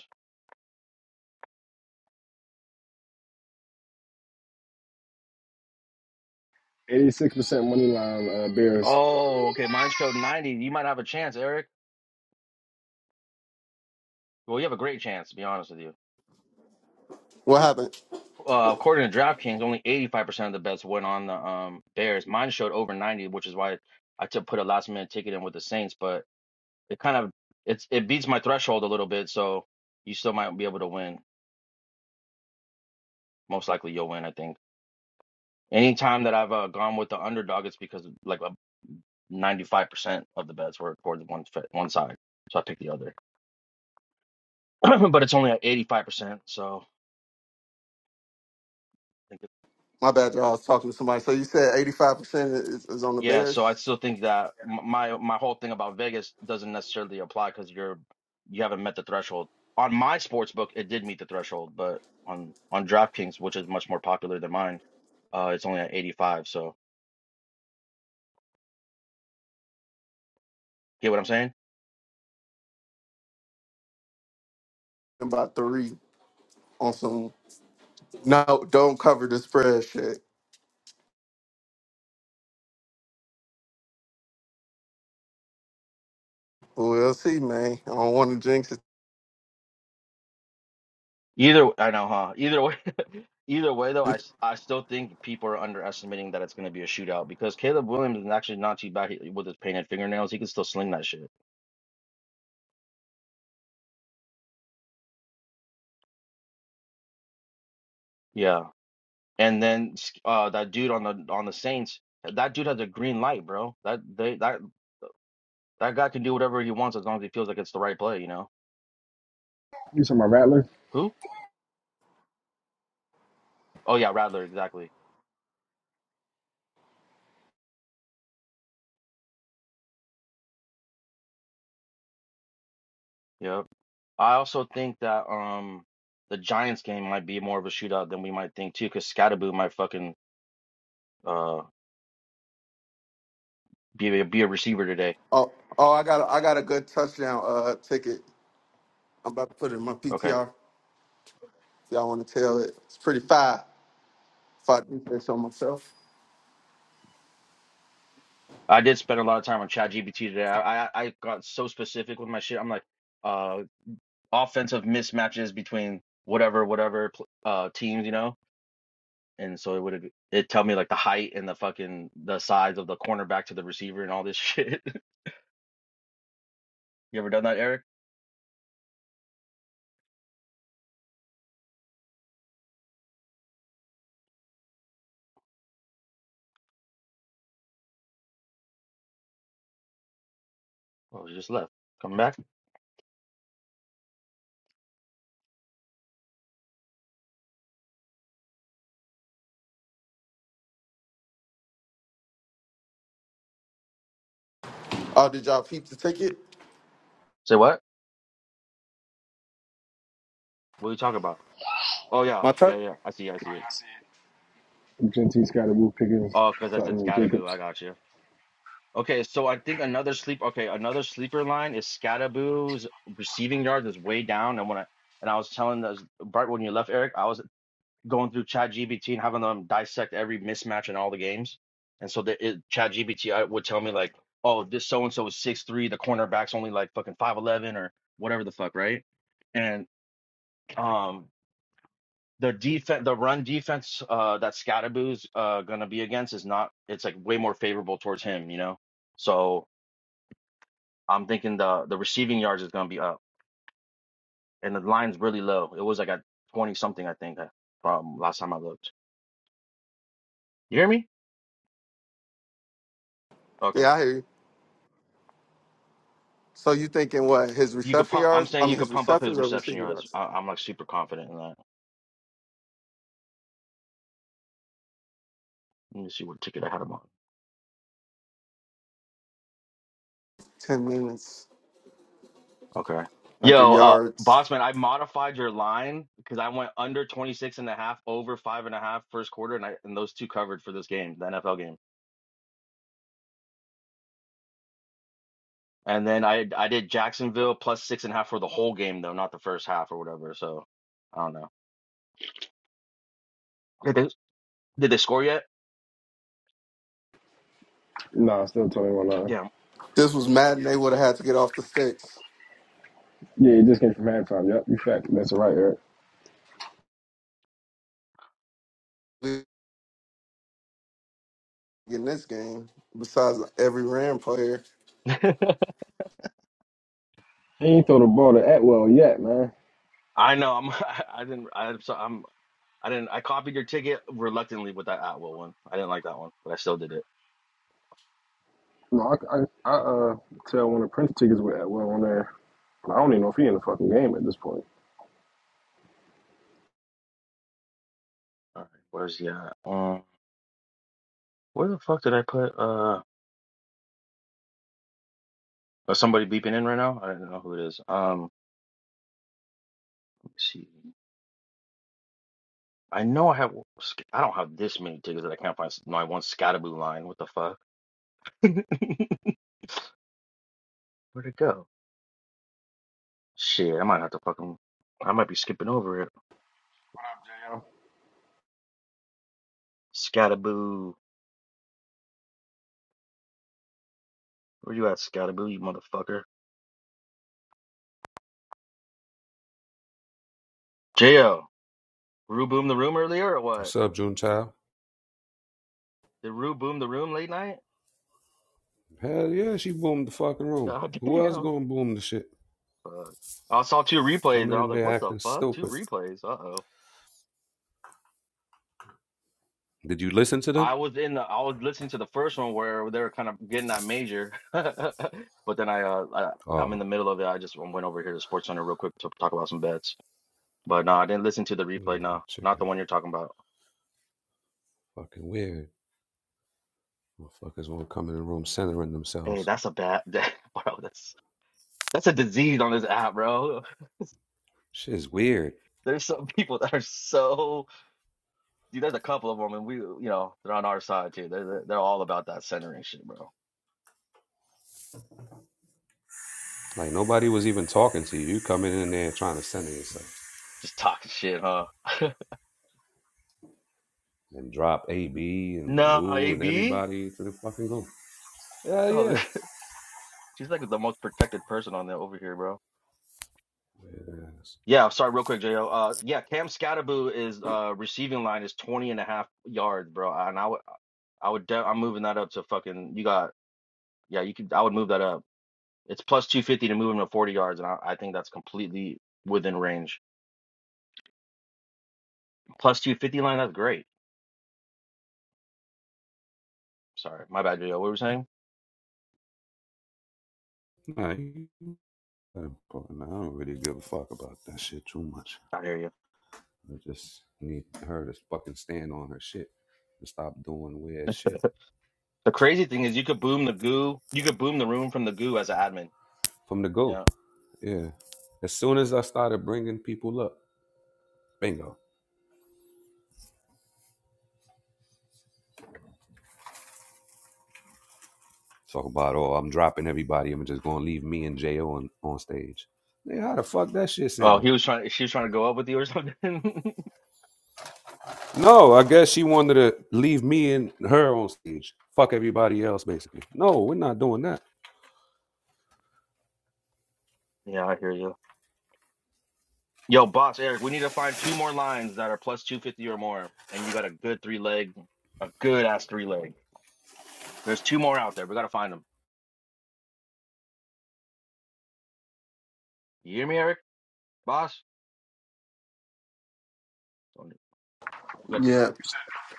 [SPEAKER 1] 86% money line uh, Bears.
[SPEAKER 4] Oh, okay. Mine showed 90. You might have a chance, Eric. Well, you have a great chance, to be honest with you.
[SPEAKER 6] What happened?
[SPEAKER 4] Uh, according to DraftKings, only 85% of the bets went on the um Bears. Mine showed over 90, which is why I took put a last minute ticket in with the Saints, but it kind of it's it beats my threshold a little bit, so you still might be able to win. Most likely you'll win, I think. Anytime that I've uh, gone with the underdog, it's because like uh, 95% of the bets were towards one fit- one side. So I picked the other. But it's only at 85%, so
[SPEAKER 6] My bad, y'all. I was talking to somebody. So you said eighty-five percent is, is on the
[SPEAKER 4] Yeah, so I
[SPEAKER 6] Bears
[SPEAKER 4] still think that m- my my whole thing about Vegas doesn't necessarily apply because you're you haven't met the threshold. On my sports book, it did meet the threshold, but on on DraftKings, which is much more popular than mine, uh, it's only at 85. So get what I'm saying?
[SPEAKER 6] and about three on some. No, don't cover the spread shit. We'll see, man. I don't want to jinx it.
[SPEAKER 4] Either I know, huh? Either way, either way though, I s- I still think people are underestimating that it's going to be a shootout because Caleb Williams is actually not too bad he- with his painted fingernails. He can still sling that shit. Yeah. And then uh, that dude on the on the Saints, that dude has a green light, bro. That they that that guy can do whatever he wants as long as he feels like it's the right play, you know.
[SPEAKER 1] You talking about Rattler?
[SPEAKER 4] Who? Oh yeah, Rattler, exactly. Yep. I also think that um the Giants game might be more of a shootout than we might think too, because Scadaboo might fucking uh be a, be a receiver today.
[SPEAKER 6] Oh, oh, I got, a, I got a good touchdown uh ticket. I'm about to put it in my
[SPEAKER 4] Okay.
[SPEAKER 6] PTR. If y'all want to tell it, it's pretty fire. If I do say so myself.
[SPEAKER 4] I did spend a lot of time on ChatGPT today. I, I I got so specific with my shit. I'm like, uh, offensive mismatches between whatever, whatever pl- uh teams, you know and so it would it tell me like the height and the fucking the size of the cornerback to the receiver and all this shit. you ever done that, Eric? Oh, you just left. Coming back.
[SPEAKER 6] Oh, did y'all peep the ticket?
[SPEAKER 4] Say what? What are you talking about? Oh yeah,
[SPEAKER 6] My
[SPEAKER 4] yeah,
[SPEAKER 6] touch?
[SPEAKER 4] yeah. I see, I see it. Oh, because I said Scadaboo. I got you. Okay, so I think another sleep. Okay, another sleeper line is Scadaboo's receiving yards is way down, and when I and I was telling those right when you left, Eric, I was going through ChatGPT and having them dissect every mismatch in all the games. And so the it, Chat would tell me like, oh, this so and so is six three, the cornerback's only like fucking five eleven or whatever the fuck, right? And um, the defense, the run defense uh, that Scadaboo's uh, gonna be against is not. It's like way more favorable towards him, you know. So I'm thinking the the receiving yards is gonna be up, and the line's really low. It was like at twenty something, I think, uh, from last time I looked. You hear me? Okay.
[SPEAKER 6] Yeah, I hear you. So you thinking what? His
[SPEAKER 4] You could
[SPEAKER 6] reception
[SPEAKER 4] pump. I'm
[SPEAKER 6] yards? I
[SPEAKER 4] saying you
[SPEAKER 6] mean,
[SPEAKER 4] could
[SPEAKER 6] his
[SPEAKER 4] pump up his
[SPEAKER 6] receptions or
[SPEAKER 4] reception
[SPEAKER 6] receiving
[SPEAKER 4] yards.
[SPEAKER 6] yards?
[SPEAKER 4] I, I'm like super confident in that. Let me see what ticket I had him on.
[SPEAKER 6] Ten minutes,
[SPEAKER 4] Okay.
[SPEAKER 6] like a
[SPEAKER 4] Yo, uh,
[SPEAKER 6] yards.
[SPEAKER 4] Bossman, I modified your line because I went under 26 and a half, over five and a half first quarter, and I and those two covered for this game, the NFL game. And then I I did Jacksonville plus six and a half for the whole game though, not the first half or whatever. So I don't know. Did they, did they score yet?
[SPEAKER 1] Nah, still 21 line.
[SPEAKER 4] Damn.
[SPEAKER 6] This was Madden. They would have had to get off the sticks
[SPEAKER 1] Yeah, he just came from halftime. Yep, you fact. That's right, Eric.
[SPEAKER 6] in this game. Besides every Ram player.
[SPEAKER 1] He ain't throw the ball to Atwell yet, man.
[SPEAKER 4] I know. I'm. I didn't. I'm. So, I'm. I didn't. I copied your ticket reluctantly with that Atwell one. I didn't like that one, but I still did it.
[SPEAKER 1] No, I, I, I uh, tell one of the Prince tickets with Atwell on there. I don't even know if he in the fucking game at this point.
[SPEAKER 4] All right, where's the? at? um, where the fuck did I put? Uh, is somebody beeping in right now? I don't know who it is. Um, let me see. I know I have. sc- I don't have this many tickets that I can't find s- my one Scataboo line. What the fuck? Where'd it go? Shit, I might have to fucking. I might be skipping over it. Scataboo, where you at, Scataboo? You motherfucker. Jo, Rue boom the room earlier or what?
[SPEAKER 7] What's up, June Child?
[SPEAKER 4] Did Rue boom the room late night?
[SPEAKER 7] Hell yeah, she boomed the fucking room.
[SPEAKER 4] God
[SPEAKER 7] Who else
[SPEAKER 4] damn.
[SPEAKER 7] gonna boom the shit?
[SPEAKER 4] Fuck. I saw two replays and
[SPEAKER 7] Coming
[SPEAKER 4] I was
[SPEAKER 7] in
[SPEAKER 4] like,
[SPEAKER 7] there
[SPEAKER 4] what the
[SPEAKER 7] acting
[SPEAKER 4] fuck? Two
[SPEAKER 7] stupid.
[SPEAKER 4] replays. Uh-oh.
[SPEAKER 7] Did you listen to them?
[SPEAKER 4] I was in the I was listening to the first one where they were kind of getting that major. But then I uh I, I'm in
[SPEAKER 7] Oh,
[SPEAKER 4] the middle of it. I just went over here to Sports Center real quick to talk about some bets. But no, I didn't listen to the
[SPEAKER 7] yeah,
[SPEAKER 4] replay. No,
[SPEAKER 7] that chick
[SPEAKER 4] not the
[SPEAKER 7] is
[SPEAKER 4] one you're talking about.
[SPEAKER 7] fucking weird. Motherfuckers won't come in the room centering
[SPEAKER 4] Hey,
[SPEAKER 7] themselves.
[SPEAKER 4] that's a bad that, bro, that's that's a disease on this app, bro.
[SPEAKER 7] Shit is weird.
[SPEAKER 4] There's some people that are so dude, there's a couple of them and we you know, they're on our side too. they're they're all about that centering shit, bro.
[SPEAKER 7] Like nobody was even talking to you. You coming in there trying to center yourself
[SPEAKER 4] Just talking shit, huh?
[SPEAKER 7] and drop AB and
[SPEAKER 4] Nah,
[SPEAKER 7] Baloo and
[SPEAKER 4] AB.
[SPEAKER 7] everybody to the fucking goal. Yeah,
[SPEAKER 4] Oh,
[SPEAKER 7] yeah.
[SPEAKER 4] she's like the most protected person on there over here, bro.
[SPEAKER 7] Yes.
[SPEAKER 4] Yeah, sorry, real quick, JO. Uh, yeah, Cam Scataboo is uh receiving line is 20 and a half yards, bro. And I would, I would, de I'm moving that up to fucking. You got, yeah, you could. I would move that up. It's plus 250 to move him to 40 yards, and I, I think that's completely within range. Plus 250 line, that's great. Sorry, my bad, JO. What were you saying?
[SPEAKER 7] Nah, I don't really give a fuck about that shit too much.
[SPEAKER 4] I hear you.
[SPEAKER 7] I just need her to fucking stand on her shit and stop doing weird shit
[SPEAKER 4] The crazy thing is, you could boom the goo. You could boom the room from the goo as an admin.
[SPEAKER 7] from the go. Yeah. As soon as I started bringing people up, bingo. Talk about, oh, I'm dropping everybody. I'm just going to leave me and J.O. on, on stage. Nigga, how the fuck that shit
[SPEAKER 4] Oh,
[SPEAKER 7] sound?
[SPEAKER 4] he was trying. She was trying to go up with you or something.
[SPEAKER 7] No, I guess she wanted to leave me and her on stage. Fuck everybody else, basically. No, we're not doing that.
[SPEAKER 4] yeah, I hear you. Yo, boss Eric, we need to find two more lines that are plus two fifty or more, and you got a good three leg, a good ass three leg. There's two more out there. We gotta find them. You hear me, Eric? Boss? Don't- we got-
[SPEAKER 6] Yeah.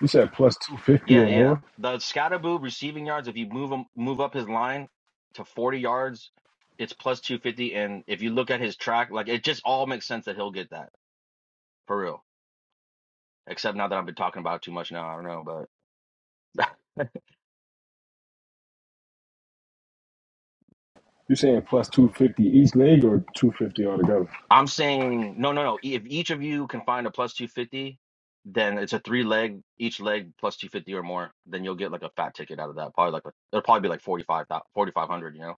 [SPEAKER 1] You said plus 250
[SPEAKER 4] Yeah,
[SPEAKER 1] or
[SPEAKER 4] yeah.
[SPEAKER 1] more?
[SPEAKER 4] The Scatterboo receiving yards. If you move him, move up his line to forty yards, it's plus two fifty. And if you look at his track, like it just all makes sense that he'll get that for real. Except now that I've been talking about it too much now, I don't know, but.
[SPEAKER 1] You saying plus 250 each leg or 250 altogether?
[SPEAKER 4] I'm saying no, no, no. If each of you can find a plus 250, then it's a three leg, each leg plus 250 or more. Then you'll get like a fat ticket out of that. Probably like a, it'll probably be like 45, thousand, forty-five hundred. You know,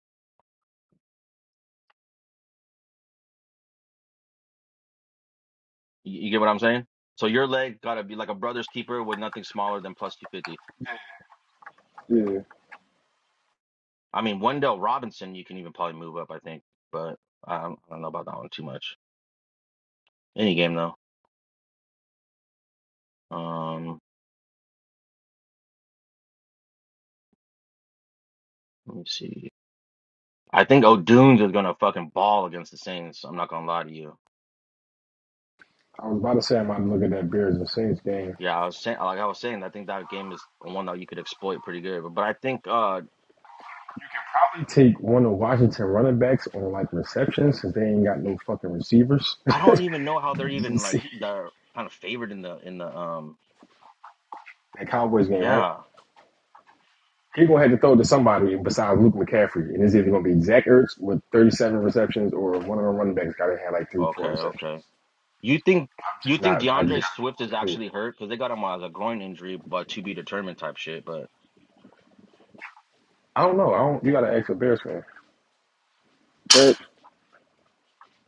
[SPEAKER 4] you, you get what I'm saying? So your leg gotta be like a brother's keeper with nothing smaller than plus 250.
[SPEAKER 1] Yeah.
[SPEAKER 4] I mean, Wendell Robinson, you can even probably move up, I think, but um, I don't know about that one too much. Any game though. Um, let me see. I think O'Doones is gonna fucking ball against the Saints. I'm not gonna lie to you.
[SPEAKER 1] I was about to say I might look at that Bears and Saints game
[SPEAKER 4] Yeah, I was saying, like I was saying, I think that game is one that you could exploit pretty good. But, but I think uh
[SPEAKER 1] probably take one of Washington running backs on like receptions since they ain't got no fucking receivers.
[SPEAKER 4] I don't even know how they're
[SPEAKER 1] You
[SPEAKER 4] even
[SPEAKER 1] see
[SPEAKER 4] like they're kind of favored in the in the um
[SPEAKER 1] that Cowboys game, right?
[SPEAKER 4] yeah.
[SPEAKER 1] He gonna have to throw to somebody besides Luke McCaffrey, and it's either gonna be Zach Ertz with 37 receptions or one of the running backs gotta have like three,
[SPEAKER 4] Okay,
[SPEAKER 1] four receptions.
[SPEAKER 4] okay. You think
[SPEAKER 1] I'm
[SPEAKER 4] you
[SPEAKER 1] just
[SPEAKER 4] think
[SPEAKER 1] not. I just gotta go
[SPEAKER 4] DeAndre Swift
[SPEAKER 1] look
[SPEAKER 4] is
[SPEAKER 1] at who.
[SPEAKER 4] actually hurt? Because they got him as a groin injury, but to be determined type shit. But
[SPEAKER 1] I don't know. I don't. You gotta ask a Bears fan.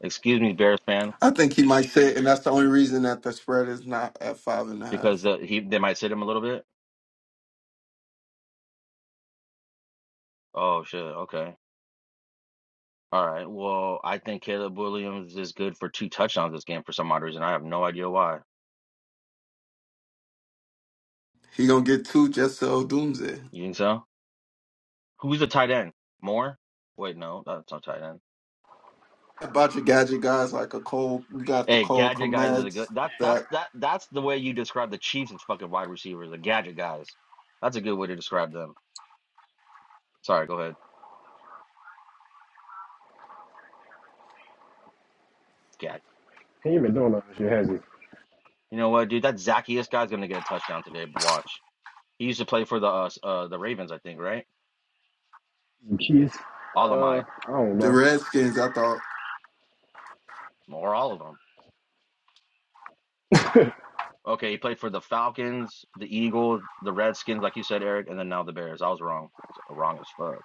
[SPEAKER 4] excuse me, Bears fan,
[SPEAKER 6] I think he might sit, and that's the only reason that the spread is not at five and a
[SPEAKER 4] because
[SPEAKER 6] half.
[SPEAKER 4] uh, he they might sit him a little bit. Oh shit. Okay. All right. Well, I think Caleb Williams is good for two touchdowns this game for some odd reason. I have no idea why.
[SPEAKER 6] He gonna get two just so Doomsday.
[SPEAKER 4] You think so? Who's the tight end? Moore? Wait, no, that's not tight end.
[SPEAKER 6] About your gadget guys like a Cole, you got the
[SPEAKER 4] Hey,
[SPEAKER 6] Cole
[SPEAKER 4] gadget guys are the good.
[SPEAKER 6] Komets,
[SPEAKER 4] That's that's
[SPEAKER 6] that
[SPEAKER 4] that that's the way you describe the Chiefs as fucking wide receivers, the gadget guys. That's a good way to describe them. Sorry, go ahead. Gadget.
[SPEAKER 1] He ain't been doing nothing this year, has
[SPEAKER 4] You know what, dude? That Zacchaeus guy's gonna get a touchdown today. But Watch. He used to play for the uh, uh the Ravens, I think, right?
[SPEAKER 1] he? Kids.
[SPEAKER 4] All of
[SPEAKER 1] Uh,
[SPEAKER 4] my
[SPEAKER 1] I don't
[SPEAKER 6] the
[SPEAKER 1] know.
[SPEAKER 6] Redskins. I thought
[SPEAKER 4] or all of them. Okay, he played for the Falcons, the Eagles, the Redskins, like you said, Eric, and then now the Bears. I was wrong. Wrong as fuck.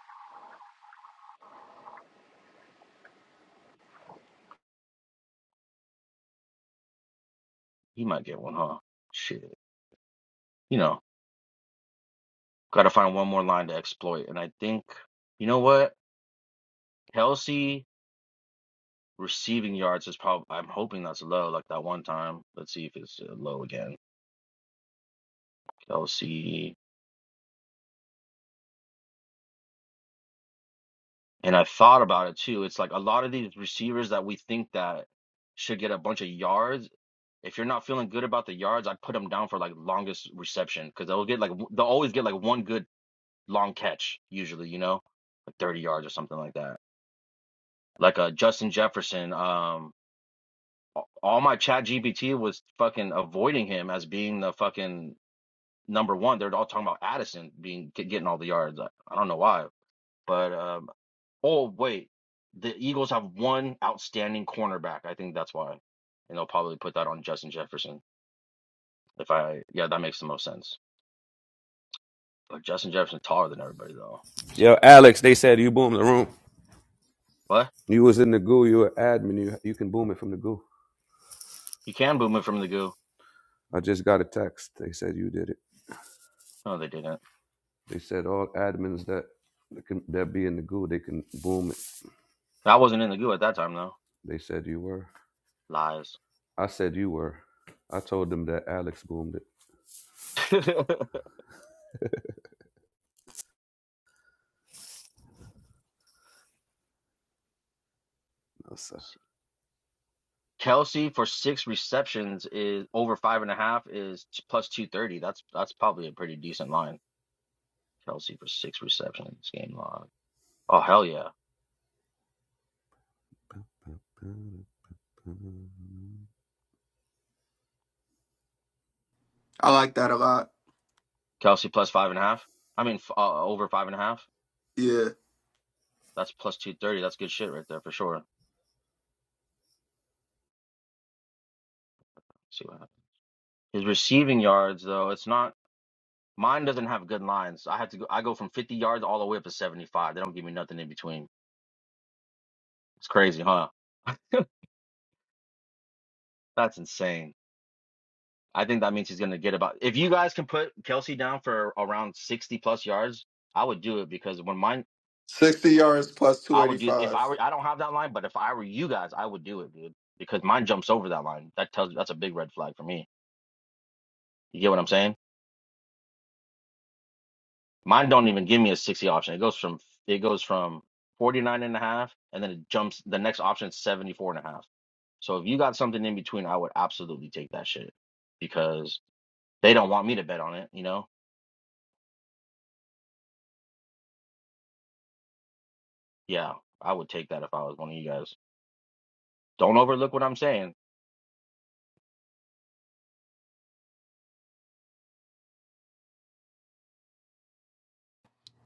[SPEAKER 4] He might get one, huh? Shit. You know. Gotta find one more line to exploit. And I think, you know what? Kelsey receiving yards is probably, I'm hoping that's low, like that one time. Let's see if it's uh, low again. Kelsey. And I thought about it too. It's like a lot of these receivers that we think that should get a bunch of yards. If you're not feeling good about the yards, I'd put them down for like longest reception because they'll get like, w- they'll always get like one good long catch, usually, you know, like 30 yards or something like that. Like a Justin Jefferson. Um, all my chat GPT was fucking avoiding him as being the fucking number one. They're all talking about Addison being getting all the yards. I, I don't know why, but um, oh wait, the Eagles have one outstanding cornerback. I think that's why, and they'll probably put that on Justin Jefferson. If I yeah, that makes the most sense. But Justin Jefferson taller than everybody though. Let me see
[SPEAKER 7] Yo,
[SPEAKER 4] real quick.
[SPEAKER 7] Alex, they said you boomed the room.
[SPEAKER 4] What?
[SPEAKER 7] You was in the goo. You were admin. You, you can boom it from the goo.
[SPEAKER 4] You can boom it from the goo.
[SPEAKER 7] I just got a text. They said you did it.
[SPEAKER 4] No, they didn't.
[SPEAKER 7] They said all admins that that can that be in the goo, they can boom it.
[SPEAKER 4] That wasn't in the goo at that time though.
[SPEAKER 7] They said you were.
[SPEAKER 4] Lies.
[SPEAKER 7] I said you were. I told them that Alex boomed it. No, sir.
[SPEAKER 4] Kelsey for six receptions is over five and a half is t- plus two thirty. That's that's probably a pretty decent line. Kelsey for six receptions game log. Oh hell yeah,
[SPEAKER 6] I like that a lot.
[SPEAKER 4] Kelsey plus five and a half. I mean f- uh, over five and a half.
[SPEAKER 6] Yeah,
[SPEAKER 4] That's plus two thirty. That's good shit right there for sure. Let's see what happens. His receiving yards though, it's not. Mine doesn't have good lines. I have to go. I go from fifty yards all the way up to seventy five. They don't give me nothing in between. It's crazy, huh? That's insane. I think that means he's going to get about. If you guys can put Kelsey down for around 60 plus yards, I would do it because when mine,
[SPEAKER 6] sixty yards plus two
[SPEAKER 4] I
[SPEAKER 6] eighty
[SPEAKER 4] would do if
[SPEAKER 6] five.
[SPEAKER 4] I were, I don't have that line, but if I were you guys, I would do it, dude, because mine jumps over that line. That tells that's a big red flag for me. You get what I'm saying? Mine don't even give me a 60 option. It goes from, it goes from 49 and a half and then it jumps, the next option is 74 and a half. So if you got something in between, I would absolutely take that shit because they don't want me to bet on it, you know? Yeah, I would take that if I was one of you guys. Don't overlook what I'm saying.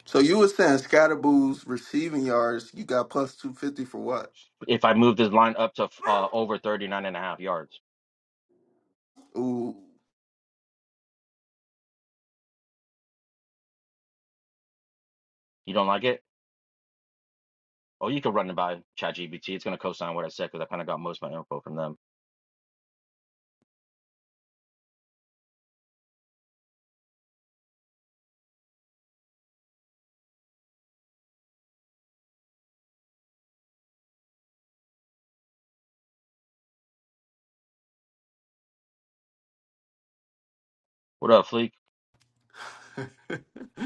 [SPEAKER 6] So you were saying Scatterboo's receiving yards, you got plus two fifty for what?
[SPEAKER 4] If I move this line up to uh, over 39 and a half yards,
[SPEAKER 6] Ooh,
[SPEAKER 4] you don't like it? Oh, you can run it by ChatGPT. It's going to co-sign what I said because I kind of got most of my info from them. What up, Fleek?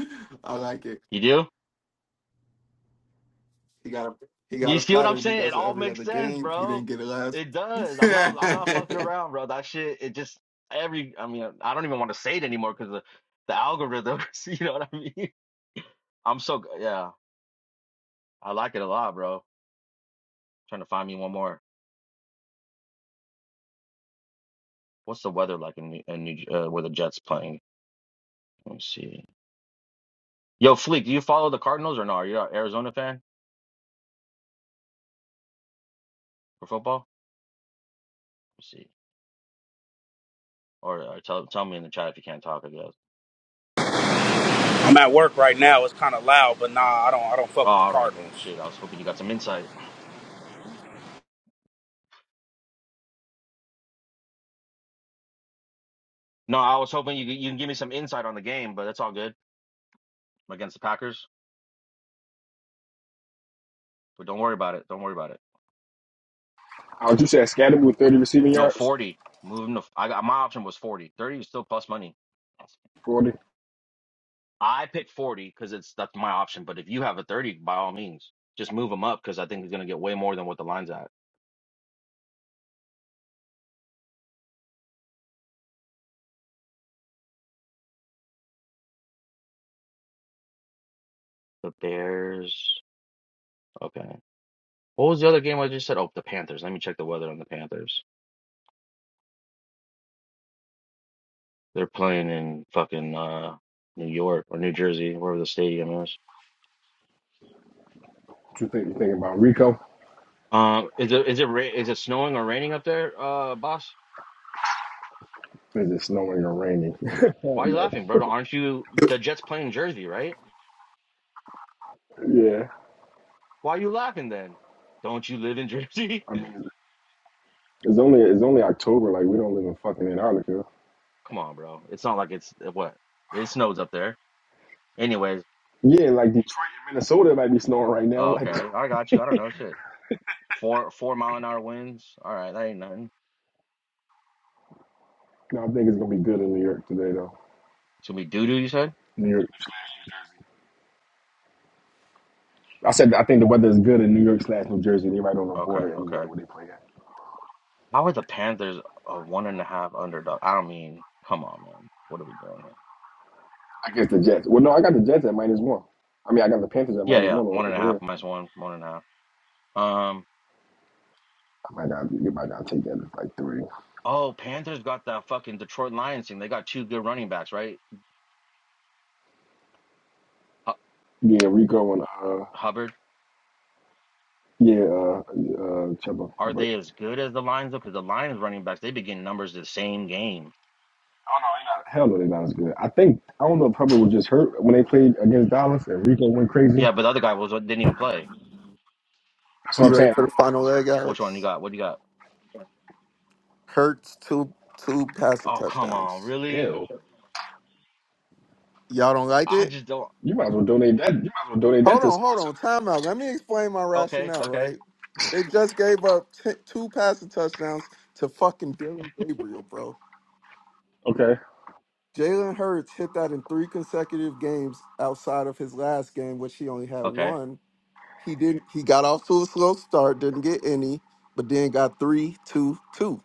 [SPEAKER 6] I like it.
[SPEAKER 4] You do?
[SPEAKER 6] He got a he got
[SPEAKER 4] You
[SPEAKER 6] a
[SPEAKER 4] see what I'm
[SPEAKER 6] pattern. He
[SPEAKER 4] saying? It
[SPEAKER 6] does it
[SPEAKER 4] all
[SPEAKER 6] every other
[SPEAKER 4] makes sense,
[SPEAKER 6] game. He
[SPEAKER 4] bro.
[SPEAKER 6] didn't get it last.
[SPEAKER 4] It does. I'm not. I'm not fucking around, bro. That shit. It just every. I mean, I don't even want to say it anymore because the the algorithms. You know what I mean? I'm so g- yeah. I like it a lot, bro. Trying to find me one more. What's the weather like in New- in New, uh, where the Jets playing? Let me see. Yo, Fleek, do you follow the Cardinals or no? Are you an Arizona fan for football? Let's see. Or, or tell tell me in the chat if you can't talk, I guess.
[SPEAKER 8] I'm at work right now. It's kind of loud, but nah, I don't. I don't fuck
[SPEAKER 4] Oh,
[SPEAKER 8] with the
[SPEAKER 4] all right then.
[SPEAKER 8] Cardinals.
[SPEAKER 4] Shit, I was hoping you got some insight. No, I was hoping you you can give me some insight on the game, but that's all good against the Packers. But don't worry about it. Don't worry about it.
[SPEAKER 1] I would you say Scatterboo with 30 receiving
[SPEAKER 4] No,
[SPEAKER 1] yards,
[SPEAKER 4] 40. Moving to I got my option was 40. 30 is still plus money.
[SPEAKER 1] 40.
[SPEAKER 4] I picked 40 because it's that's my option. But if you have a 30, by all means, just move him up because I think he's gonna get way more than what the line's at. The Bears. Okay. What was the other game I just said? Oh, the Panthers. Let me check the weather on the Panthers. They're playing in fucking uh, New York or New Jersey, wherever the stadium is.
[SPEAKER 1] What you think? You thinking about Rico?
[SPEAKER 4] Um, is it is it ra- is it snowing or raining up there, uh, boss?
[SPEAKER 1] Is it snowing or raining? I
[SPEAKER 4] Why
[SPEAKER 1] don't
[SPEAKER 4] are you
[SPEAKER 1] know.
[SPEAKER 4] laughing, bro? Aren't you the Jets playing Jersey, right?
[SPEAKER 1] Yeah,
[SPEAKER 4] Why are you laughing then? Don't you live in Jersey?
[SPEAKER 1] I mean, it's only it's only October. Like we don't live in fucking Antarctica.
[SPEAKER 4] Come on, bro. It's not like it's uh, what it snows up there. Anyways,
[SPEAKER 1] Yeah, like Detroit and Minnesota might be snowing right now.
[SPEAKER 4] oh,
[SPEAKER 1] Like,
[SPEAKER 4] okay, I got you. I don't know shit. Four four mile an hour winds. All right, that ain't nothing.
[SPEAKER 1] no, I think it's gonna be good in New York today though.
[SPEAKER 4] It's gonna be doo doo. You said?
[SPEAKER 1] New York. I said I think the weather is good in New York slash New Jersey. They're right on the
[SPEAKER 4] Okay,
[SPEAKER 1] border anyway
[SPEAKER 4] okay.
[SPEAKER 1] where they play at.
[SPEAKER 4] How are the Panthers a one and a half underdog? I don't mean, come on, man. What are we doing here?
[SPEAKER 1] I guess the Jets. Well, no, I got the Jets at minus one. I mean, I got the Panthers at
[SPEAKER 4] Yeah,
[SPEAKER 1] minus
[SPEAKER 4] yeah.
[SPEAKER 1] one o-
[SPEAKER 4] One and a
[SPEAKER 1] over
[SPEAKER 4] half
[SPEAKER 1] here.
[SPEAKER 4] minus one, one and a half. Um,
[SPEAKER 1] I might not. You might not take that as like three.
[SPEAKER 4] oh, Panthers got that fucking Detroit Lions thing. They got two good running backs, right? Hu-
[SPEAKER 1] Yeah, Rico and uh,
[SPEAKER 4] Hubbard.
[SPEAKER 1] yeah, uh, uh, Chuba
[SPEAKER 4] Are
[SPEAKER 1] Hubbard.
[SPEAKER 4] they as good as the Lions though? Because the Lions running backs, they be getting numbers the same game.
[SPEAKER 1] Oh no, they're not. Hell no, they're not as good. I think I don't know if Hubbard was just hurt when they played against Dallas and Rico went crazy.
[SPEAKER 4] Yeah, but the other guy was uh, didn't even play.
[SPEAKER 1] That's what I'm
[SPEAKER 6] You ready
[SPEAKER 1] saying.
[SPEAKER 6] for the final leg,
[SPEAKER 4] Which one you
[SPEAKER 6] Alex?
[SPEAKER 4] got? What do you got?
[SPEAKER 6] Hurts two two passing
[SPEAKER 4] Oh, come on,
[SPEAKER 6] touchdowns.
[SPEAKER 4] really?
[SPEAKER 1] Ew.
[SPEAKER 6] Y'all don't like
[SPEAKER 4] I
[SPEAKER 6] it?
[SPEAKER 4] just don't.
[SPEAKER 1] You might as well donate that. You might as well donate that
[SPEAKER 6] Hold
[SPEAKER 1] to
[SPEAKER 6] on, hold
[SPEAKER 1] sports.
[SPEAKER 6] on. Time out. Let me explain my
[SPEAKER 4] Okay,
[SPEAKER 6] rationale,
[SPEAKER 4] okay,
[SPEAKER 6] right? They just gave up t- two passing touchdowns to fucking Dylan Gabriel, bro.
[SPEAKER 1] Okay.
[SPEAKER 6] Jalen Hurts hit that in three consecutive games outside of his last game, which he only had
[SPEAKER 4] okay,
[SPEAKER 6] one. He didn't. He got off to a slow start, didn't get any, but then got three, two, two,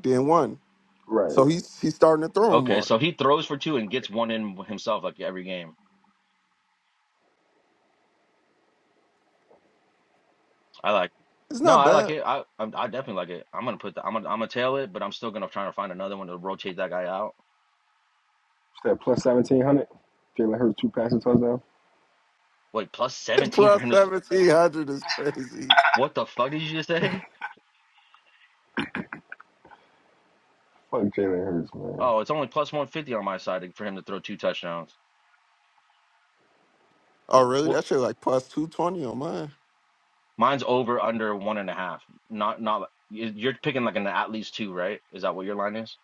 [SPEAKER 6] then one.
[SPEAKER 1] Right. What's
[SPEAKER 6] So he's he's starting to throw him
[SPEAKER 4] okay.
[SPEAKER 6] more.
[SPEAKER 4] So he throws for two and gets one in himself like every game. I like.
[SPEAKER 6] It's
[SPEAKER 4] No,
[SPEAKER 6] not
[SPEAKER 4] I like
[SPEAKER 6] bad.
[SPEAKER 4] it. I I'm, I definitely like it. I'm gonna put the I'm gonna I'm gonna tail it, but I'm still gonna try to find another one to rotate that guy out.
[SPEAKER 1] that plus seventeen hundred? Jalen Hurts two passes touchdown.
[SPEAKER 4] Wait, plus 17 for
[SPEAKER 6] plus
[SPEAKER 4] him to s-
[SPEAKER 6] seventeen hundred is crazy.
[SPEAKER 4] what the fuck did you just say?
[SPEAKER 1] Fuck Jalen Hurts, man.
[SPEAKER 4] Oh, it's only plus 150 on my side to- for him to throw two touchdowns.
[SPEAKER 6] Oh really?
[SPEAKER 4] Well,
[SPEAKER 6] That shit like plus two twenty on mine.
[SPEAKER 4] mine's over under one and a half. Not not like- you- you're picking like an at least two, right? Is that what your line is?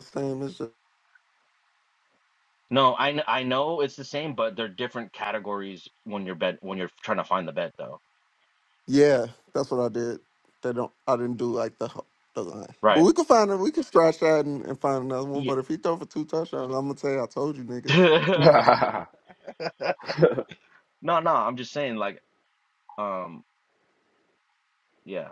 [SPEAKER 6] Same as the-
[SPEAKER 4] No, I kn- I know it's the same, but they're different categories when you're bet when you're trying to find the bet though.
[SPEAKER 6] yeah, that's what I did. They don't. I didn't do like the ho- the line, but
[SPEAKER 4] Right.
[SPEAKER 6] we can find it. We can stretch that and, and find another one.
[SPEAKER 4] Yeah.
[SPEAKER 6] But if he throw for two touchdowns, I'm gonna say I told you niggas.
[SPEAKER 4] No, no, I'm just saying like um yeah.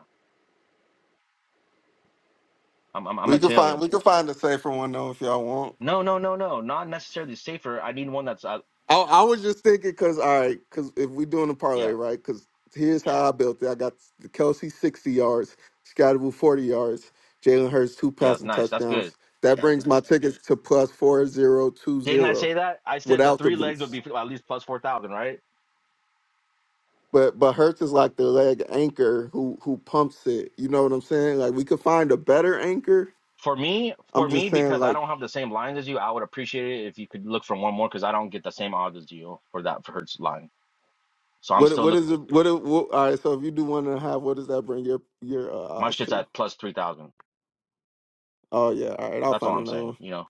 [SPEAKER 4] I'm I'm, I'm
[SPEAKER 6] We
[SPEAKER 4] gonna
[SPEAKER 6] can
[SPEAKER 4] tell
[SPEAKER 6] find
[SPEAKER 4] you.
[SPEAKER 6] we can find a safer one though if y'all want.
[SPEAKER 4] No, no, no, no. Not necessarily safer. I need one that's uh,
[SPEAKER 6] I, I was just thinking because all right, because if we're doing a parlay,
[SPEAKER 4] yeah,
[SPEAKER 6] right? Because here's how I built it. I got Kelsey sixty yards, Scotty forty yards, Jalen Hurts two
[SPEAKER 4] yeah. It's
[SPEAKER 6] passing
[SPEAKER 4] nice. That's good.
[SPEAKER 6] touchdowns. That brings my tickets to plus four zero two
[SPEAKER 4] Didn't I
[SPEAKER 6] zero
[SPEAKER 4] say that? I said the
[SPEAKER 6] without the
[SPEAKER 4] three legs would
[SPEAKER 6] boots.
[SPEAKER 4] be at least plus four thousand, right?
[SPEAKER 6] But but Hurts is like the leg anchor who who pumps it. You know what I'm saying? Like we could find a better anchor.
[SPEAKER 4] For me,
[SPEAKER 6] I'm
[SPEAKER 4] for
[SPEAKER 6] just
[SPEAKER 4] me,
[SPEAKER 6] saying
[SPEAKER 4] because I
[SPEAKER 6] like
[SPEAKER 4] don't have the same lines as you, I would appreciate it if you could look for one more because I don't get the same odds as you for that for Hertz line. So I'm
[SPEAKER 6] what
[SPEAKER 4] still
[SPEAKER 6] what
[SPEAKER 4] look.
[SPEAKER 6] is it? What, it- what all right? So if you do one and a half, what does that bring your your uh,
[SPEAKER 4] My
[SPEAKER 6] odds
[SPEAKER 4] shit's
[SPEAKER 6] to?
[SPEAKER 4] at plus three thousand.
[SPEAKER 6] Oh yeah, all right. I'll
[SPEAKER 4] That's all
[SPEAKER 6] find
[SPEAKER 4] I'm
[SPEAKER 6] another one.
[SPEAKER 4] saying. You know,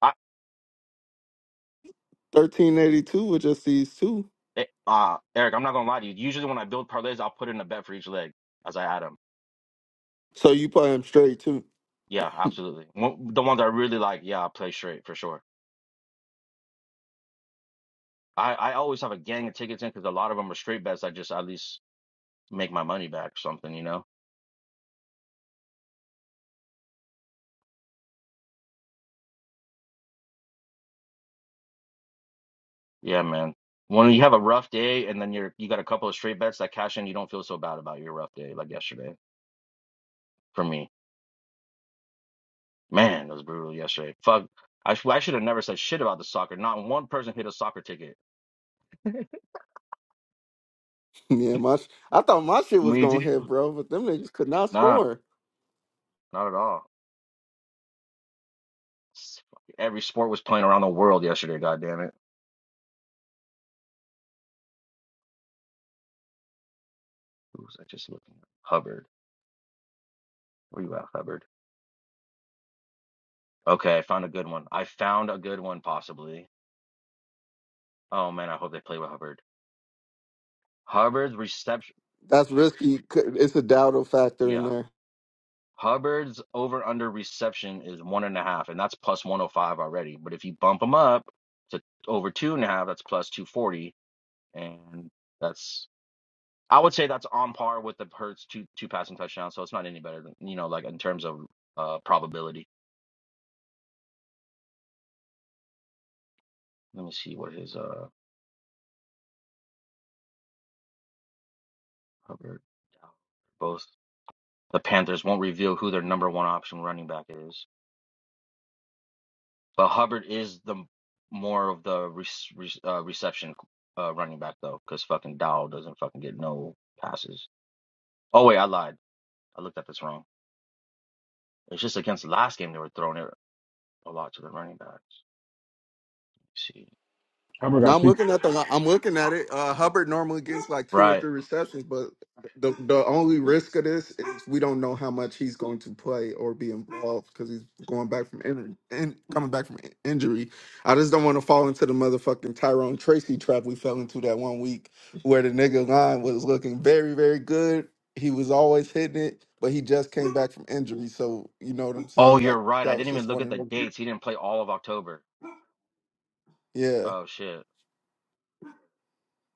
[SPEAKER 4] I
[SPEAKER 6] 1382 with just these two.
[SPEAKER 4] eh, uh Eric, I'm not gonna lie to you. Usually when I build parlays, I'll put in a bet for each leg as I add them.
[SPEAKER 6] So you play him straight too.
[SPEAKER 4] Yeah, absolutely. One- The ones I really like, yeah, I play straight for sure. I, I always have a gang of tickets in because a lot of them are straight bets. I just at least make my money back or something, you know? Yeah, man. When you have a rough day and then you're you got a couple of straight bets that cash in, you don't feel so bad about your rough day like yesterday. For me, man, it was brutal yesterday. Fuck, I, sh- I should have never said shit about the soccer. Not one person hit a soccer ticket.
[SPEAKER 6] yeah, my sh- I thought my shit was
[SPEAKER 4] Me
[SPEAKER 6] gonna hit,
[SPEAKER 4] too.
[SPEAKER 6] bro, but them niggas could not
[SPEAKER 4] Nah,
[SPEAKER 6] score.
[SPEAKER 4] not at all. S- Every sport was playing around the world yesterday. God damn it. Who was I just looking at? Hubbard. Where you at, Hubbard? Okay, I found a good one. I found a good one, possibly. Oh man, I hope they play with Hubbard. Hubbard's reception,
[SPEAKER 6] That's risky. Could- It's a doubtful factor in
[SPEAKER 4] yeah.
[SPEAKER 6] there.
[SPEAKER 4] Hubbard's over under reception is one and a half, and that's plus 105 already. But if you bump him up to over two and a half, that's plus 240, and that's I would say that's on par with the Hurts two two passing touchdowns, so it's not any better than you know like in terms of uh probability. Let me see what his uh Hubbard both the Panthers won't reveal who their number one option running back is. But Hubbard is the more of the re re uh, reception uh, running back though, because fucking Dowell doesn't fucking get no passes. Oh wait, I lied. I looked at this wrong. It's just against the last game they were throwing it a lot to the running backs. Let's see,
[SPEAKER 1] Hubbard
[SPEAKER 6] Now
[SPEAKER 1] got
[SPEAKER 6] I'm
[SPEAKER 1] three
[SPEAKER 6] looking
[SPEAKER 1] catches
[SPEAKER 6] at the. I'm looking at it. Uh, Hubbard normally gets like two or
[SPEAKER 4] right?
[SPEAKER 6] three receptions, but the the only risk of this is we don't know how much he's going to play or be involved because he's going back from injury and coming back from in- injury. I just don't want to fall into the motherfucking Tyrone Tracy trap we fell into that one week where the nigga line was looking very very good. He was always hitting it, but he just came back from injury. So you know what I'm
[SPEAKER 4] Oh,
[SPEAKER 6] saying?
[SPEAKER 4] you're
[SPEAKER 6] Like
[SPEAKER 4] right. I
[SPEAKER 6] that was
[SPEAKER 4] didn't
[SPEAKER 6] just
[SPEAKER 4] even look
[SPEAKER 6] one
[SPEAKER 4] at
[SPEAKER 6] of
[SPEAKER 4] the
[SPEAKER 6] them.
[SPEAKER 4] dates. He didn't play all of October.
[SPEAKER 6] Yeah,
[SPEAKER 4] Oh shit,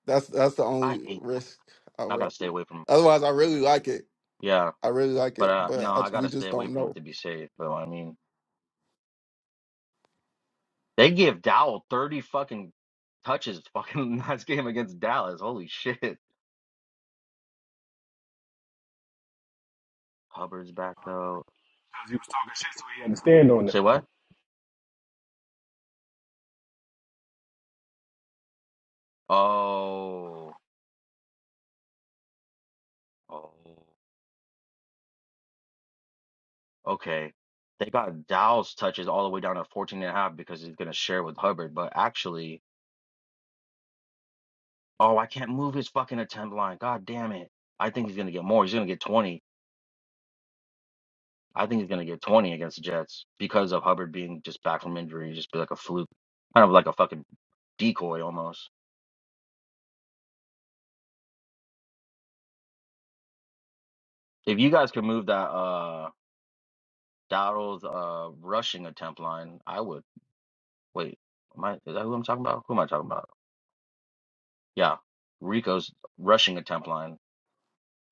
[SPEAKER 6] that's that's the
[SPEAKER 4] I
[SPEAKER 6] only
[SPEAKER 4] hate that.
[SPEAKER 6] risk I
[SPEAKER 4] I
[SPEAKER 6] would.
[SPEAKER 4] gotta stay away from.
[SPEAKER 6] Otherwise, I really like it.
[SPEAKER 4] Yeah,
[SPEAKER 6] I really like
[SPEAKER 4] but
[SPEAKER 6] it,
[SPEAKER 4] uh, no,
[SPEAKER 6] but I,
[SPEAKER 4] I
[SPEAKER 6] we
[SPEAKER 4] gotta stay
[SPEAKER 6] just
[SPEAKER 4] away
[SPEAKER 6] don't
[SPEAKER 4] from it
[SPEAKER 6] know.
[SPEAKER 4] to be safe. But I mean, they give Dowell thirty fucking touches fucking last game against Dallas. Holy shit. Hubbard's back though.
[SPEAKER 1] because he was talking shit, so he had to stand on it.
[SPEAKER 4] Say what? Oh, oh, okay. They got Dow's touches all the way down to 14 and a half because he's going to share with Hubbard. But actually, oh, I can't move his fucking attempt line. God damn it. I think he's going to get more. He's going to get 20. I think he's going to get 20 against the Jets because of Hubbard being just back from injury, just be like a fluke, kind of like a fucking decoy almost. If you guys could move that, uh, Dowdle's uh rushing attempt line, I would. Wait, am I, is that who I'm talking about? Who am I talking about? Yeah, Rico's rushing attempt line.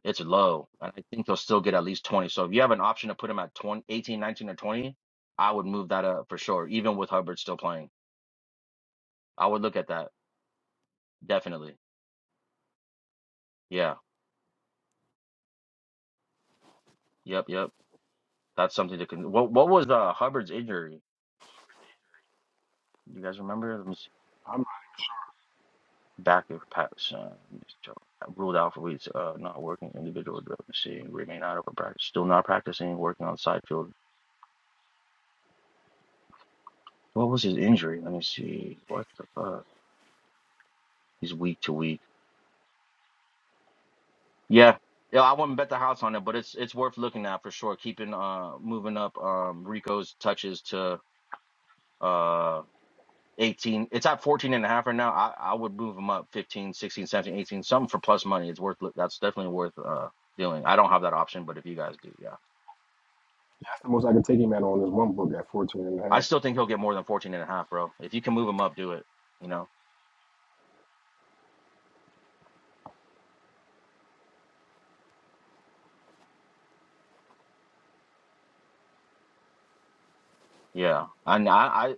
[SPEAKER 4] It's low, and I think he'll still get at least 20. So if you have an option to put him at 20, 18, 19, or 20, I would move that up for sure, even with Hubbard still playing. I would look at that, definitely. Yeah, yep, yep. That's something to con What, what was uh, Hubbard's injury? You guys remember? Let me see.
[SPEAKER 1] I'm, like,
[SPEAKER 4] Back of Pat's uh, ruled out for weeks, uh, not working individual. Let me see. Remain out of practice. Still not practicing, working on side field What was his injury? Let me see. What the fuck? He's week to week. Yeah. Yeah, I wouldn't bet the house on it, but it's it's worth looking at for sure. Keeping uh moving up um Rico's touches to uh 18. It's at 14 and a half right now. I, I would move him up 15, 16, 17, 18, something for plus money. It's worth look- that's definitely worth uh doing. I don't have that option, but if you guys do, yeah.
[SPEAKER 1] that's the most I can take him at on this one book at 14 and a half.
[SPEAKER 4] I still think he'll get more than 14 and a half, bro. If you can move him up, do it, you know. Yeah. And I I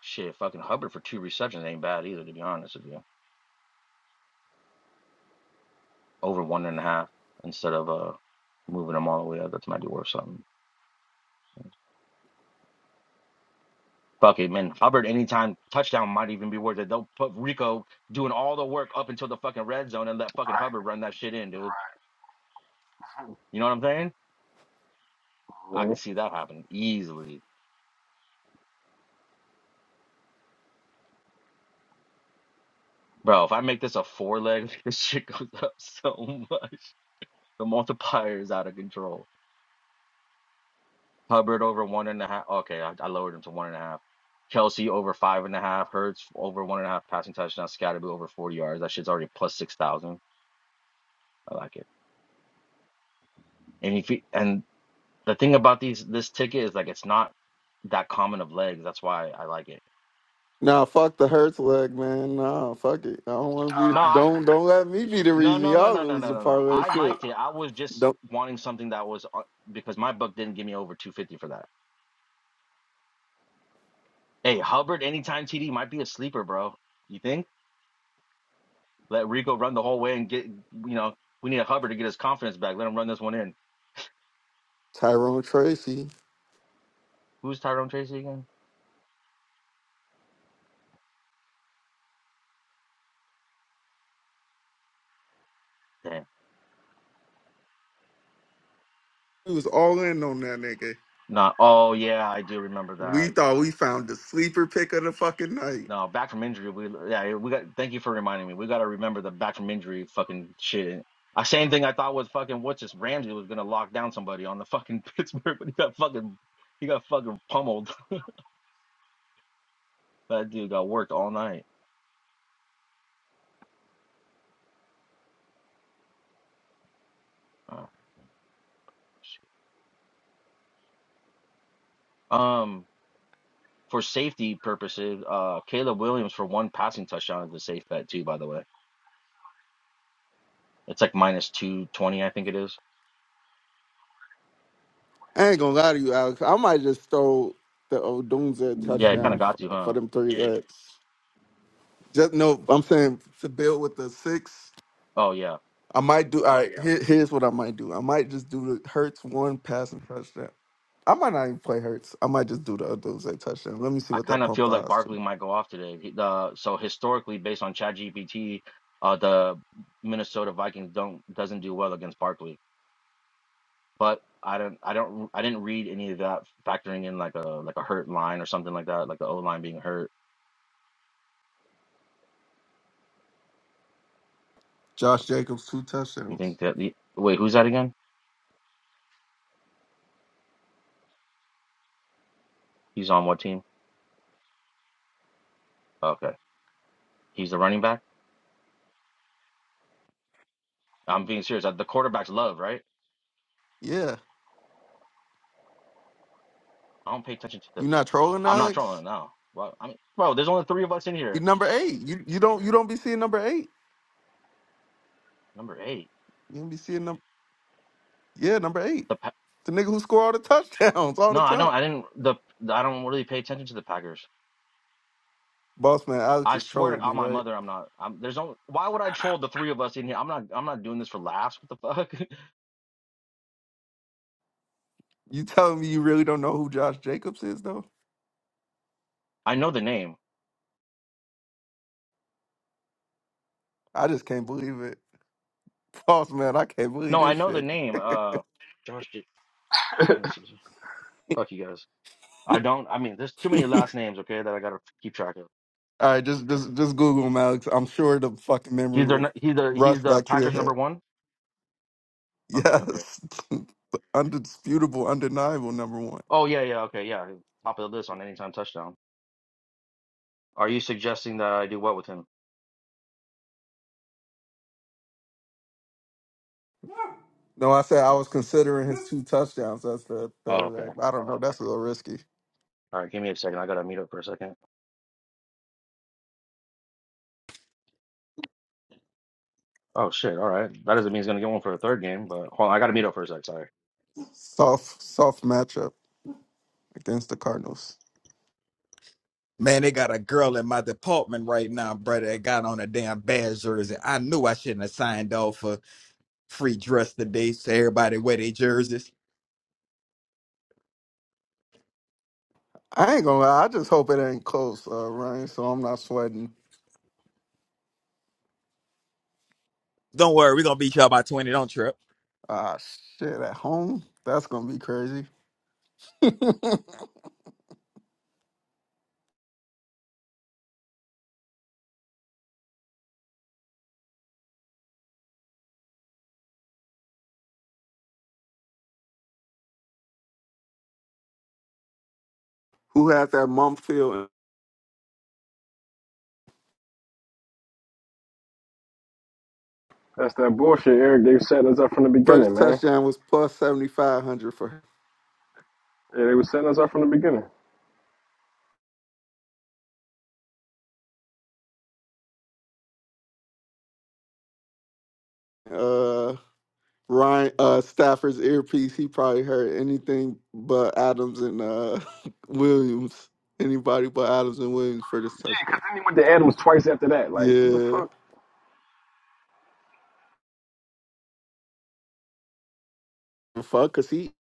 [SPEAKER 4] shit, fucking Hubbard for two receptions ain't bad either, to be honest with you. over one and a half instead of uh moving them all the way up. That might be worth something. Fuck it, man. Hubbard anytime touchdown might even be worth it. They'll put Rico doing all the work up until the fucking red zone and let fucking Hubbard run that shit in, dude. You know what I'm saying?
[SPEAKER 1] Right.
[SPEAKER 4] I could
[SPEAKER 1] Mhm.
[SPEAKER 4] see that happen easily. Bro, if I make this a four leg, this shit goes up so much. The multiplier is out of control. Hubbard over one and a half. Okay, I, I lowered him to one and a half. Kelsey over five and a half. Hurts over one and a half passing touchdowns. Scottaboo over forty yards. That shit's already plus six thousand. I like it. And if you, and the thing about these this ticket is like it's not that common of legs. That's why I like it.
[SPEAKER 6] Nah, fuck the hurts leg, man. Nah, fuck it. I don't want to be.
[SPEAKER 4] No, I
[SPEAKER 6] Don't don't let me be the
[SPEAKER 4] no
[SPEAKER 6] reason
[SPEAKER 4] no no
[SPEAKER 6] y'all
[SPEAKER 4] no no
[SPEAKER 6] lose
[SPEAKER 4] no
[SPEAKER 6] the
[SPEAKER 4] no no.
[SPEAKER 6] parlay
[SPEAKER 4] I
[SPEAKER 6] shit.
[SPEAKER 4] liked it. I was just
[SPEAKER 6] Don't
[SPEAKER 4] wanting something that was uh, because my book didn't give me over two fifty for that. Hey, Hubbard anytime TD might be a sleeper, bro. You think? Let Rico run the whole way and get, you know, we need a Hubbard to get his confidence back. Let him run this one in.
[SPEAKER 6] Tyrone Tracy.
[SPEAKER 4] Who's Tyrone Tracy again? Damn.
[SPEAKER 6] We was all in on that nigga.
[SPEAKER 4] Not. Oh yeah, I do remember
[SPEAKER 6] We
[SPEAKER 4] that.
[SPEAKER 6] thought we found the sleeper pick of the fucking night.
[SPEAKER 4] No, back from injury. We yeah, we got. Thank you for reminding me. We got to remember the back from injury fucking shit. Uh, Same thing I thought was fucking what's this Ramsey was gonna lock down somebody on the fucking Pittsburgh, but he got fucking he got fucking pummeled. That dude got worked all night. Ah, shit. Um, for safety purposes, uh, Caleb Williams for one passing touchdown is a safe bet too. By the way. It's like minus 220, I think it is.
[SPEAKER 6] I ain't gonna lie to you, Alex. I might just throw the Odunze
[SPEAKER 4] Yeah, it kind of
[SPEAKER 6] touchdown for,
[SPEAKER 4] got to,
[SPEAKER 6] for
[SPEAKER 4] huh?
[SPEAKER 6] them three legs. Just no. I'm saying to build with the six.
[SPEAKER 4] Oh, yeah.
[SPEAKER 6] I might do. All right, here, here's what I might do. I might just do the Hurts one passing touchdown. I might not even play Hurts. I might just do the Odozay touchdown. Let me see
[SPEAKER 4] I
[SPEAKER 6] what that
[SPEAKER 4] kind of
[SPEAKER 6] pumped
[SPEAKER 4] feel
[SPEAKER 6] the
[SPEAKER 4] like
[SPEAKER 6] odds to.
[SPEAKER 4] Barkley might go off today. He- The, so historically, based on ChatGPT, uh, the Minnesota Vikings don't doesn't do well against Barkley. But I don't, I don't, I didn't read any of that factoring in like a like a hurt line or something like that, like the O line being hurt.
[SPEAKER 6] Josh Jacobs two
[SPEAKER 4] You
[SPEAKER 6] touchdowns.
[SPEAKER 4] think that? The, wait, who's that again? He's on what team? Okay, he's the running back. I'm being serious. The quarterback's love, right?
[SPEAKER 6] Yeah,
[SPEAKER 4] I don't pay attention to the.
[SPEAKER 6] you not trolling,
[SPEAKER 4] I'm not
[SPEAKER 6] Alex?
[SPEAKER 4] trolling now. Well, I mean, bro, there's only three of us in here.
[SPEAKER 6] He number eight. You you don't you don't be seeing number eight.
[SPEAKER 4] Number eight.
[SPEAKER 6] You don't be seeing number yeah number eight.
[SPEAKER 4] The Pa-
[SPEAKER 6] The nigga who score all the touchdowns all
[SPEAKER 4] no,
[SPEAKER 6] the
[SPEAKER 4] I
[SPEAKER 6] time.
[SPEAKER 4] don't. I didn't. The I don't really pay attention to the Packers.
[SPEAKER 6] Boss man, Alex
[SPEAKER 4] I
[SPEAKER 6] is
[SPEAKER 4] swear to
[SPEAKER 6] trolling me,
[SPEAKER 4] God, my
[SPEAKER 6] right?
[SPEAKER 4] mother, I'm not. I'm there's only. Why would I troll the three of us in here? I'm not. I'm not doing this for laughs. What the fuck?
[SPEAKER 6] You telling me you really don't know who Josh Jacobs is though?
[SPEAKER 4] I know the name.
[SPEAKER 6] I just can't believe it. Boss man, I can't believe
[SPEAKER 4] No, I
[SPEAKER 6] this
[SPEAKER 4] know the
[SPEAKER 6] shit.
[SPEAKER 4] name. Uh, Josh. J- Let me see. Fuck you guys. I don't. I mean, there's too many last names. Okay, that I gotta keep track of.
[SPEAKER 6] All right, just just just Google them, Alex. I'm sure the fucking memory
[SPEAKER 4] He's their.
[SPEAKER 6] will
[SPEAKER 4] nu- He's the.
[SPEAKER 6] rush
[SPEAKER 4] He's the
[SPEAKER 6] back to your
[SPEAKER 4] Packers
[SPEAKER 6] head.
[SPEAKER 4] number one. Okay. Okay.
[SPEAKER 6] Yes, The undisputable, undeniable number one.
[SPEAKER 4] Oh yeah. Yeah. Okay. Yeah. Top of the list on anytime touchdown. Are you suggesting that I do what with him?
[SPEAKER 6] No, I said I was considering his two touchdowns That's the
[SPEAKER 4] Oh,
[SPEAKER 6] third
[SPEAKER 4] okay.
[SPEAKER 6] leg. I don't know. That's a little risky.
[SPEAKER 4] All right. Give me a second. I gotta meet up for a second. Oh shit! All right, that doesn't mean he's gonna get one for a third game. But hold on, I gotta meet up for a sec. Sorry.
[SPEAKER 6] Soft, soft matchup against the Cardinals.
[SPEAKER 3] Man, they got a girl in my department right now, brother, that got on a damn bad jersey. I knew I shouldn't have signed off for free dress today, so everybody wear their jerseys.
[SPEAKER 6] I ain't gonna lie. I just hope it ain't close, uh, Ryan. So I'm not sweating.
[SPEAKER 3] Don't worry, we're gonna beat y'all by 20, don't trip.
[SPEAKER 6] Ah, shit. At home, that's gonna be crazy. Who had that mum field?
[SPEAKER 1] That's that bullshit Eric. They setting us up from the beginning,
[SPEAKER 6] First
[SPEAKER 1] man.
[SPEAKER 6] touchdown was plus seventy five hundred for
[SPEAKER 1] Yeah, they were setting us up from the beginning.
[SPEAKER 6] uh Ryan uh Stafford's earpiece, he probably heard anything but Adams and uh Williams. Anybody but Adams and Williams for this touchdown.
[SPEAKER 1] I think he went to Adams twice after that. Like, what the
[SPEAKER 6] Yeah.
[SPEAKER 1] fuck?
[SPEAKER 6] Fuck cause he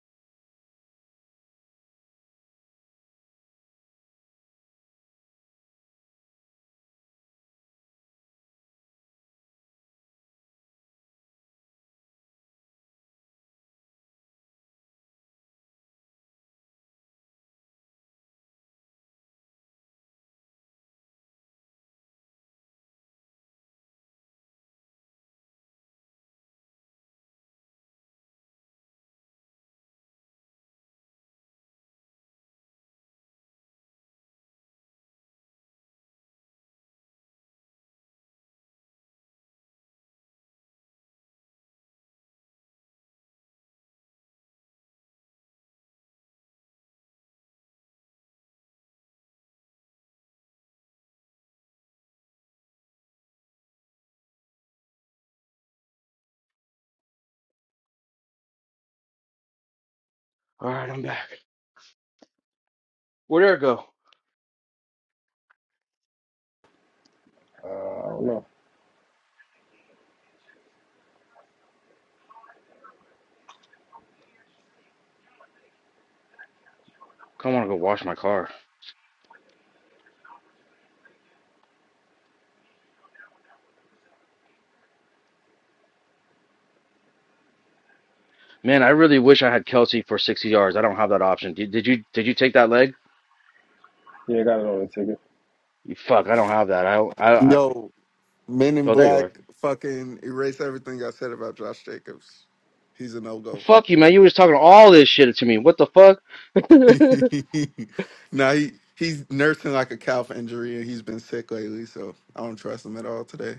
[SPEAKER 4] All right, I'm back. Where'd Eric go?
[SPEAKER 1] Uh, I don't know.
[SPEAKER 4] I want to go wash my car. Man, I really wish I had Kelsey for 60 yards. I don't have that option. Did, did you did you take that leg?
[SPEAKER 1] Yeah, I got it on the ticket.
[SPEAKER 4] You fuck, I don't have that. I I, I
[SPEAKER 6] yo, men in
[SPEAKER 4] oh there you are.
[SPEAKER 6] black fucking erase everything I said about Josh Jacobs. He's a no go.
[SPEAKER 4] Fuck you, man. You was talking all this shit to me. What the fuck?
[SPEAKER 6] now he he's nursing like a calf injury and he's been sick lately, so I don't trust him at all today.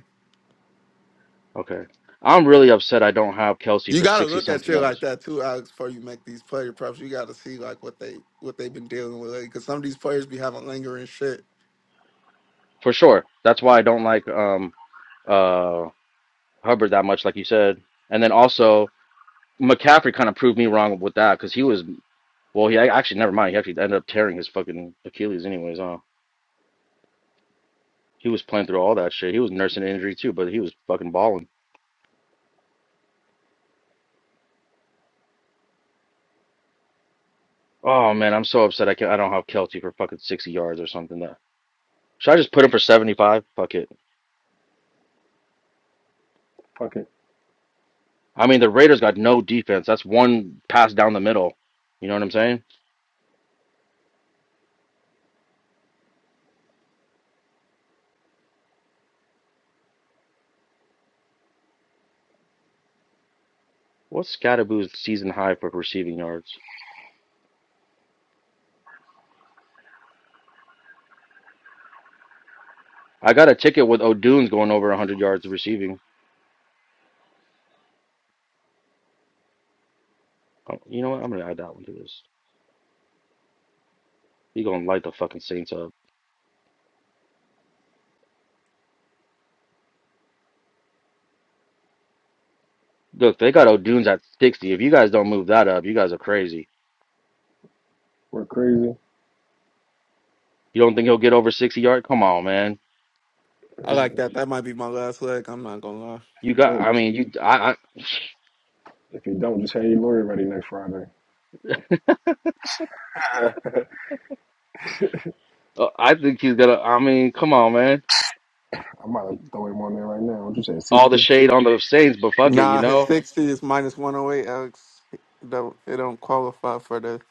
[SPEAKER 4] Okay. I'm really upset I don't have Kelsey
[SPEAKER 6] You
[SPEAKER 4] for
[SPEAKER 6] gotta
[SPEAKER 4] 60
[SPEAKER 6] look at
[SPEAKER 4] something
[SPEAKER 6] shit like
[SPEAKER 4] yards.
[SPEAKER 6] that too, Alex, before you make these player props. You gotta see like what they what they've been dealing with. Like, Cause some of these players be having lingering shit.
[SPEAKER 4] For sure. That's why I don't like um uh Hubbard that much, like you said. And then also. McCaffrey kind of proved me wrong with that because he was well. He actually never mind. He actually ended up tearing his fucking Achilles anyways. Huh? He was playing through all that shit. He was nursing an injury too, but he was fucking balling. Oh man, I'm so upset. I can not I don't have Kelty for fucking sixty yards or something. That should I just put him for seventy five? Fuck it.
[SPEAKER 1] Fuck it.
[SPEAKER 4] I mean the Raiders got no defense. That's one pass down the middle. You know what I'm saying? What's Scadaboo's season high for receiving yards? I got a ticket with O'Dunes going over one hundred yards receiving. Oh, You know what? I'm gonna add that one to this. He gonna light the fucking Saints up. Look, they got O'Dunes at 60. If you guys don't move that up, you guys are crazy.
[SPEAKER 1] We're crazy.
[SPEAKER 4] You don't think he'll get over 60 yard? Come on, man.
[SPEAKER 6] I
[SPEAKER 4] This,
[SPEAKER 6] like that. That might be my last leg. I'm not gonna lie.
[SPEAKER 4] you
[SPEAKER 1] If you
[SPEAKER 4] got.
[SPEAKER 1] don't,
[SPEAKER 4] I
[SPEAKER 1] just
[SPEAKER 4] mean, you. I. I
[SPEAKER 1] if you don't, just have your lawyer ready next Friday. I
[SPEAKER 4] uh, I think he's gonna. I mean, come on, man.
[SPEAKER 1] might have throw him on there right now. What you say,
[SPEAKER 4] All the
[SPEAKER 1] sixty?
[SPEAKER 4] shade on the Saints, but fuck it, you
[SPEAKER 6] Nah, his
[SPEAKER 4] know.
[SPEAKER 6] sixty is minus one oh eight, Alex. It don't it don't qualify for the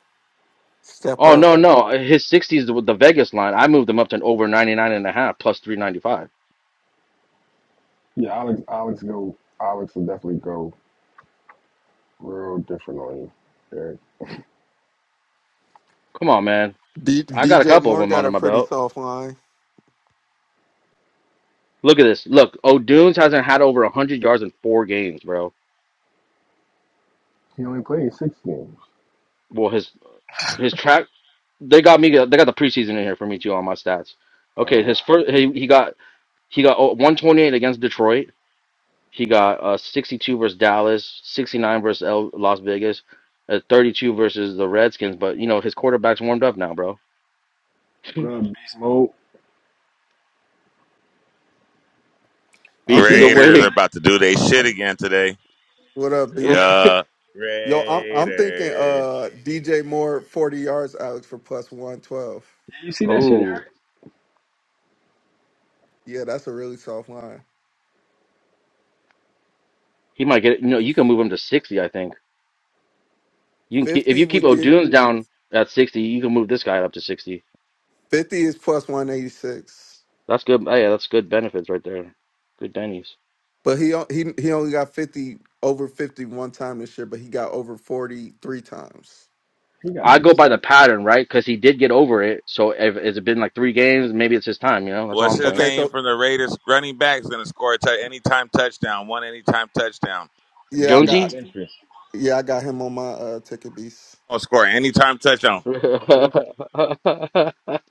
[SPEAKER 6] step
[SPEAKER 4] Oh
[SPEAKER 6] up.
[SPEAKER 4] no, no. His 60 is the, the Vegas line. I moved him up to an over 99 and a 395.
[SPEAKER 1] Yeah, Alex. Alex go. Alex will definitely go real different on you. Derek.
[SPEAKER 4] Come on, man.
[SPEAKER 6] D-
[SPEAKER 4] I got a
[SPEAKER 6] DJ
[SPEAKER 4] couple of
[SPEAKER 6] Moore
[SPEAKER 4] them
[SPEAKER 6] got
[SPEAKER 4] under
[SPEAKER 6] a
[SPEAKER 4] my
[SPEAKER 6] pretty
[SPEAKER 4] belt.
[SPEAKER 6] soft line.
[SPEAKER 4] Look at this. Look, O'Dunes hasn't had over 100 yards in four games, bro.
[SPEAKER 1] He only played six games.
[SPEAKER 4] Well, his His track, they got me. They got the preseason in here for me too on my stats. Okay,
[SPEAKER 1] Uh,
[SPEAKER 4] his first he, he got he got oh, 128 against Detroit. He got uh 62 versus Dallas, 69 versus L, Las Vegas, uh, 32 versus the Redskins. But you know his quarterback's warmed up now, bro.
[SPEAKER 1] what up, Beast Mode? Is
[SPEAKER 6] I'm
[SPEAKER 4] Beast
[SPEAKER 1] DJ
[SPEAKER 4] is
[SPEAKER 6] thinking
[SPEAKER 1] Moore
[SPEAKER 9] Raiders are
[SPEAKER 1] sick?
[SPEAKER 4] awake.
[SPEAKER 9] about to do they shit again today.
[SPEAKER 6] what up, Beast?
[SPEAKER 9] Yeah.
[SPEAKER 6] Yo, I'm I'm thinking
[SPEAKER 9] Raiders.
[SPEAKER 6] uh DJ Moore forty yards, Alex, for plus one twelve.
[SPEAKER 1] Did you see that shit, Eric?
[SPEAKER 4] oh,
[SPEAKER 6] Yeah, that's a really soft line.
[SPEAKER 4] he might get it. No, you can move him to 60. I think you can keep, if
[SPEAKER 6] 50
[SPEAKER 4] you keep
[SPEAKER 6] would give
[SPEAKER 4] O'Dunes down at 60, you can move this guy up to 60.
[SPEAKER 6] Fifty is plus one eighty six,
[SPEAKER 4] That's good. Oh, yeah, that's good benefits right there. Good bennies.
[SPEAKER 6] but he o- he he only got fifty over fifty one time this year, but he got over forty three times.
[SPEAKER 1] He gotta
[SPEAKER 4] I
[SPEAKER 1] be
[SPEAKER 4] go by
[SPEAKER 1] sick.
[SPEAKER 4] the pattern, right? Because he did get over it. So if it's been like three games, maybe it's his time. You know, that's all
[SPEAKER 9] What's
[SPEAKER 4] I'm
[SPEAKER 9] his
[SPEAKER 4] saying.
[SPEAKER 6] Okay,
[SPEAKER 9] name
[SPEAKER 6] so
[SPEAKER 9] from the Raiders? Running back's gonna score a t- anytime touchdown. One anytime touchdown. I think
[SPEAKER 6] yeah,
[SPEAKER 9] his
[SPEAKER 6] I
[SPEAKER 9] name's
[SPEAKER 6] got
[SPEAKER 4] Jonesy,
[SPEAKER 9] Gentry.
[SPEAKER 6] yeah I got him on my uh ticket beast
[SPEAKER 9] Oh, score anytime touchdown.
[SPEAKER 4] fuck,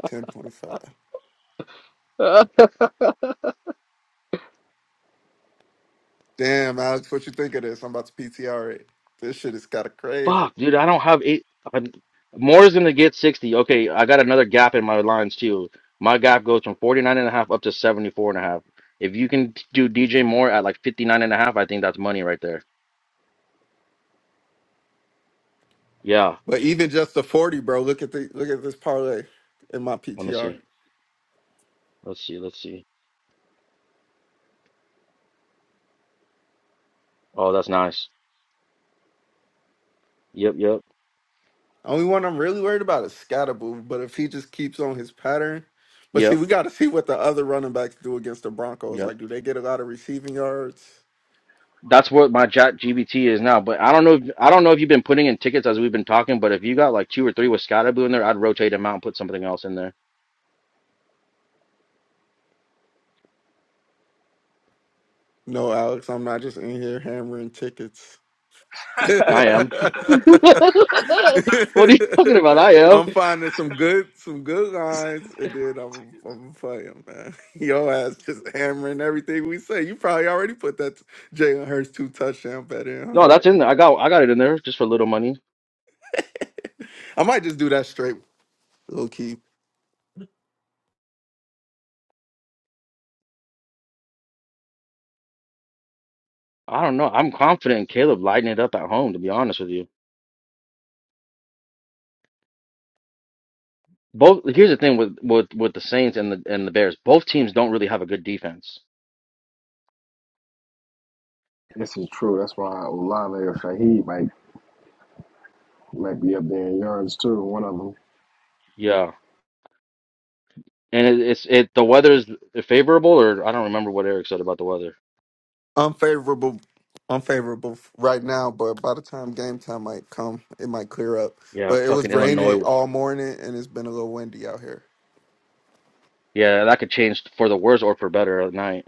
[SPEAKER 6] ten point five. Damn, Alex, what you think of this? I'm about to PTR it. This shit is kind of crazy.
[SPEAKER 4] dude, I don't have eight. I'm, Moore's gonna get sixty. Okay, I got another gap in my lines too. My gap goes from 49 and a half up to 74 and a half. If you can t- do DJ Moore at like 59 and a half, I think that's money right there. Yeah,
[SPEAKER 6] But even just the forty, bro. Look at the look at this parlay in my
[SPEAKER 4] let me
[SPEAKER 6] PTR.
[SPEAKER 4] see. Let's see. Let's see. Oh, that's nice. Yep, yep,
[SPEAKER 6] Only one I'm really worried about is Scottaboo, but if he just keeps on his pattern, but see,
[SPEAKER 4] yep,
[SPEAKER 6] we got to see what the other running backs do against the Broncos.
[SPEAKER 4] yep.
[SPEAKER 6] Like, do they get a lot of receiving yards?
[SPEAKER 4] That's what my chat GBT is now. But I don't know. If, I don't know if you've been putting in tickets as we've been talking. But if you got like two or three with Scotaboo in there, I'd rotate them out and put something else in there.
[SPEAKER 6] No, Alex, I'm not just in here hammering tickets.
[SPEAKER 4] I am. what are you talking about? I am.
[SPEAKER 6] I'm finding some good, some good lines, and then I'm, I'm playing, man. Your ass just hammering everything we say. You probably already put that Jalen Hurts two touchdown bet in,
[SPEAKER 4] No,
[SPEAKER 6] huh?
[SPEAKER 4] that's in there. I got. I got it in there just for little money.
[SPEAKER 6] I might just do that straight, low key.
[SPEAKER 4] I don't know. I'm confident in Caleb lighting it up at home. To be honest with you, both. Here's the thing with with with the Saints and the and the Bears. Both teams don't really have a good defense.
[SPEAKER 1] This is true. That's why Olave or Shaheed might might be up there in yards too. One of them.
[SPEAKER 4] Yeah, and it, it's it. The weather is favorable, or I don't remember what Eric said about the weather.
[SPEAKER 6] unfavorable unfavorable right now, but by the time game time might come, it might clear up.
[SPEAKER 4] Yeah,
[SPEAKER 6] But it was
[SPEAKER 4] fucking
[SPEAKER 6] raining
[SPEAKER 4] Illinois.
[SPEAKER 6] all morning and it's been a little windy out here.
[SPEAKER 4] Yeah, that could change for the worse or for better at night.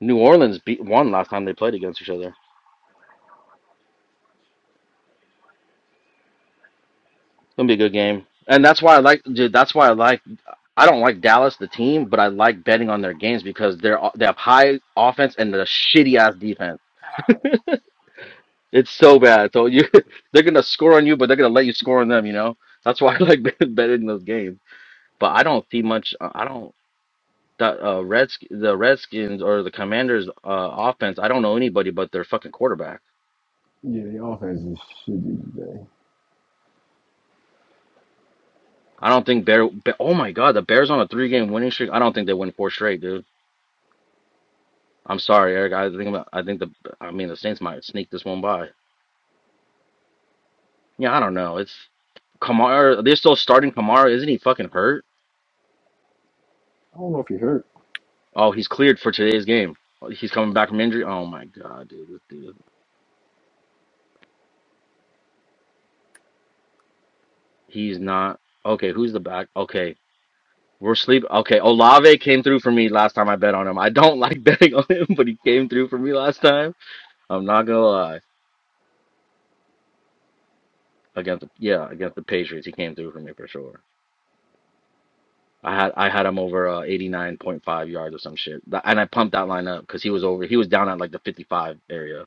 [SPEAKER 4] New Orleans beat won last time they played against each other. It's gonna be a good game, and that's why I like. Dude, that's why I like. I don't like Dallas the team, but I like betting on their games because they're they have high offense and a shitty ass defense. It's so bad. So you, they're gonna score on you, but they're gonna let you score on them. You know, that's why I like bet- betting those games. But I don't see much. uh, I don't. The uh, Reds, the Redskins or the Commanders' uh, offense. I don't know anybody but their fucking quarterback.
[SPEAKER 1] Yeah, the offense is shitty today.
[SPEAKER 4] I don't think Bear. Be- oh my God, the Bears on a three-game winning streak. I don't think they win four straight, dude. I'm sorry, Eric. I think I think the I mean the Saints might sneak this one by. Yeah, I don't know. It's Kamara. They're still starting Kamara. Isn't he fucking hurt?
[SPEAKER 1] I don't know if he hurt.
[SPEAKER 4] Oh, he's cleared for today's game. He's coming back from injury. Oh my God, dude. This dude. He's not okay. Who's the back? Okay, we're sleep. Okay, Olave came through for me last time I bet on him. I don't like betting on him, but he came through for me last time. I'm not gonna lie. Against the, yeah, against the Patriots, he came through for me for sure. I had I had him over uh, 89.5 yards or some shit, Th- and I pumped that line up because he was over. He was down at like the 55 area.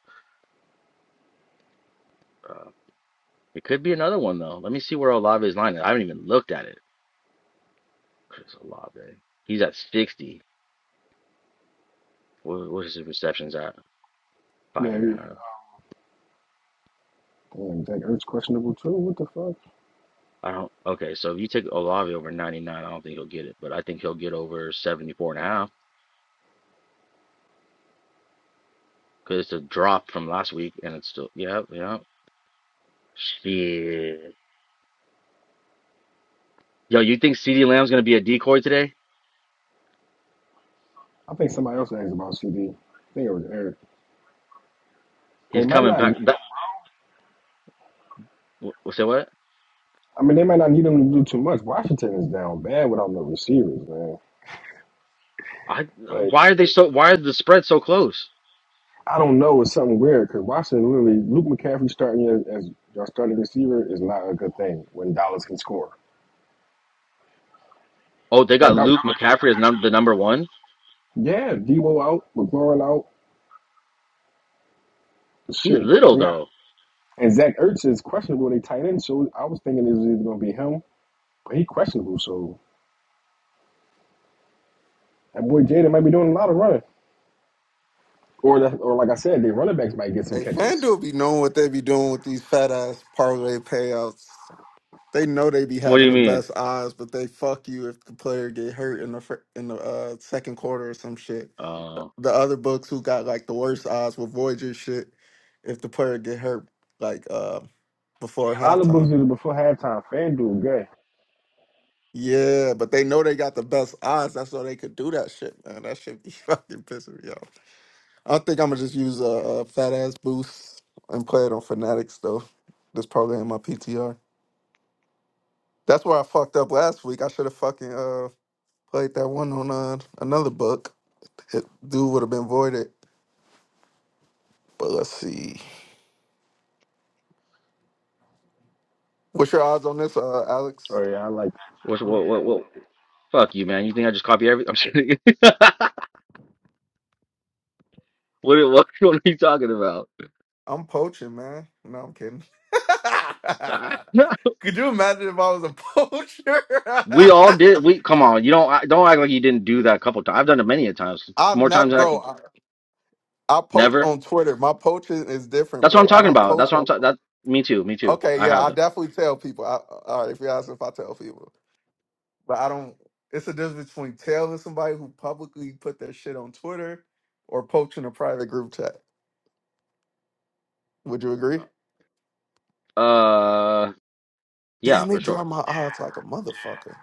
[SPEAKER 4] Uh, it could be another one though. Let me see where Olave's line is. I haven't even looked at it. Chris Olave, he's at 60. What, what is his receptions at? Five
[SPEAKER 1] Yeah,
[SPEAKER 4] and a
[SPEAKER 1] he,
[SPEAKER 4] half.
[SPEAKER 1] damn, Zach Ertz questionable too. What the fuck?
[SPEAKER 4] I don't. Okay, so if you take Olave over 99, I don't think he'll get it, but I think he'll get over 74 and a half because it's a drop from last week, and it's still yeah yeah. Shit. Yo, you think CeeDee Lamb's gonna be a decoy today?
[SPEAKER 1] I think somebody else asked about CD. I think it was Eric. They
[SPEAKER 4] He's
[SPEAKER 1] might
[SPEAKER 4] coming
[SPEAKER 1] not. Need,
[SPEAKER 4] back. That wh- say what?
[SPEAKER 1] I mean, they might not need him to do too much. Washington is down bad without no receivers, man.
[SPEAKER 4] I
[SPEAKER 1] Like
[SPEAKER 4] why are they so? Why are the spread so close?
[SPEAKER 1] I don't know, it's something weird because Washington really Luke McCaffrey starting as, as your starting receiver is not a good thing when Dallas can score.
[SPEAKER 4] Oh, they
[SPEAKER 1] Y'all
[SPEAKER 4] got
[SPEAKER 1] got, y'all
[SPEAKER 4] Luke McCaffrey as num
[SPEAKER 1] gonna
[SPEAKER 4] the number one.
[SPEAKER 1] play catch up. Yeah, Debo out, McLaurin out.
[SPEAKER 4] He's
[SPEAKER 1] Shit,
[SPEAKER 4] little
[SPEAKER 1] they got.
[SPEAKER 4] though.
[SPEAKER 1] And Zach Ertz is questionable at a tight end, so I was thinking it was either going to be him, but he questionable. So that boy Jaden might be doing a lot of running, or that, or like I said, the running backs might get some
[SPEAKER 6] Hey,
[SPEAKER 1] catches.
[SPEAKER 6] FanDuel be knowing what they be doing with these fat ass parlay payouts. They know they be
[SPEAKER 4] What do
[SPEAKER 6] having
[SPEAKER 4] you
[SPEAKER 6] the
[SPEAKER 4] mean?
[SPEAKER 6] best odds, but they fuck you if the player get hurt in the fir- in the uh, second quarter or some shit. The
[SPEAKER 4] Uh,
[SPEAKER 6] the other books who got like the worst odds will void your shit if the player get hurt like uh before
[SPEAKER 1] Yeah, a lot of
[SPEAKER 6] halftime.
[SPEAKER 1] books do it before halftime. FanDuel, good.
[SPEAKER 6] Yeah, but they know they got the best odds. That's why they could do that shit, man. That shit be fucking pissing me off. I think I'm gonna just use a, a fat ass boost and play it on Fanatics though. That's probably in my PTR. That's where I fucked up last week. I should have fucking uh played that one on uh, another book. It, dude would have been voided. But let's see. What's your odds on this, uh,
[SPEAKER 1] Oh
[SPEAKER 6] Alex?
[SPEAKER 1] yeah, I like
[SPEAKER 4] what
[SPEAKER 6] What-
[SPEAKER 4] what what what? Fuck you, man. You think I just copy everything? I'm just kidding. What what what are you talking about?
[SPEAKER 6] I'm poaching, man. No, I'm kidding. Could you imagine if I was a poacher?
[SPEAKER 4] We all did. We come on. You don't I- don't act like you didn't do that a couple times. I've done it many a times.
[SPEAKER 6] I'm
[SPEAKER 4] More times
[SPEAKER 6] not,
[SPEAKER 4] than I
[SPEAKER 6] bro.
[SPEAKER 4] can.
[SPEAKER 6] I, I poach
[SPEAKER 4] Never.
[SPEAKER 6] on Twitter. My poaching is different,
[SPEAKER 4] That's what I'm
[SPEAKER 6] bro. I
[SPEAKER 4] talking
[SPEAKER 6] don't
[SPEAKER 4] about. That's
[SPEAKER 6] poach
[SPEAKER 4] what I'm
[SPEAKER 6] on.
[SPEAKER 4] talking. That me too. Me too.
[SPEAKER 6] Okay,
[SPEAKER 4] I
[SPEAKER 6] yeah,
[SPEAKER 4] have
[SPEAKER 6] I
[SPEAKER 4] them.
[SPEAKER 6] definitely tell people. I, all right, if you ask if I tell people, but I don't. It's a difference between telling somebody who publicly put their shit on Twitter or poaching a private group chat. Would you agree?
[SPEAKER 4] Uh, yeah,
[SPEAKER 6] Damn, they
[SPEAKER 4] for
[SPEAKER 6] draw
[SPEAKER 4] sure.
[SPEAKER 6] my odds like a motherfucker.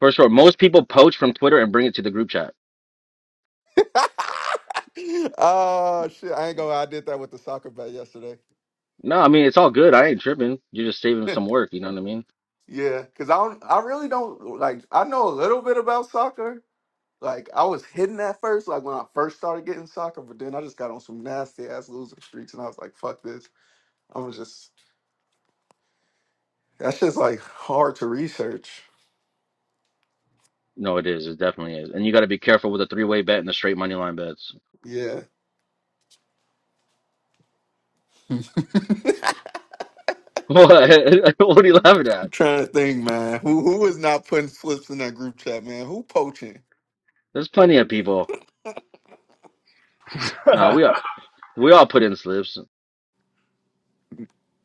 [SPEAKER 4] For sure. Most people poach from Twitter and bring it to the group chat.
[SPEAKER 6] oh shit! I ain't gonna. lie, I did that with the soccer bet yesterday.
[SPEAKER 4] No, I mean, it's all good. I ain't tripping. You're just saving some work. You know what I mean?
[SPEAKER 6] yeah, cause I don't. I really don't like. I know a little bit about soccer, Like I was hidden at first, like when I first started getting soccer, but then I just got on some nasty ass losing streaks, and I was like, "Fuck this!" I'm gonna just that's just like hard to research.
[SPEAKER 4] No, it is. It definitely is. And you got to be careful with the three-way bet and the straight money line bets.
[SPEAKER 6] Yeah,
[SPEAKER 4] What? What are you laughing
[SPEAKER 6] I'm
[SPEAKER 4] at?
[SPEAKER 6] trying to think, man. Who who is not putting slips in that group chat, man? Who poaching?
[SPEAKER 4] There's plenty of people. Nah,
[SPEAKER 1] that.
[SPEAKER 4] we all, we all put in slips.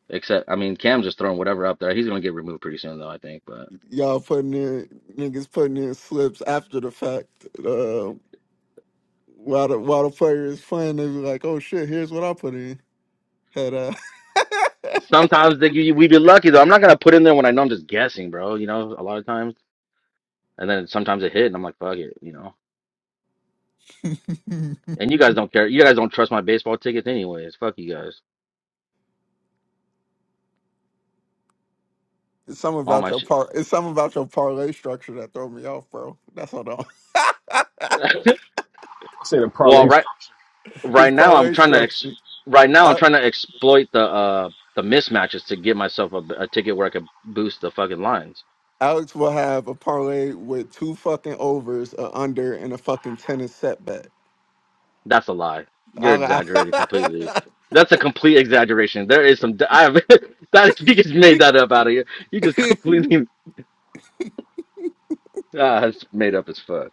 [SPEAKER 4] Except, I mean, Cam's just throwing whatever up there. He's going to get removed pretty soon, though, I think. But
[SPEAKER 6] Y'all putting in niggas putting in slips after the fact. Uh, while the while the player is playing, they be like, "Oh shit, here's what I put in." Had uh,
[SPEAKER 4] sometimes they, you, we be lucky, though. I'm not going to put in there when I know I'm just guessing, bro. You know, a lot of times. And then sometimes it hit, and I'm like, fuck it, you know. And you guys don't care. You guys don't trust my baseball tickets, anyways. Fuck you guys.
[SPEAKER 6] it's something
[SPEAKER 4] All
[SPEAKER 6] about
[SPEAKER 4] my
[SPEAKER 6] your
[SPEAKER 4] shit.
[SPEAKER 6] par. It's something about your parlay structure that throw me off, bro. That's all.
[SPEAKER 1] I say the
[SPEAKER 4] well,
[SPEAKER 1] parlay struck
[SPEAKER 4] right
[SPEAKER 6] his
[SPEAKER 4] right now I'm
[SPEAKER 6] parlay
[SPEAKER 4] trying to ex-
[SPEAKER 6] structure.
[SPEAKER 4] right now I'm
[SPEAKER 6] Al-
[SPEAKER 4] trying to exploit the uh the mismatches to get myself a, a ticket where I could boost the fucking lines.
[SPEAKER 6] Alex will have a parlay with two fucking overs, a under, and a fucking tennis setback.
[SPEAKER 4] That's a lie. You're
[SPEAKER 6] All right.
[SPEAKER 4] exaggerating completely. That's a complete exaggeration. There is some. I have that is, you just made that up out of you. You just completely uh, it's made up as fuck.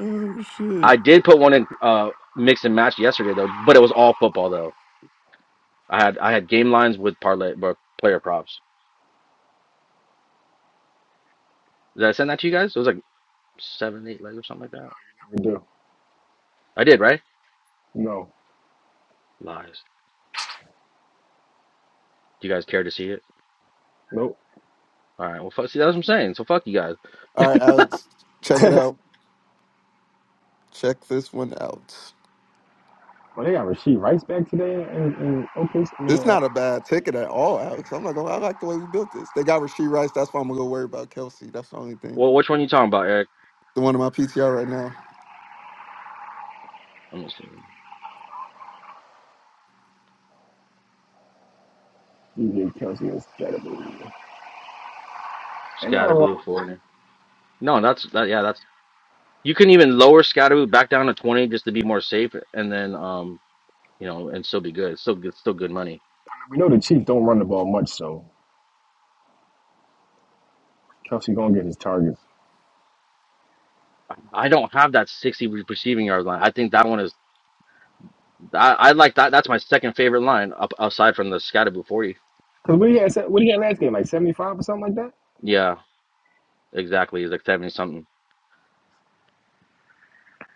[SPEAKER 6] oh shit!
[SPEAKER 4] I did put one in uh mix and match yesterday though, but it was all football though. I had I had game lines with parlay but player props. Did I send that to you guys? It was like seven, eight legs or something like that.
[SPEAKER 1] never do.
[SPEAKER 4] I did, right?
[SPEAKER 1] No,
[SPEAKER 4] Lies. Do you guys care to see it?
[SPEAKER 1] nope.
[SPEAKER 4] All right. Well, fuck, see, that's what I'm saying. So fuck you guys.
[SPEAKER 6] All right, Alex, check it out. Check this one out.
[SPEAKER 1] But they got Rasheed Rice back today, and, and okay, I mean,
[SPEAKER 6] It's
[SPEAKER 1] uh,
[SPEAKER 6] not a bad ticket at all, Alex. I'm not gonna. I like the way we built this. They got Rasheed Rice. That's why I'm gonna go worry about Kelsey. That's the only thing.
[SPEAKER 4] Well, which one you talking about, Eric?
[SPEAKER 6] The one in my PTR right now.
[SPEAKER 4] Let me see.
[SPEAKER 1] DJ Kelsey is incredible. And now uh,
[SPEAKER 4] Scatterboo, Fortner. No, that's that. Yeah, that's. You can even lower Scatterboo back down to twenty just to be more safe, and then um, you know, and still be good. It's still good, it's still good money.
[SPEAKER 1] we know the Chiefs don't run the ball much, so Kelsey gonna get his targets.
[SPEAKER 4] I don't have that sixty re- receiving yard line. I think that one is. I, I like that. That's my second favorite line, up, aside from the Scatterboo forty.
[SPEAKER 1] Cause what had, what he had last game, like seventy five or something like that.
[SPEAKER 4] Yeah. Exactly, he's like seventy something.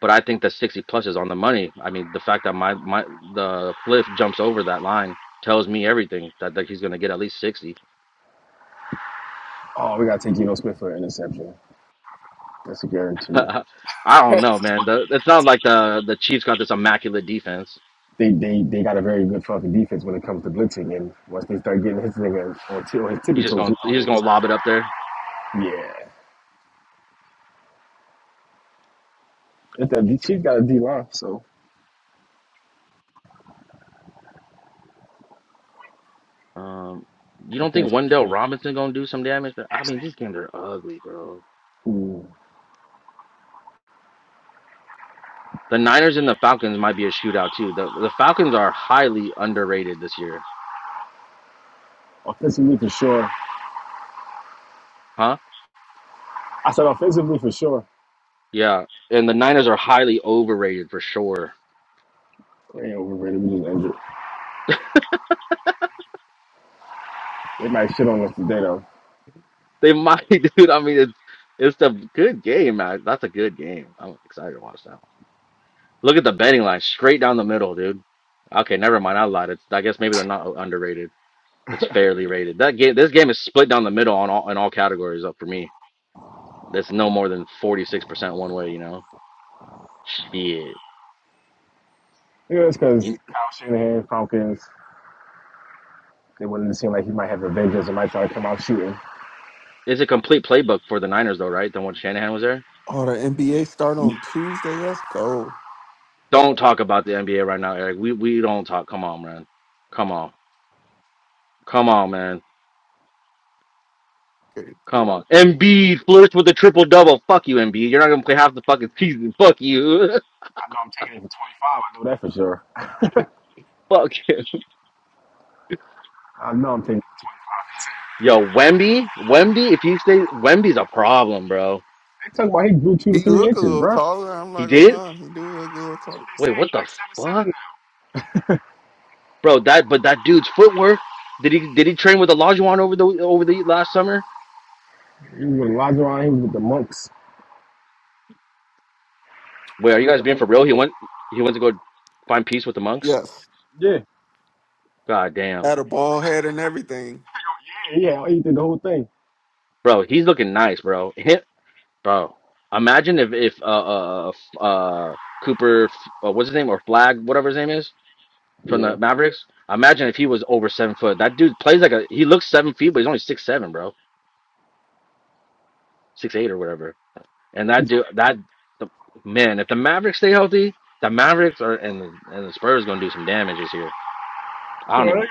[SPEAKER 4] But I think that sixty plus is on the money. I mean, the fact that my my the Cliff jumps over that line tells me everything that, that he's gonna get at least sixty.
[SPEAKER 1] Oh, we gotta take Geno Smith for an interception. That's a guarantee.
[SPEAKER 4] I don't know, man. The, it's not like the the Chiefs got this immaculate defense.
[SPEAKER 1] They they they got a very good fucking defense when it comes to blitzing, and once they start getting his nigga on, t- on his tippy
[SPEAKER 4] He's just
[SPEAKER 1] toes,
[SPEAKER 4] gonna he's just gonna
[SPEAKER 1] he-
[SPEAKER 4] lob it up there.
[SPEAKER 1] yeah. If the Chiefs got a D line, so
[SPEAKER 4] Um, you
[SPEAKER 1] I
[SPEAKER 4] don't
[SPEAKER 1] can't
[SPEAKER 4] think
[SPEAKER 1] speak.
[SPEAKER 4] Wendell Robinson gonna do some damage? I mean, these games are ugly, bro.
[SPEAKER 1] Ooh.
[SPEAKER 4] The Niners and the Falcons might be a shootout too. The the Falcons are highly underrated this year,
[SPEAKER 1] Offensively for sure.
[SPEAKER 4] huh?
[SPEAKER 1] I said offensively for sure.
[SPEAKER 4] Yeah, and the Niners are highly overrated for sure.
[SPEAKER 1] We ain't overrated. We just injured. They might shit on us today though.
[SPEAKER 4] They might, dude. I mean, it's it's a good game, man. That's a good game. I'm excited to watch that one. Look at the betting line, straight down the middle, dude. Okay, never mind. I lied. It's, I guess maybe they're not underrated. It's fairly rated. That game, this game is split down the middle on all in all categories. Up for me, that's no more than forty six percent one way. You know, shit.
[SPEAKER 1] You know, it's because
[SPEAKER 4] You-
[SPEAKER 1] Kyle Shanahan, Falcons, they wanted to seem like he might have a vengeance and might try to come out shooting. I
[SPEAKER 4] It's a complete playbook for the Niners, though, right? The one Shanahan was there.
[SPEAKER 6] Oh, the NBA start on Tuesday. Let's go.
[SPEAKER 4] Don't talk about the NBA right now, Eric. We we don't talk. Come on, man. Come on. Come on, man.
[SPEAKER 6] Okay.
[SPEAKER 4] Come on. Embiid flirts with a triple double. Fuck you, Embiid. You're not gonna play half the fucking season. Fuck you.
[SPEAKER 1] know I'm taking it for 25. I know that for sure.
[SPEAKER 4] Fuck you.
[SPEAKER 1] I know I'm taking it for 25.
[SPEAKER 4] Yo, Wemby? Wemby, if you stay Wemby's a problem, bro.
[SPEAKER 1] I'm Talking about he grew two to
[SPEAKER 6] He
[SPEAKER 1] three
[SPEAKER 6] look a
[SPEAKER 1] inches,
[SPEAKER 6] little
[SPEAKER 1] bro.
[SPEAKER 6] taller. I'm
[SPEAKER 4] He
[SPEAKER 6] not
[SPEAKER 4] did?
[SPEAKER 6] gonna lie. He do look a little taller.
[SPEAKER 4] Wait, what the fuck? Bro, that but that dude's footwork. Did he did he train with Olajuwon over the over the last summer?
[SPEAKER 1] He was with Elijah Ryan, he was with the monks.
[SPEAKER 4] Wait, are you guys being for real? He went he went to go find peace with the monks?
[SPEAKER 6] Yes,
[SPEAKER 1] Yeah.
[SPEAKER 4] God damn.
[SPEAKER 6] had a bald head and everything.
[SPEAKER 1] Yeah, he did the whole thing.
[SPEAKER 4] Bro, he's looking nice, bro. Bro, imagine if if uh uh uh uh, f- uh, Cooper f- uh, what's his name or Flag whatever his name is from
[SPEAKER 1] Yeah.
[SPEAKER 4] the Mavericks. Imagine if he was over seven foot. That dude plays like a he looks seven feet, but he's only six seven, bro, six eight or whatever. And
[SPEAKER 1] He's,
[SPEAKER 4] that dude, that the, man, if the Mavericks stay healthy, the Mavericks are and the, and the Spurs gonna do some damage this year. I don't
[SPEAKER 1] well, they, got,
[SPEAKER 4] even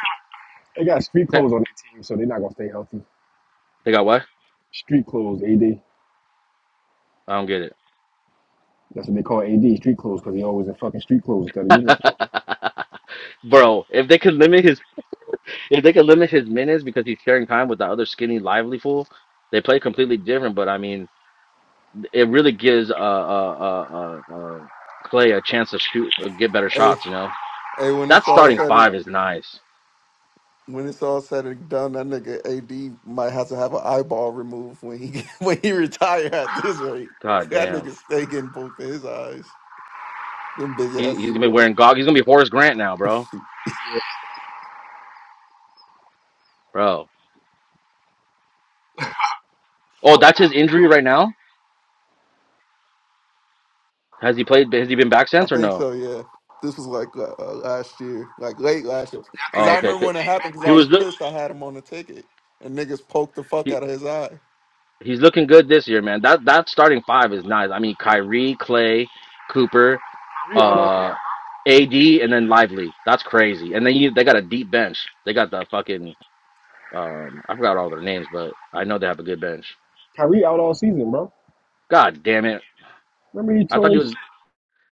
[SPEAKER 1] they got street clothes
[SPEAKER 4] they
[SPEAKER 1] on their team, so they're not gonna stay healthy.
[SPEAKER 4] got what?
[SPEAKER 1] Street clothes, AD.
[SPEAKER 4] I don't get
[SPEAKER 1] That's what they call AD, street clothes, because he always in fucking street clothes instead of uniform.
[SPEAKER 4] it, bro. If they could limit his If they could limit his minutes because he's sharing time with the other skinny, lively fool, they play completely different. But I mean, it really gives uh uh uh uh, uh Clay a chance to shoot, uh, get better
[SPEAKER 6] Hey,
[SPEAKER 4] shots. You know,
[SPEAKER 6] hey, when
[SPEAKER 4] that
[SPEAKER 6] it's all
[SPEAKER 4] starting
[SPEAKER 6] said and
[SPEAKER 4] five is nice.
[SPEAKER 6] when it's all said and done, that nigga AD might have to have an eyeball removed when he when he retire at this rate.
[SPEAKER 4] God
[SPEAKER 6] That
[SPEAKER 4] damn,
[SPEAKER 6] nigga stay getting poked in his eyes. Them big
[SPEAKER 4] he
[SPEAKER 6] ass.
[SPEAKER 4] he's gonna be wearing gog. He's gonna be Horace Grant now, bro, bro. Oh, that's his injury right now. Has he played? Has he been back
[SPEAKER 6] I
[SPEAKER 4] since or
[SPEAKER 6] think
[SPEAKER 4] no?
[SPEAKER 6] so. Yeah, this was like uh, uh, last year, like late last year. Cause
[SPEAKER 4] Oh,
[SPEAKER 6] I
[SPEAKER 4] okay.
[SPEAKER 6] remember
[SPEAKER 4] 'Cause
[SPEAKER 6] when it happened. Cause
[SPEAKER 4] He
[SPEAKER 6] I was
[SPEAKER 4] was look.
[SPEAKER 6] pissed. I had him on the ticket, and niggas poked the fuck out of his eye.
[SPEAKER 4] He's looking good this year, man. That that starting five is nice. I mean, Kyrie, Clay, Cooper,
[SPEAKER 1] Kyrie out all
[SPEAKER 4] uh, AD, and then Lively. That's crazy. And then you, they got a deep bench. They got the fucking um, I forgot all their names, but I know they have a good bench.
[SPEAKER 1] Kyrie out all season, bro.
[SPEAKER 4] God damn it!
[SPEAKER 1] Remember he
[SPEAKER 4] I thought
[SPEAKER 1] tore
[SPEAKER 4] he
[SPEAKER 1] his shit.
[SPEAKER 4] was.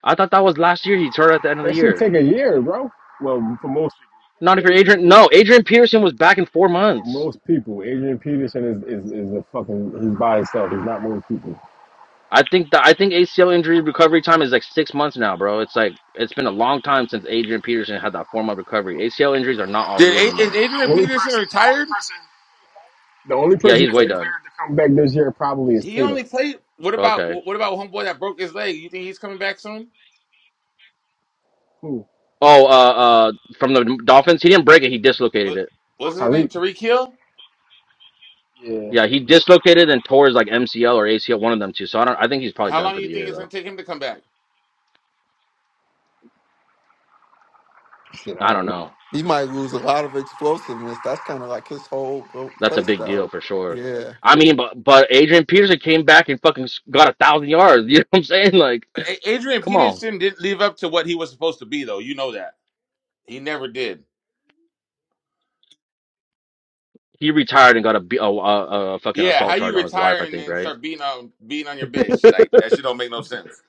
[SPEAKER 4] I thought that was last year. He turned at the end of the
[SPEAKER 1] That shit
[SPEAKER 4] year.
[SPEAKER 1] take a year, bro. Well, for most people,
[SPEAKER 4] Not if you're Adrian. No, Adrian Peterson was back in four
[SPEAKER 1] for
[SPEAKER 4] months.
[SPEAKER 1] most people, Adrian Peterson is is, is a fucking he's by himself. He's not most people. The
[SPEAKER 4] I think the I think ACL injury recovery time is like six months now, bro. It's like it's been a long time since Adrian Peterson had that form of recovery. ACL injuries are not all
[SPEAKER 9] Did
[SPEAKER 4] year
[SPEAKER 9] A- is
[SPEAKER 4] anymore.
[SPEAKER 9] Adrian
[SPEAKER 1] only
[SPEAKER 9] Peterson
[SPEAKER 1] person, the only
[SPEAKER 9] retired?
[SPEAKER 1] person The only
[SPEAKER 4] Yeah,
[SPEAKER 1] person
[SPEAKER 4] he's
[SPEAKER 1] that's
[SPEAKER 4] way done.
[SPEAKER 1] declared to come back this year probably is
[SPEAKER 9] He only
[SPEAKER 1] Tatum.
[SPEAKER 9] played. What about
[SPEAKER 4] Okay.
[SPEAKER 9] what about homeboy that broke his leg? You think he's coming back soon?
[SPEAKER 1] Who?
[SPEAKER 4] Oh, uh, uh, from the Dolphins, he didn't break it. He dislocated
[SPEAKER 9] What
[SPEAKER 4] it.
[SPEAKER 9] what's
[SPEAKER 1] Oh,
[SPEAKER 9] his name?
[SPEAKER 1] Tyreek.
[SPEAKER 9] Tariq Hill.
[SPEAKER 1] Yeah.
[SPEAKER 4] Yeah, he dislocated and tore his like MCL or ACL, one of them two. So I don't. I think he's probably
[SPEAKER 9] How
[SPEAKER 4] done
[SPEAKER 9] long
[SPEAKER 4] for
[SPEAKER 9] do
[SPEAKER 4] the
[SPEAKER 9] you think
[SPEAKER 4] year
[SPEAKER 9] it's gonna
[SPEAKER 4] though.
[SPEAKER 9] take him to come back?
[SPEAKER 1] Shit, I
[SPEAKER 4] I don't
[SPEAKER 1] don't know.
[SPEAKER 4] know.
[SPEAKER 6] He might lose a lot of explosiveness. That's kind of like his whole uh,
[SPEAKER 4] That's a
[SPEAKER 6] play
[SPEAKER 4] big
[SPEAKER 6] style.
[SPEAKER 4] deal for sure.
[SPEAKER 6] Yeah,
[SPEAKER 4] I mean, but but Adrian Peterson came back and fucking s- got a thousand yards. You know what I'm saying? Like,
[SPEAKER 9] A- Adrian
[SPEAKER 4] come on.
[SPEAKER 9] Peterson didn't live up to what he was supposed to be, though. You know that he never did.
[SPEAKER 4] He retired and got a, b- a, a, a fucking
[SPEAKER 9] Yeah, how
[SPEAKER 4] assault
[SPEAKER 9] you
[SPEAKER 4] charge on his wife,
[SPEAKER 9] retire
[SPEAKER 4] I
[SPEAKER 9] and
[SPEAKER 4] think,
[SPEAKER 9] then
[SPEAKER 4] right?
[SPEAKER 9] start beating on beating on your bitch? Like that shit don't make no sense.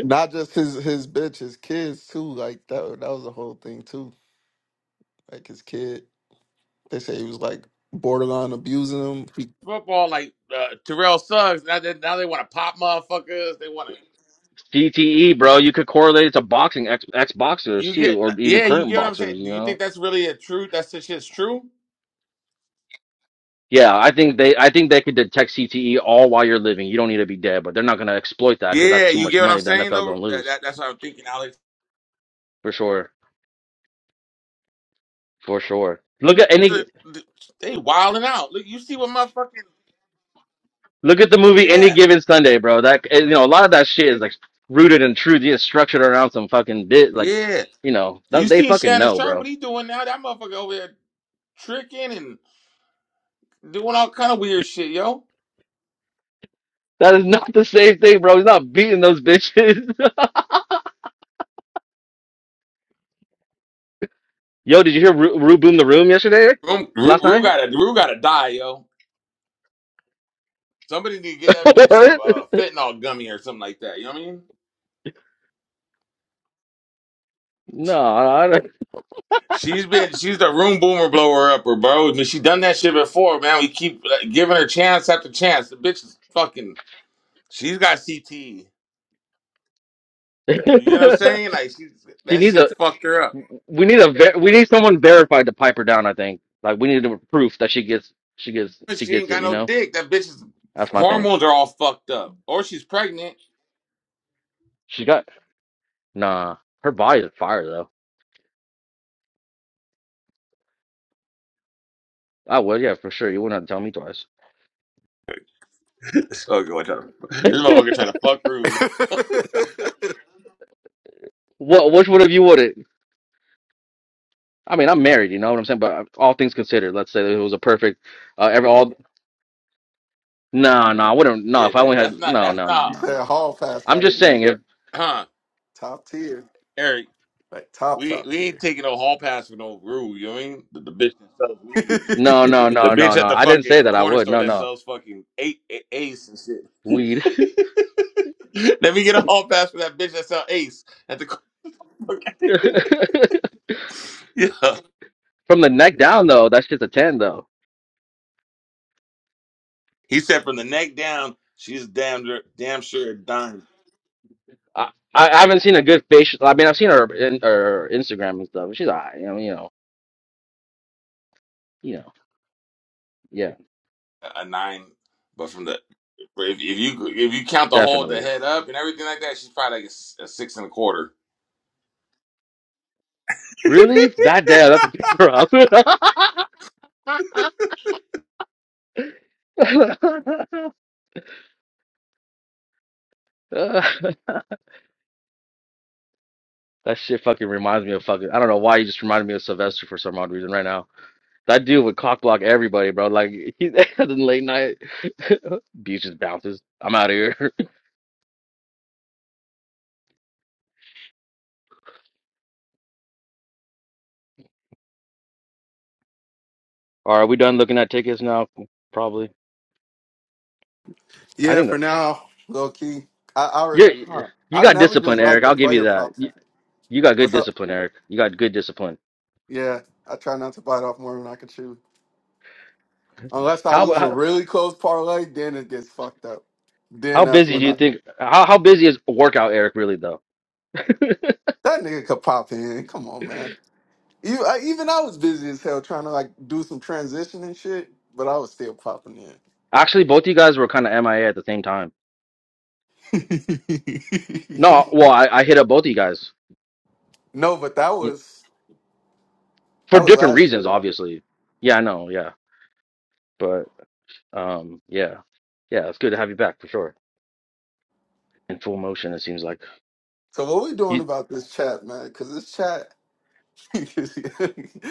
[SPEAKER 6] not just his his bitch, his kids too. Like that that was the whole thing too. Like his kid, they say he was like borderline abusing him. He-
[SPEAKER 9] Football, like uh, Terrell Suggs, now they, now they want to pop motherfuckers. They want to.
[SPEAKER 4] CTE, bro. You could correlate it to boxing ex ex boxers
[SPEAKER 9] You get,
[SPEAKER 4] too, or even
[SPEAKER 9] yeah, you
[SPEAKER 4] current
[SPEAKER 9] get what I'm
[SPEAKER 4] boxers.
[SPEAKER 9] saying. Do
[SPEAKER 4] You
[SPEAKER 9] you think
[SPEAKER 4] know.
[SPEAKER 9] that's really a truth? That's the shit's true.
[SPEAKER 4] Yeah, I think they I think they could detect CTE all while you're living. You don't need to be dead, but they're not gonna exploit that because that's
[SPEAKER 9] Yeah,
[SPEAKER 4] too
[SPEAKER 9] you
[SPEAKER 4] much
[SPEAKER 9] get what I'm
[SPEAKER 4] money the
[SPEAKER 9] saying
[SPEAKER 4] NFL
[SPEAKER 9] though.
[SPEAKER 4] gonna
[SPEAKER 9] That,
[SPEAKER 4] lose
[SPEAKER 9] that, that's what I'm thinking, Alex.
[SPEAKER 4] for sure, for sure. Look at any
[SPEAKER 9] The- the- They wilding out. Look, you see what motherfucking
[SPEAKER 4] look at the movie Any
[SPEAKER 9] yeah,
[SPEAKER 4] Given Sunday, bro. That eh, you know a lot of that shit is like rooted in truth. It's structured around some fucking bit like
[SPEAKER 9] yeah.
[SPEAKER 4] you know
[SPEAKER 9] You
[SPEAKER 4] th- they
[SPEAKER 9] see
[SPEAKER 4] fucking
[SPEAKER 9] Shannon
[SPEAKER 4] know,
[SPEAKER 9] Sharp,
[SPEAKER 4] bro.
[SPEAKER 9] what he doing now? That motherfucker over there tricking and doing all kind of weird shit, yo.
[SPEAKER 4] That is not the same thing, bro. He's not beating those bitches. Yo, did you hear Ru, Ru boom the room yesterday?
[SPEAKER 9] Rue,
[SPEAKER 4] Last
[SPEAKER 9] Rue
[SPEAKER 4] night?
[SPEAKER 9] gotta, Rue gotta die, yo. Somebody need to get that bitch some
[SPEAKER 4] what?
[SPEAKER 9] uh, fentanyl gummy or something like that. You know what I mean?
[SPEAKER 4] No, I don't.
[SPEAKER 9] She's been, she's the room boomer blower upper, bro. I mean, she done that shit before, man. We keep like, giving her chance after chance. The bitch is fucking. She's got CT. You know what I'm saying? Like she,
[SPEAKER 4] she
[SPEAKER 9] that
[SPEAKER 4] needs a.
[SPEAKER 9] shit's fucked her up.
[SPEAKER 4] We need a. Ver- we need someone verified to pipe her down. I think. Like we need a proof that she gets. She gets. She
[SPEAKER 9] She ain't
[SPEAKER 4] gets it.
[SPEAKER 9] got
[SPEAKER 4] You
[SPEAKER 9] no
[SPEAKER 4] know.
[SPEAKER 9] dick. That bitch's
[SPEAKER 4] That's my thing.
[SPEAKER 9] hormones are all fucked up, or she's pregnant.
[SPEAKER 4] She got. Nah, her body is fire though. I would. Yeah, for sure. You wouldn't have to tell me twice.
[SPEAKER 9] okay, watch out. This motherfucker trying to fuck Rue.
[SPEAKER 4] what? Which one of you would it? I mean, I'm married. You know what I'm saying. But all things considered, let's say it was a perfect. Uh, every all No, no, I wouldn't. No,
[SPEAKER 9] Yeah,
[SPEAKER 4] if I
[SPEAKER 9] that
[SPEAKER 4] only
[SPEAKER 9] that's
[SPEAKER 4] had,
[SPEAKER 9] not
[SPEAKER 4] no,
[SPEAKER 9] that's
[SPEAKER 4] no, no,
[SPEAKER 6] you
[SPEAKER 9] not,
[SPEAKER 4] no, no.
[SPEAKER 6] said Hall Pass got
[SPEAKER 4] I'm
[SPEAKER 6] to
[SPEAKER 4] just saying
[SPEAKER 6] be
[SPEAKER 4] if,
[SPEAKER 9] huh,
[SPEAKER 6] top tier,
[SPEAKER 9] Eric.
[SPEAKER 6] like top
[SPEAKER 9] We
[SPEAKER 6] top
[SPEAKER 9] we ain't
[SPEAKER 6] tier.
[SPEAKER 9] taking no hall pass for no rule. You know what I mean? The, the bitch that sells weed,
[SPEAKER 4] no, no,
[SPEAKER 9] the
[SPEAKER 4] no, no,
[SPEAKER 9] bitch
[SPEAKER 4] no.
[SPEAKER 9] at the
[SPEAKER 4] I didn't
[SPEAKER 9] fucking
[SPEAKER 4] say
[SPEAKER 9] the
[SPEAKER 4] that I
[SPEAKER 9] corner
[SPEAKER 4] would.
[SPEAKER 9] store
[SPEAKER 4] No,
[SPEAKER 9] that
[SPEAKER 4] no,
[SPEAKER 9] sells fucking eight, ace and shit.
[SPEAKER 4] weed.
[SPEAKER 9] Let me get a hall pass for that bitch that sells ace at the. corner. yeah,
[SPEAKER 4] From the neck down though, That shit's a ten though.
[SPEAKER 9] he said from the neck down, she's damn dur- damn sure a dime
[SPEAKER 4] I, I I haven't seen a good facial. I mean, I've seen her in her Instagram and stuff. She's all right, you know, you know, you know. Yeah,
[SPEAKER 9] a nine, but from the but if, if you if you count the whole the
[SPEAKER 4] definitely.
[SPEAKER 9] head up and everything like that, she's probably like a, s- a six and a quarter.
[SPEAKER 4] Really? That day, That's a to pick up. that shit fucking reminds me of fucking. I don't know why you just reminded me of Sylvester for some odd reason right now. I deal with cock block everybody, bro. Like he's at the late night beaches bounces. I'm out of here. All right, we done looking at tickets now? Probably. I
[SPEAKER 6] yeah,
[SPEAKER 4] think
[SPEAKER 6] for
[SPEAKER 4] that
[SPEAKER 6] now, low key. I I, re-
[SPEAKER 4] you
[SPEAKER 6] huh.
[SPEAKER 4] you
[SPEAKER 6] I
[SPEAKER 4] got
[SPEAKER 6] never just
[SPEAKER 4] discipline,
[SPEAKER 6] like
[SPEAKER 4] Eric.
[SPEAKER 6] the
[SPEAKER 4] I'll give you
[SPEAKER 6] player
[SPEAKER 4] that.
[SPEAKER 6] props.
[SPEAKER 4] You, you got good
[SPEAKER 6] What's up?
[SPEAKER 4] discipline, Eric. You got good discipline.
[SPEAKER 6] Yeah, I try not to bite off more than I can chew. Unless I
[SPEAKER 4] How
[SPEAKER 6] lose a
[SPEAKER 4] how,
[SPEAKER 6] really close parlay, then it gets fucked up. Then
[SPEAKER 4] how
[SPEAKER 6] that's
[SPEAKER 4] busy do
[SPEAKER 6] when
[SPEAKER 4] you
[SPEAKER 6] I
[SPEAKER 4] think? How how busy is workout, Eric? Really though.
[SPEAKER 6] that nigga could pop in. Come on, man. Even I, even I was busy as hell trying to like do some transition and shit, but I was still popping
[SPEAKER 4] Actually, both of you guys were kind of MIA at the same time.
[SPEAKER 6] in.
[SPEAKER 4] No, well, I, I hit up both of you guys
[SPEAKER 6] no, but that
[SPEAKER 4] Y-
[SPEAKER 6] was
[SPEAKER 4] for
[SPEAKER 6] that was
[SPEAKER 4] different
[SPEAKER 6] last year
[SPEAKER 4] reasons,
[SPEAKER 6] though.
[SPEAKER 4] obviously. Yeah, I know. Yeah, but um, yeah, yeah, it's good to have you back for sure. in full motion. It seems like
[SPEAKER 6] So what we doing
[SPEAKER 4] he.
[SPEAKER 6] about this chat, man? Because this chat,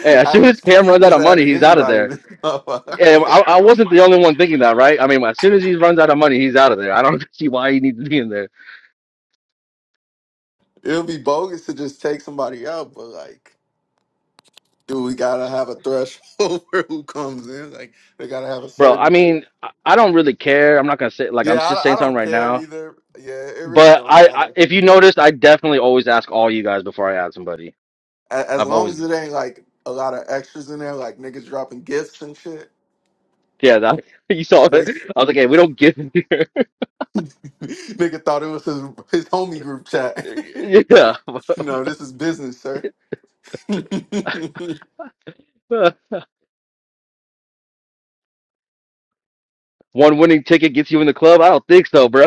[SPEAKER 4] Hey, as soon as
[SPEAKER 6] Alex,
[SPEAKER 4] Cam
[SPEAKER 6] you
[SPEAKER 4] runs out
[SPEAKER 6] just
[SPEAKER 4] of money,
[SPEAKER 6] adding
[SPEAKER 4] he's out of
[SPEAKER 6] anybody to
[SPEAKER 4] there.
[SPEAKER 6] this motherfucker.
[SPEAKER 4] And I, I wasn't the only one thinking that, right? I mean, as soon as he runs out of money, he's out of there. I don't see why he needs to be in there,
[SPEAKER 6] It'll be bogus to just take somebody out, but like Do we gotta have a threshold for who comes in? Like they gotta have a
[SPEAKER 4] bro. I
[SPEAKER 6] certain.
[SPEAKER 4] mean, I, I don't really care. I'm not gonna say like I'm
[SPEAKER 6] Yeah,
[SPEAKER 4] just
[SPEAKER 6] I, I
[SPEAKER 4] saying something
[SPEAKER 6] don't
[SPEAKER 4] right
[SPEAKER 6] care
[SPEAKER 4] now.
[SPEAKER 6] either. Yeah, it really
[SPEAKER 4] But
[SPEAKER 6] don't
[SPEAKER 4] I, I,
[SPEAKER 6] matter
[SPEAKER 4] if you noticed, I definitely always ask all you guys before I add somebody.
[SPEAKER 6] A- as
[SPEAKER 4] I've
[SPEAKER 6] long
[SPEAKER 4] always,
[SPEAKER 6] as it ain't like a lot of extras in there, like niggas dropping gifts and shit.
[SPEAKER 4] yeah, that you saw it.
[SPEAKER 6] Waste.
[SPEAKER 4] I was like, hey, we don't give here.
[SPEAKER 6] Nigga thought it was his his homie group chat.
[SPEAKER 4] Yeah,
[SPEAKER 6] no, this is business, sir. My
[SPEAKER 4] one winning ticket gets you in the club. I don't think so, bro.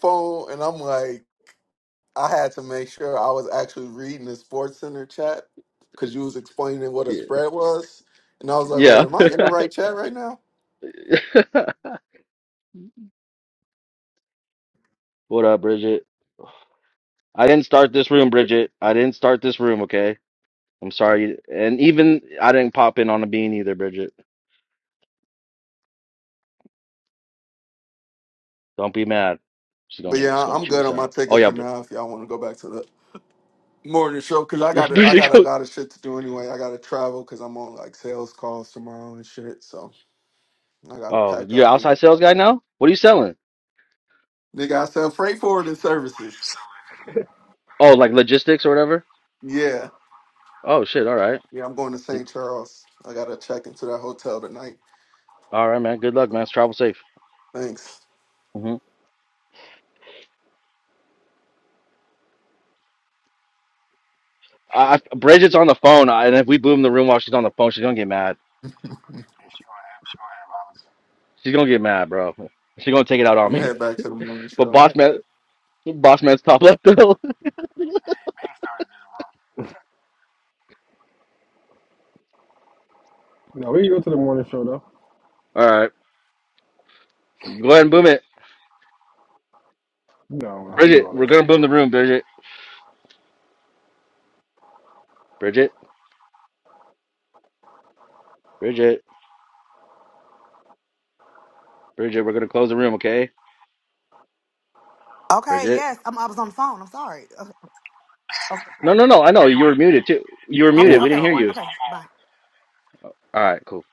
[SPEAKER 6] phone, and I'm like, I had to make sure I was actually reading the Sports Center chat because you was explaining what a spread was, and I was like,
[SPEAKER 4] yeah.
[SPEAKER 6] wait, am I in the right chat right now?
[SPEAKER 4] What up, Bridget? I didn't start this room, Bridget. I didn't start this room, okay? I'm sorry. And even I didn't pop in on a bean either, Bridget. Don't be mad. She's
[SPEAKER 6] But
[SPEAKER 4] gonna she's
[SPEAKER 6] yeah,
[SPEAKER 4] gonna
[SPEAKER 6] I'm
[SPEAKER 4] chew
[SPEAKER 6] good
[SPEAKER 4] us
[SPEAKER 6] on my
[SPEAKER 4] out. Oh
[SPEAKER 6] tickets
[SPEAKER 4] yeah,
[SPEAKER 6] for
[SPEAKER 4] Brid-
[SPEAKER 6] now. If y'all want to go back to the morning show, cause I got
[SPEAKER 4] yeah,
[SPEAKER 6] to I
[SPEAKER 4] Bridget.
[SPEAKER 6] got a
[SPEAKER 4] Go.
[SPEAKER 6] lot of shit to do anyway. I got to travel, cause I'm on like sales calls tomorrow and shit. So I got to
[SPEAKER 4] Oh,
[SPEAKER 6] pack
[SPEAKER 4] you're
[SPEAKER 6] up and
[SPEAKER 4] outside sales guy now? What are you selling?
[SPEAKER 6] nigga, I sell freight forwarding services.
[SPEAKER 4] Oh, like logistics or whatever.
[SPEAKER 6] Yeah,
[SPEAKER 4] Oh shit. All right.
[SPEAKER 6] yeah, I'm going to St. Charles. I got to check into that hotel tonight.
[SPEAKER 4] All right, man. Good luck, man. Travel safe.
[SPEAKER 6] Thanks.
[SPEAKER 4] hmm I, I, Bridget's on the phone, I- and if we boom the room while she's on the phone, she's gonna get mad.
[SPEAKER 6] I'm
[SPEAKER 1] She gonna have, she gonna have Hollis.
[SPEAKER 4] She's gonna get mad, bro. She's gonna take it out on
[SPEAKER 6] gonna head
[SPEAKER 4] me.
[SPEAKER 6] back to the morning
[SPEAKER 4] But
[SPEAKER 6] show.
[SPEAKER 4] boss man, boss man's top left though.
[SPEAKER 1] No, we can go to the morning show though.
[SPEAKER 4] All right. Go ahead and boom it.
[SPEAKER 1] You know I do
[SPEAKER 4] Bridget,
[SPEAKER 1] all that
[SPEAKER 4] we're going
[SPEAKER 1] shit.
[SPEAKER 4] to boom
[SPEAKER 1] Yeah,
[SPEAKER 4] the room, Bridget. Bridget, Bridget, Bridget, we're going to close the room, okay?
[SPEAKER 10] Okay,
[SPEAKER 4] Bridget.
[SPEAKER 10] yes, I'm, I was on the phone. I'm sorry. Okay,
[SPEAKER 4] No, no, no. I know. You were muted, too. You were
[SPEAKER 1] we ain't
[SPEAKER 10] okay,
[SPEAKER 4] muted.
[SPEAKER 10] okay,
[SPEAKER 1] want
[SPEAKER 4] We didn't
[SPEAKER 10] okay.
[SPEAKER 4] hear you.
[SPEAKER 10] okay. Bye.
[SPEAKER 4] All right, cool.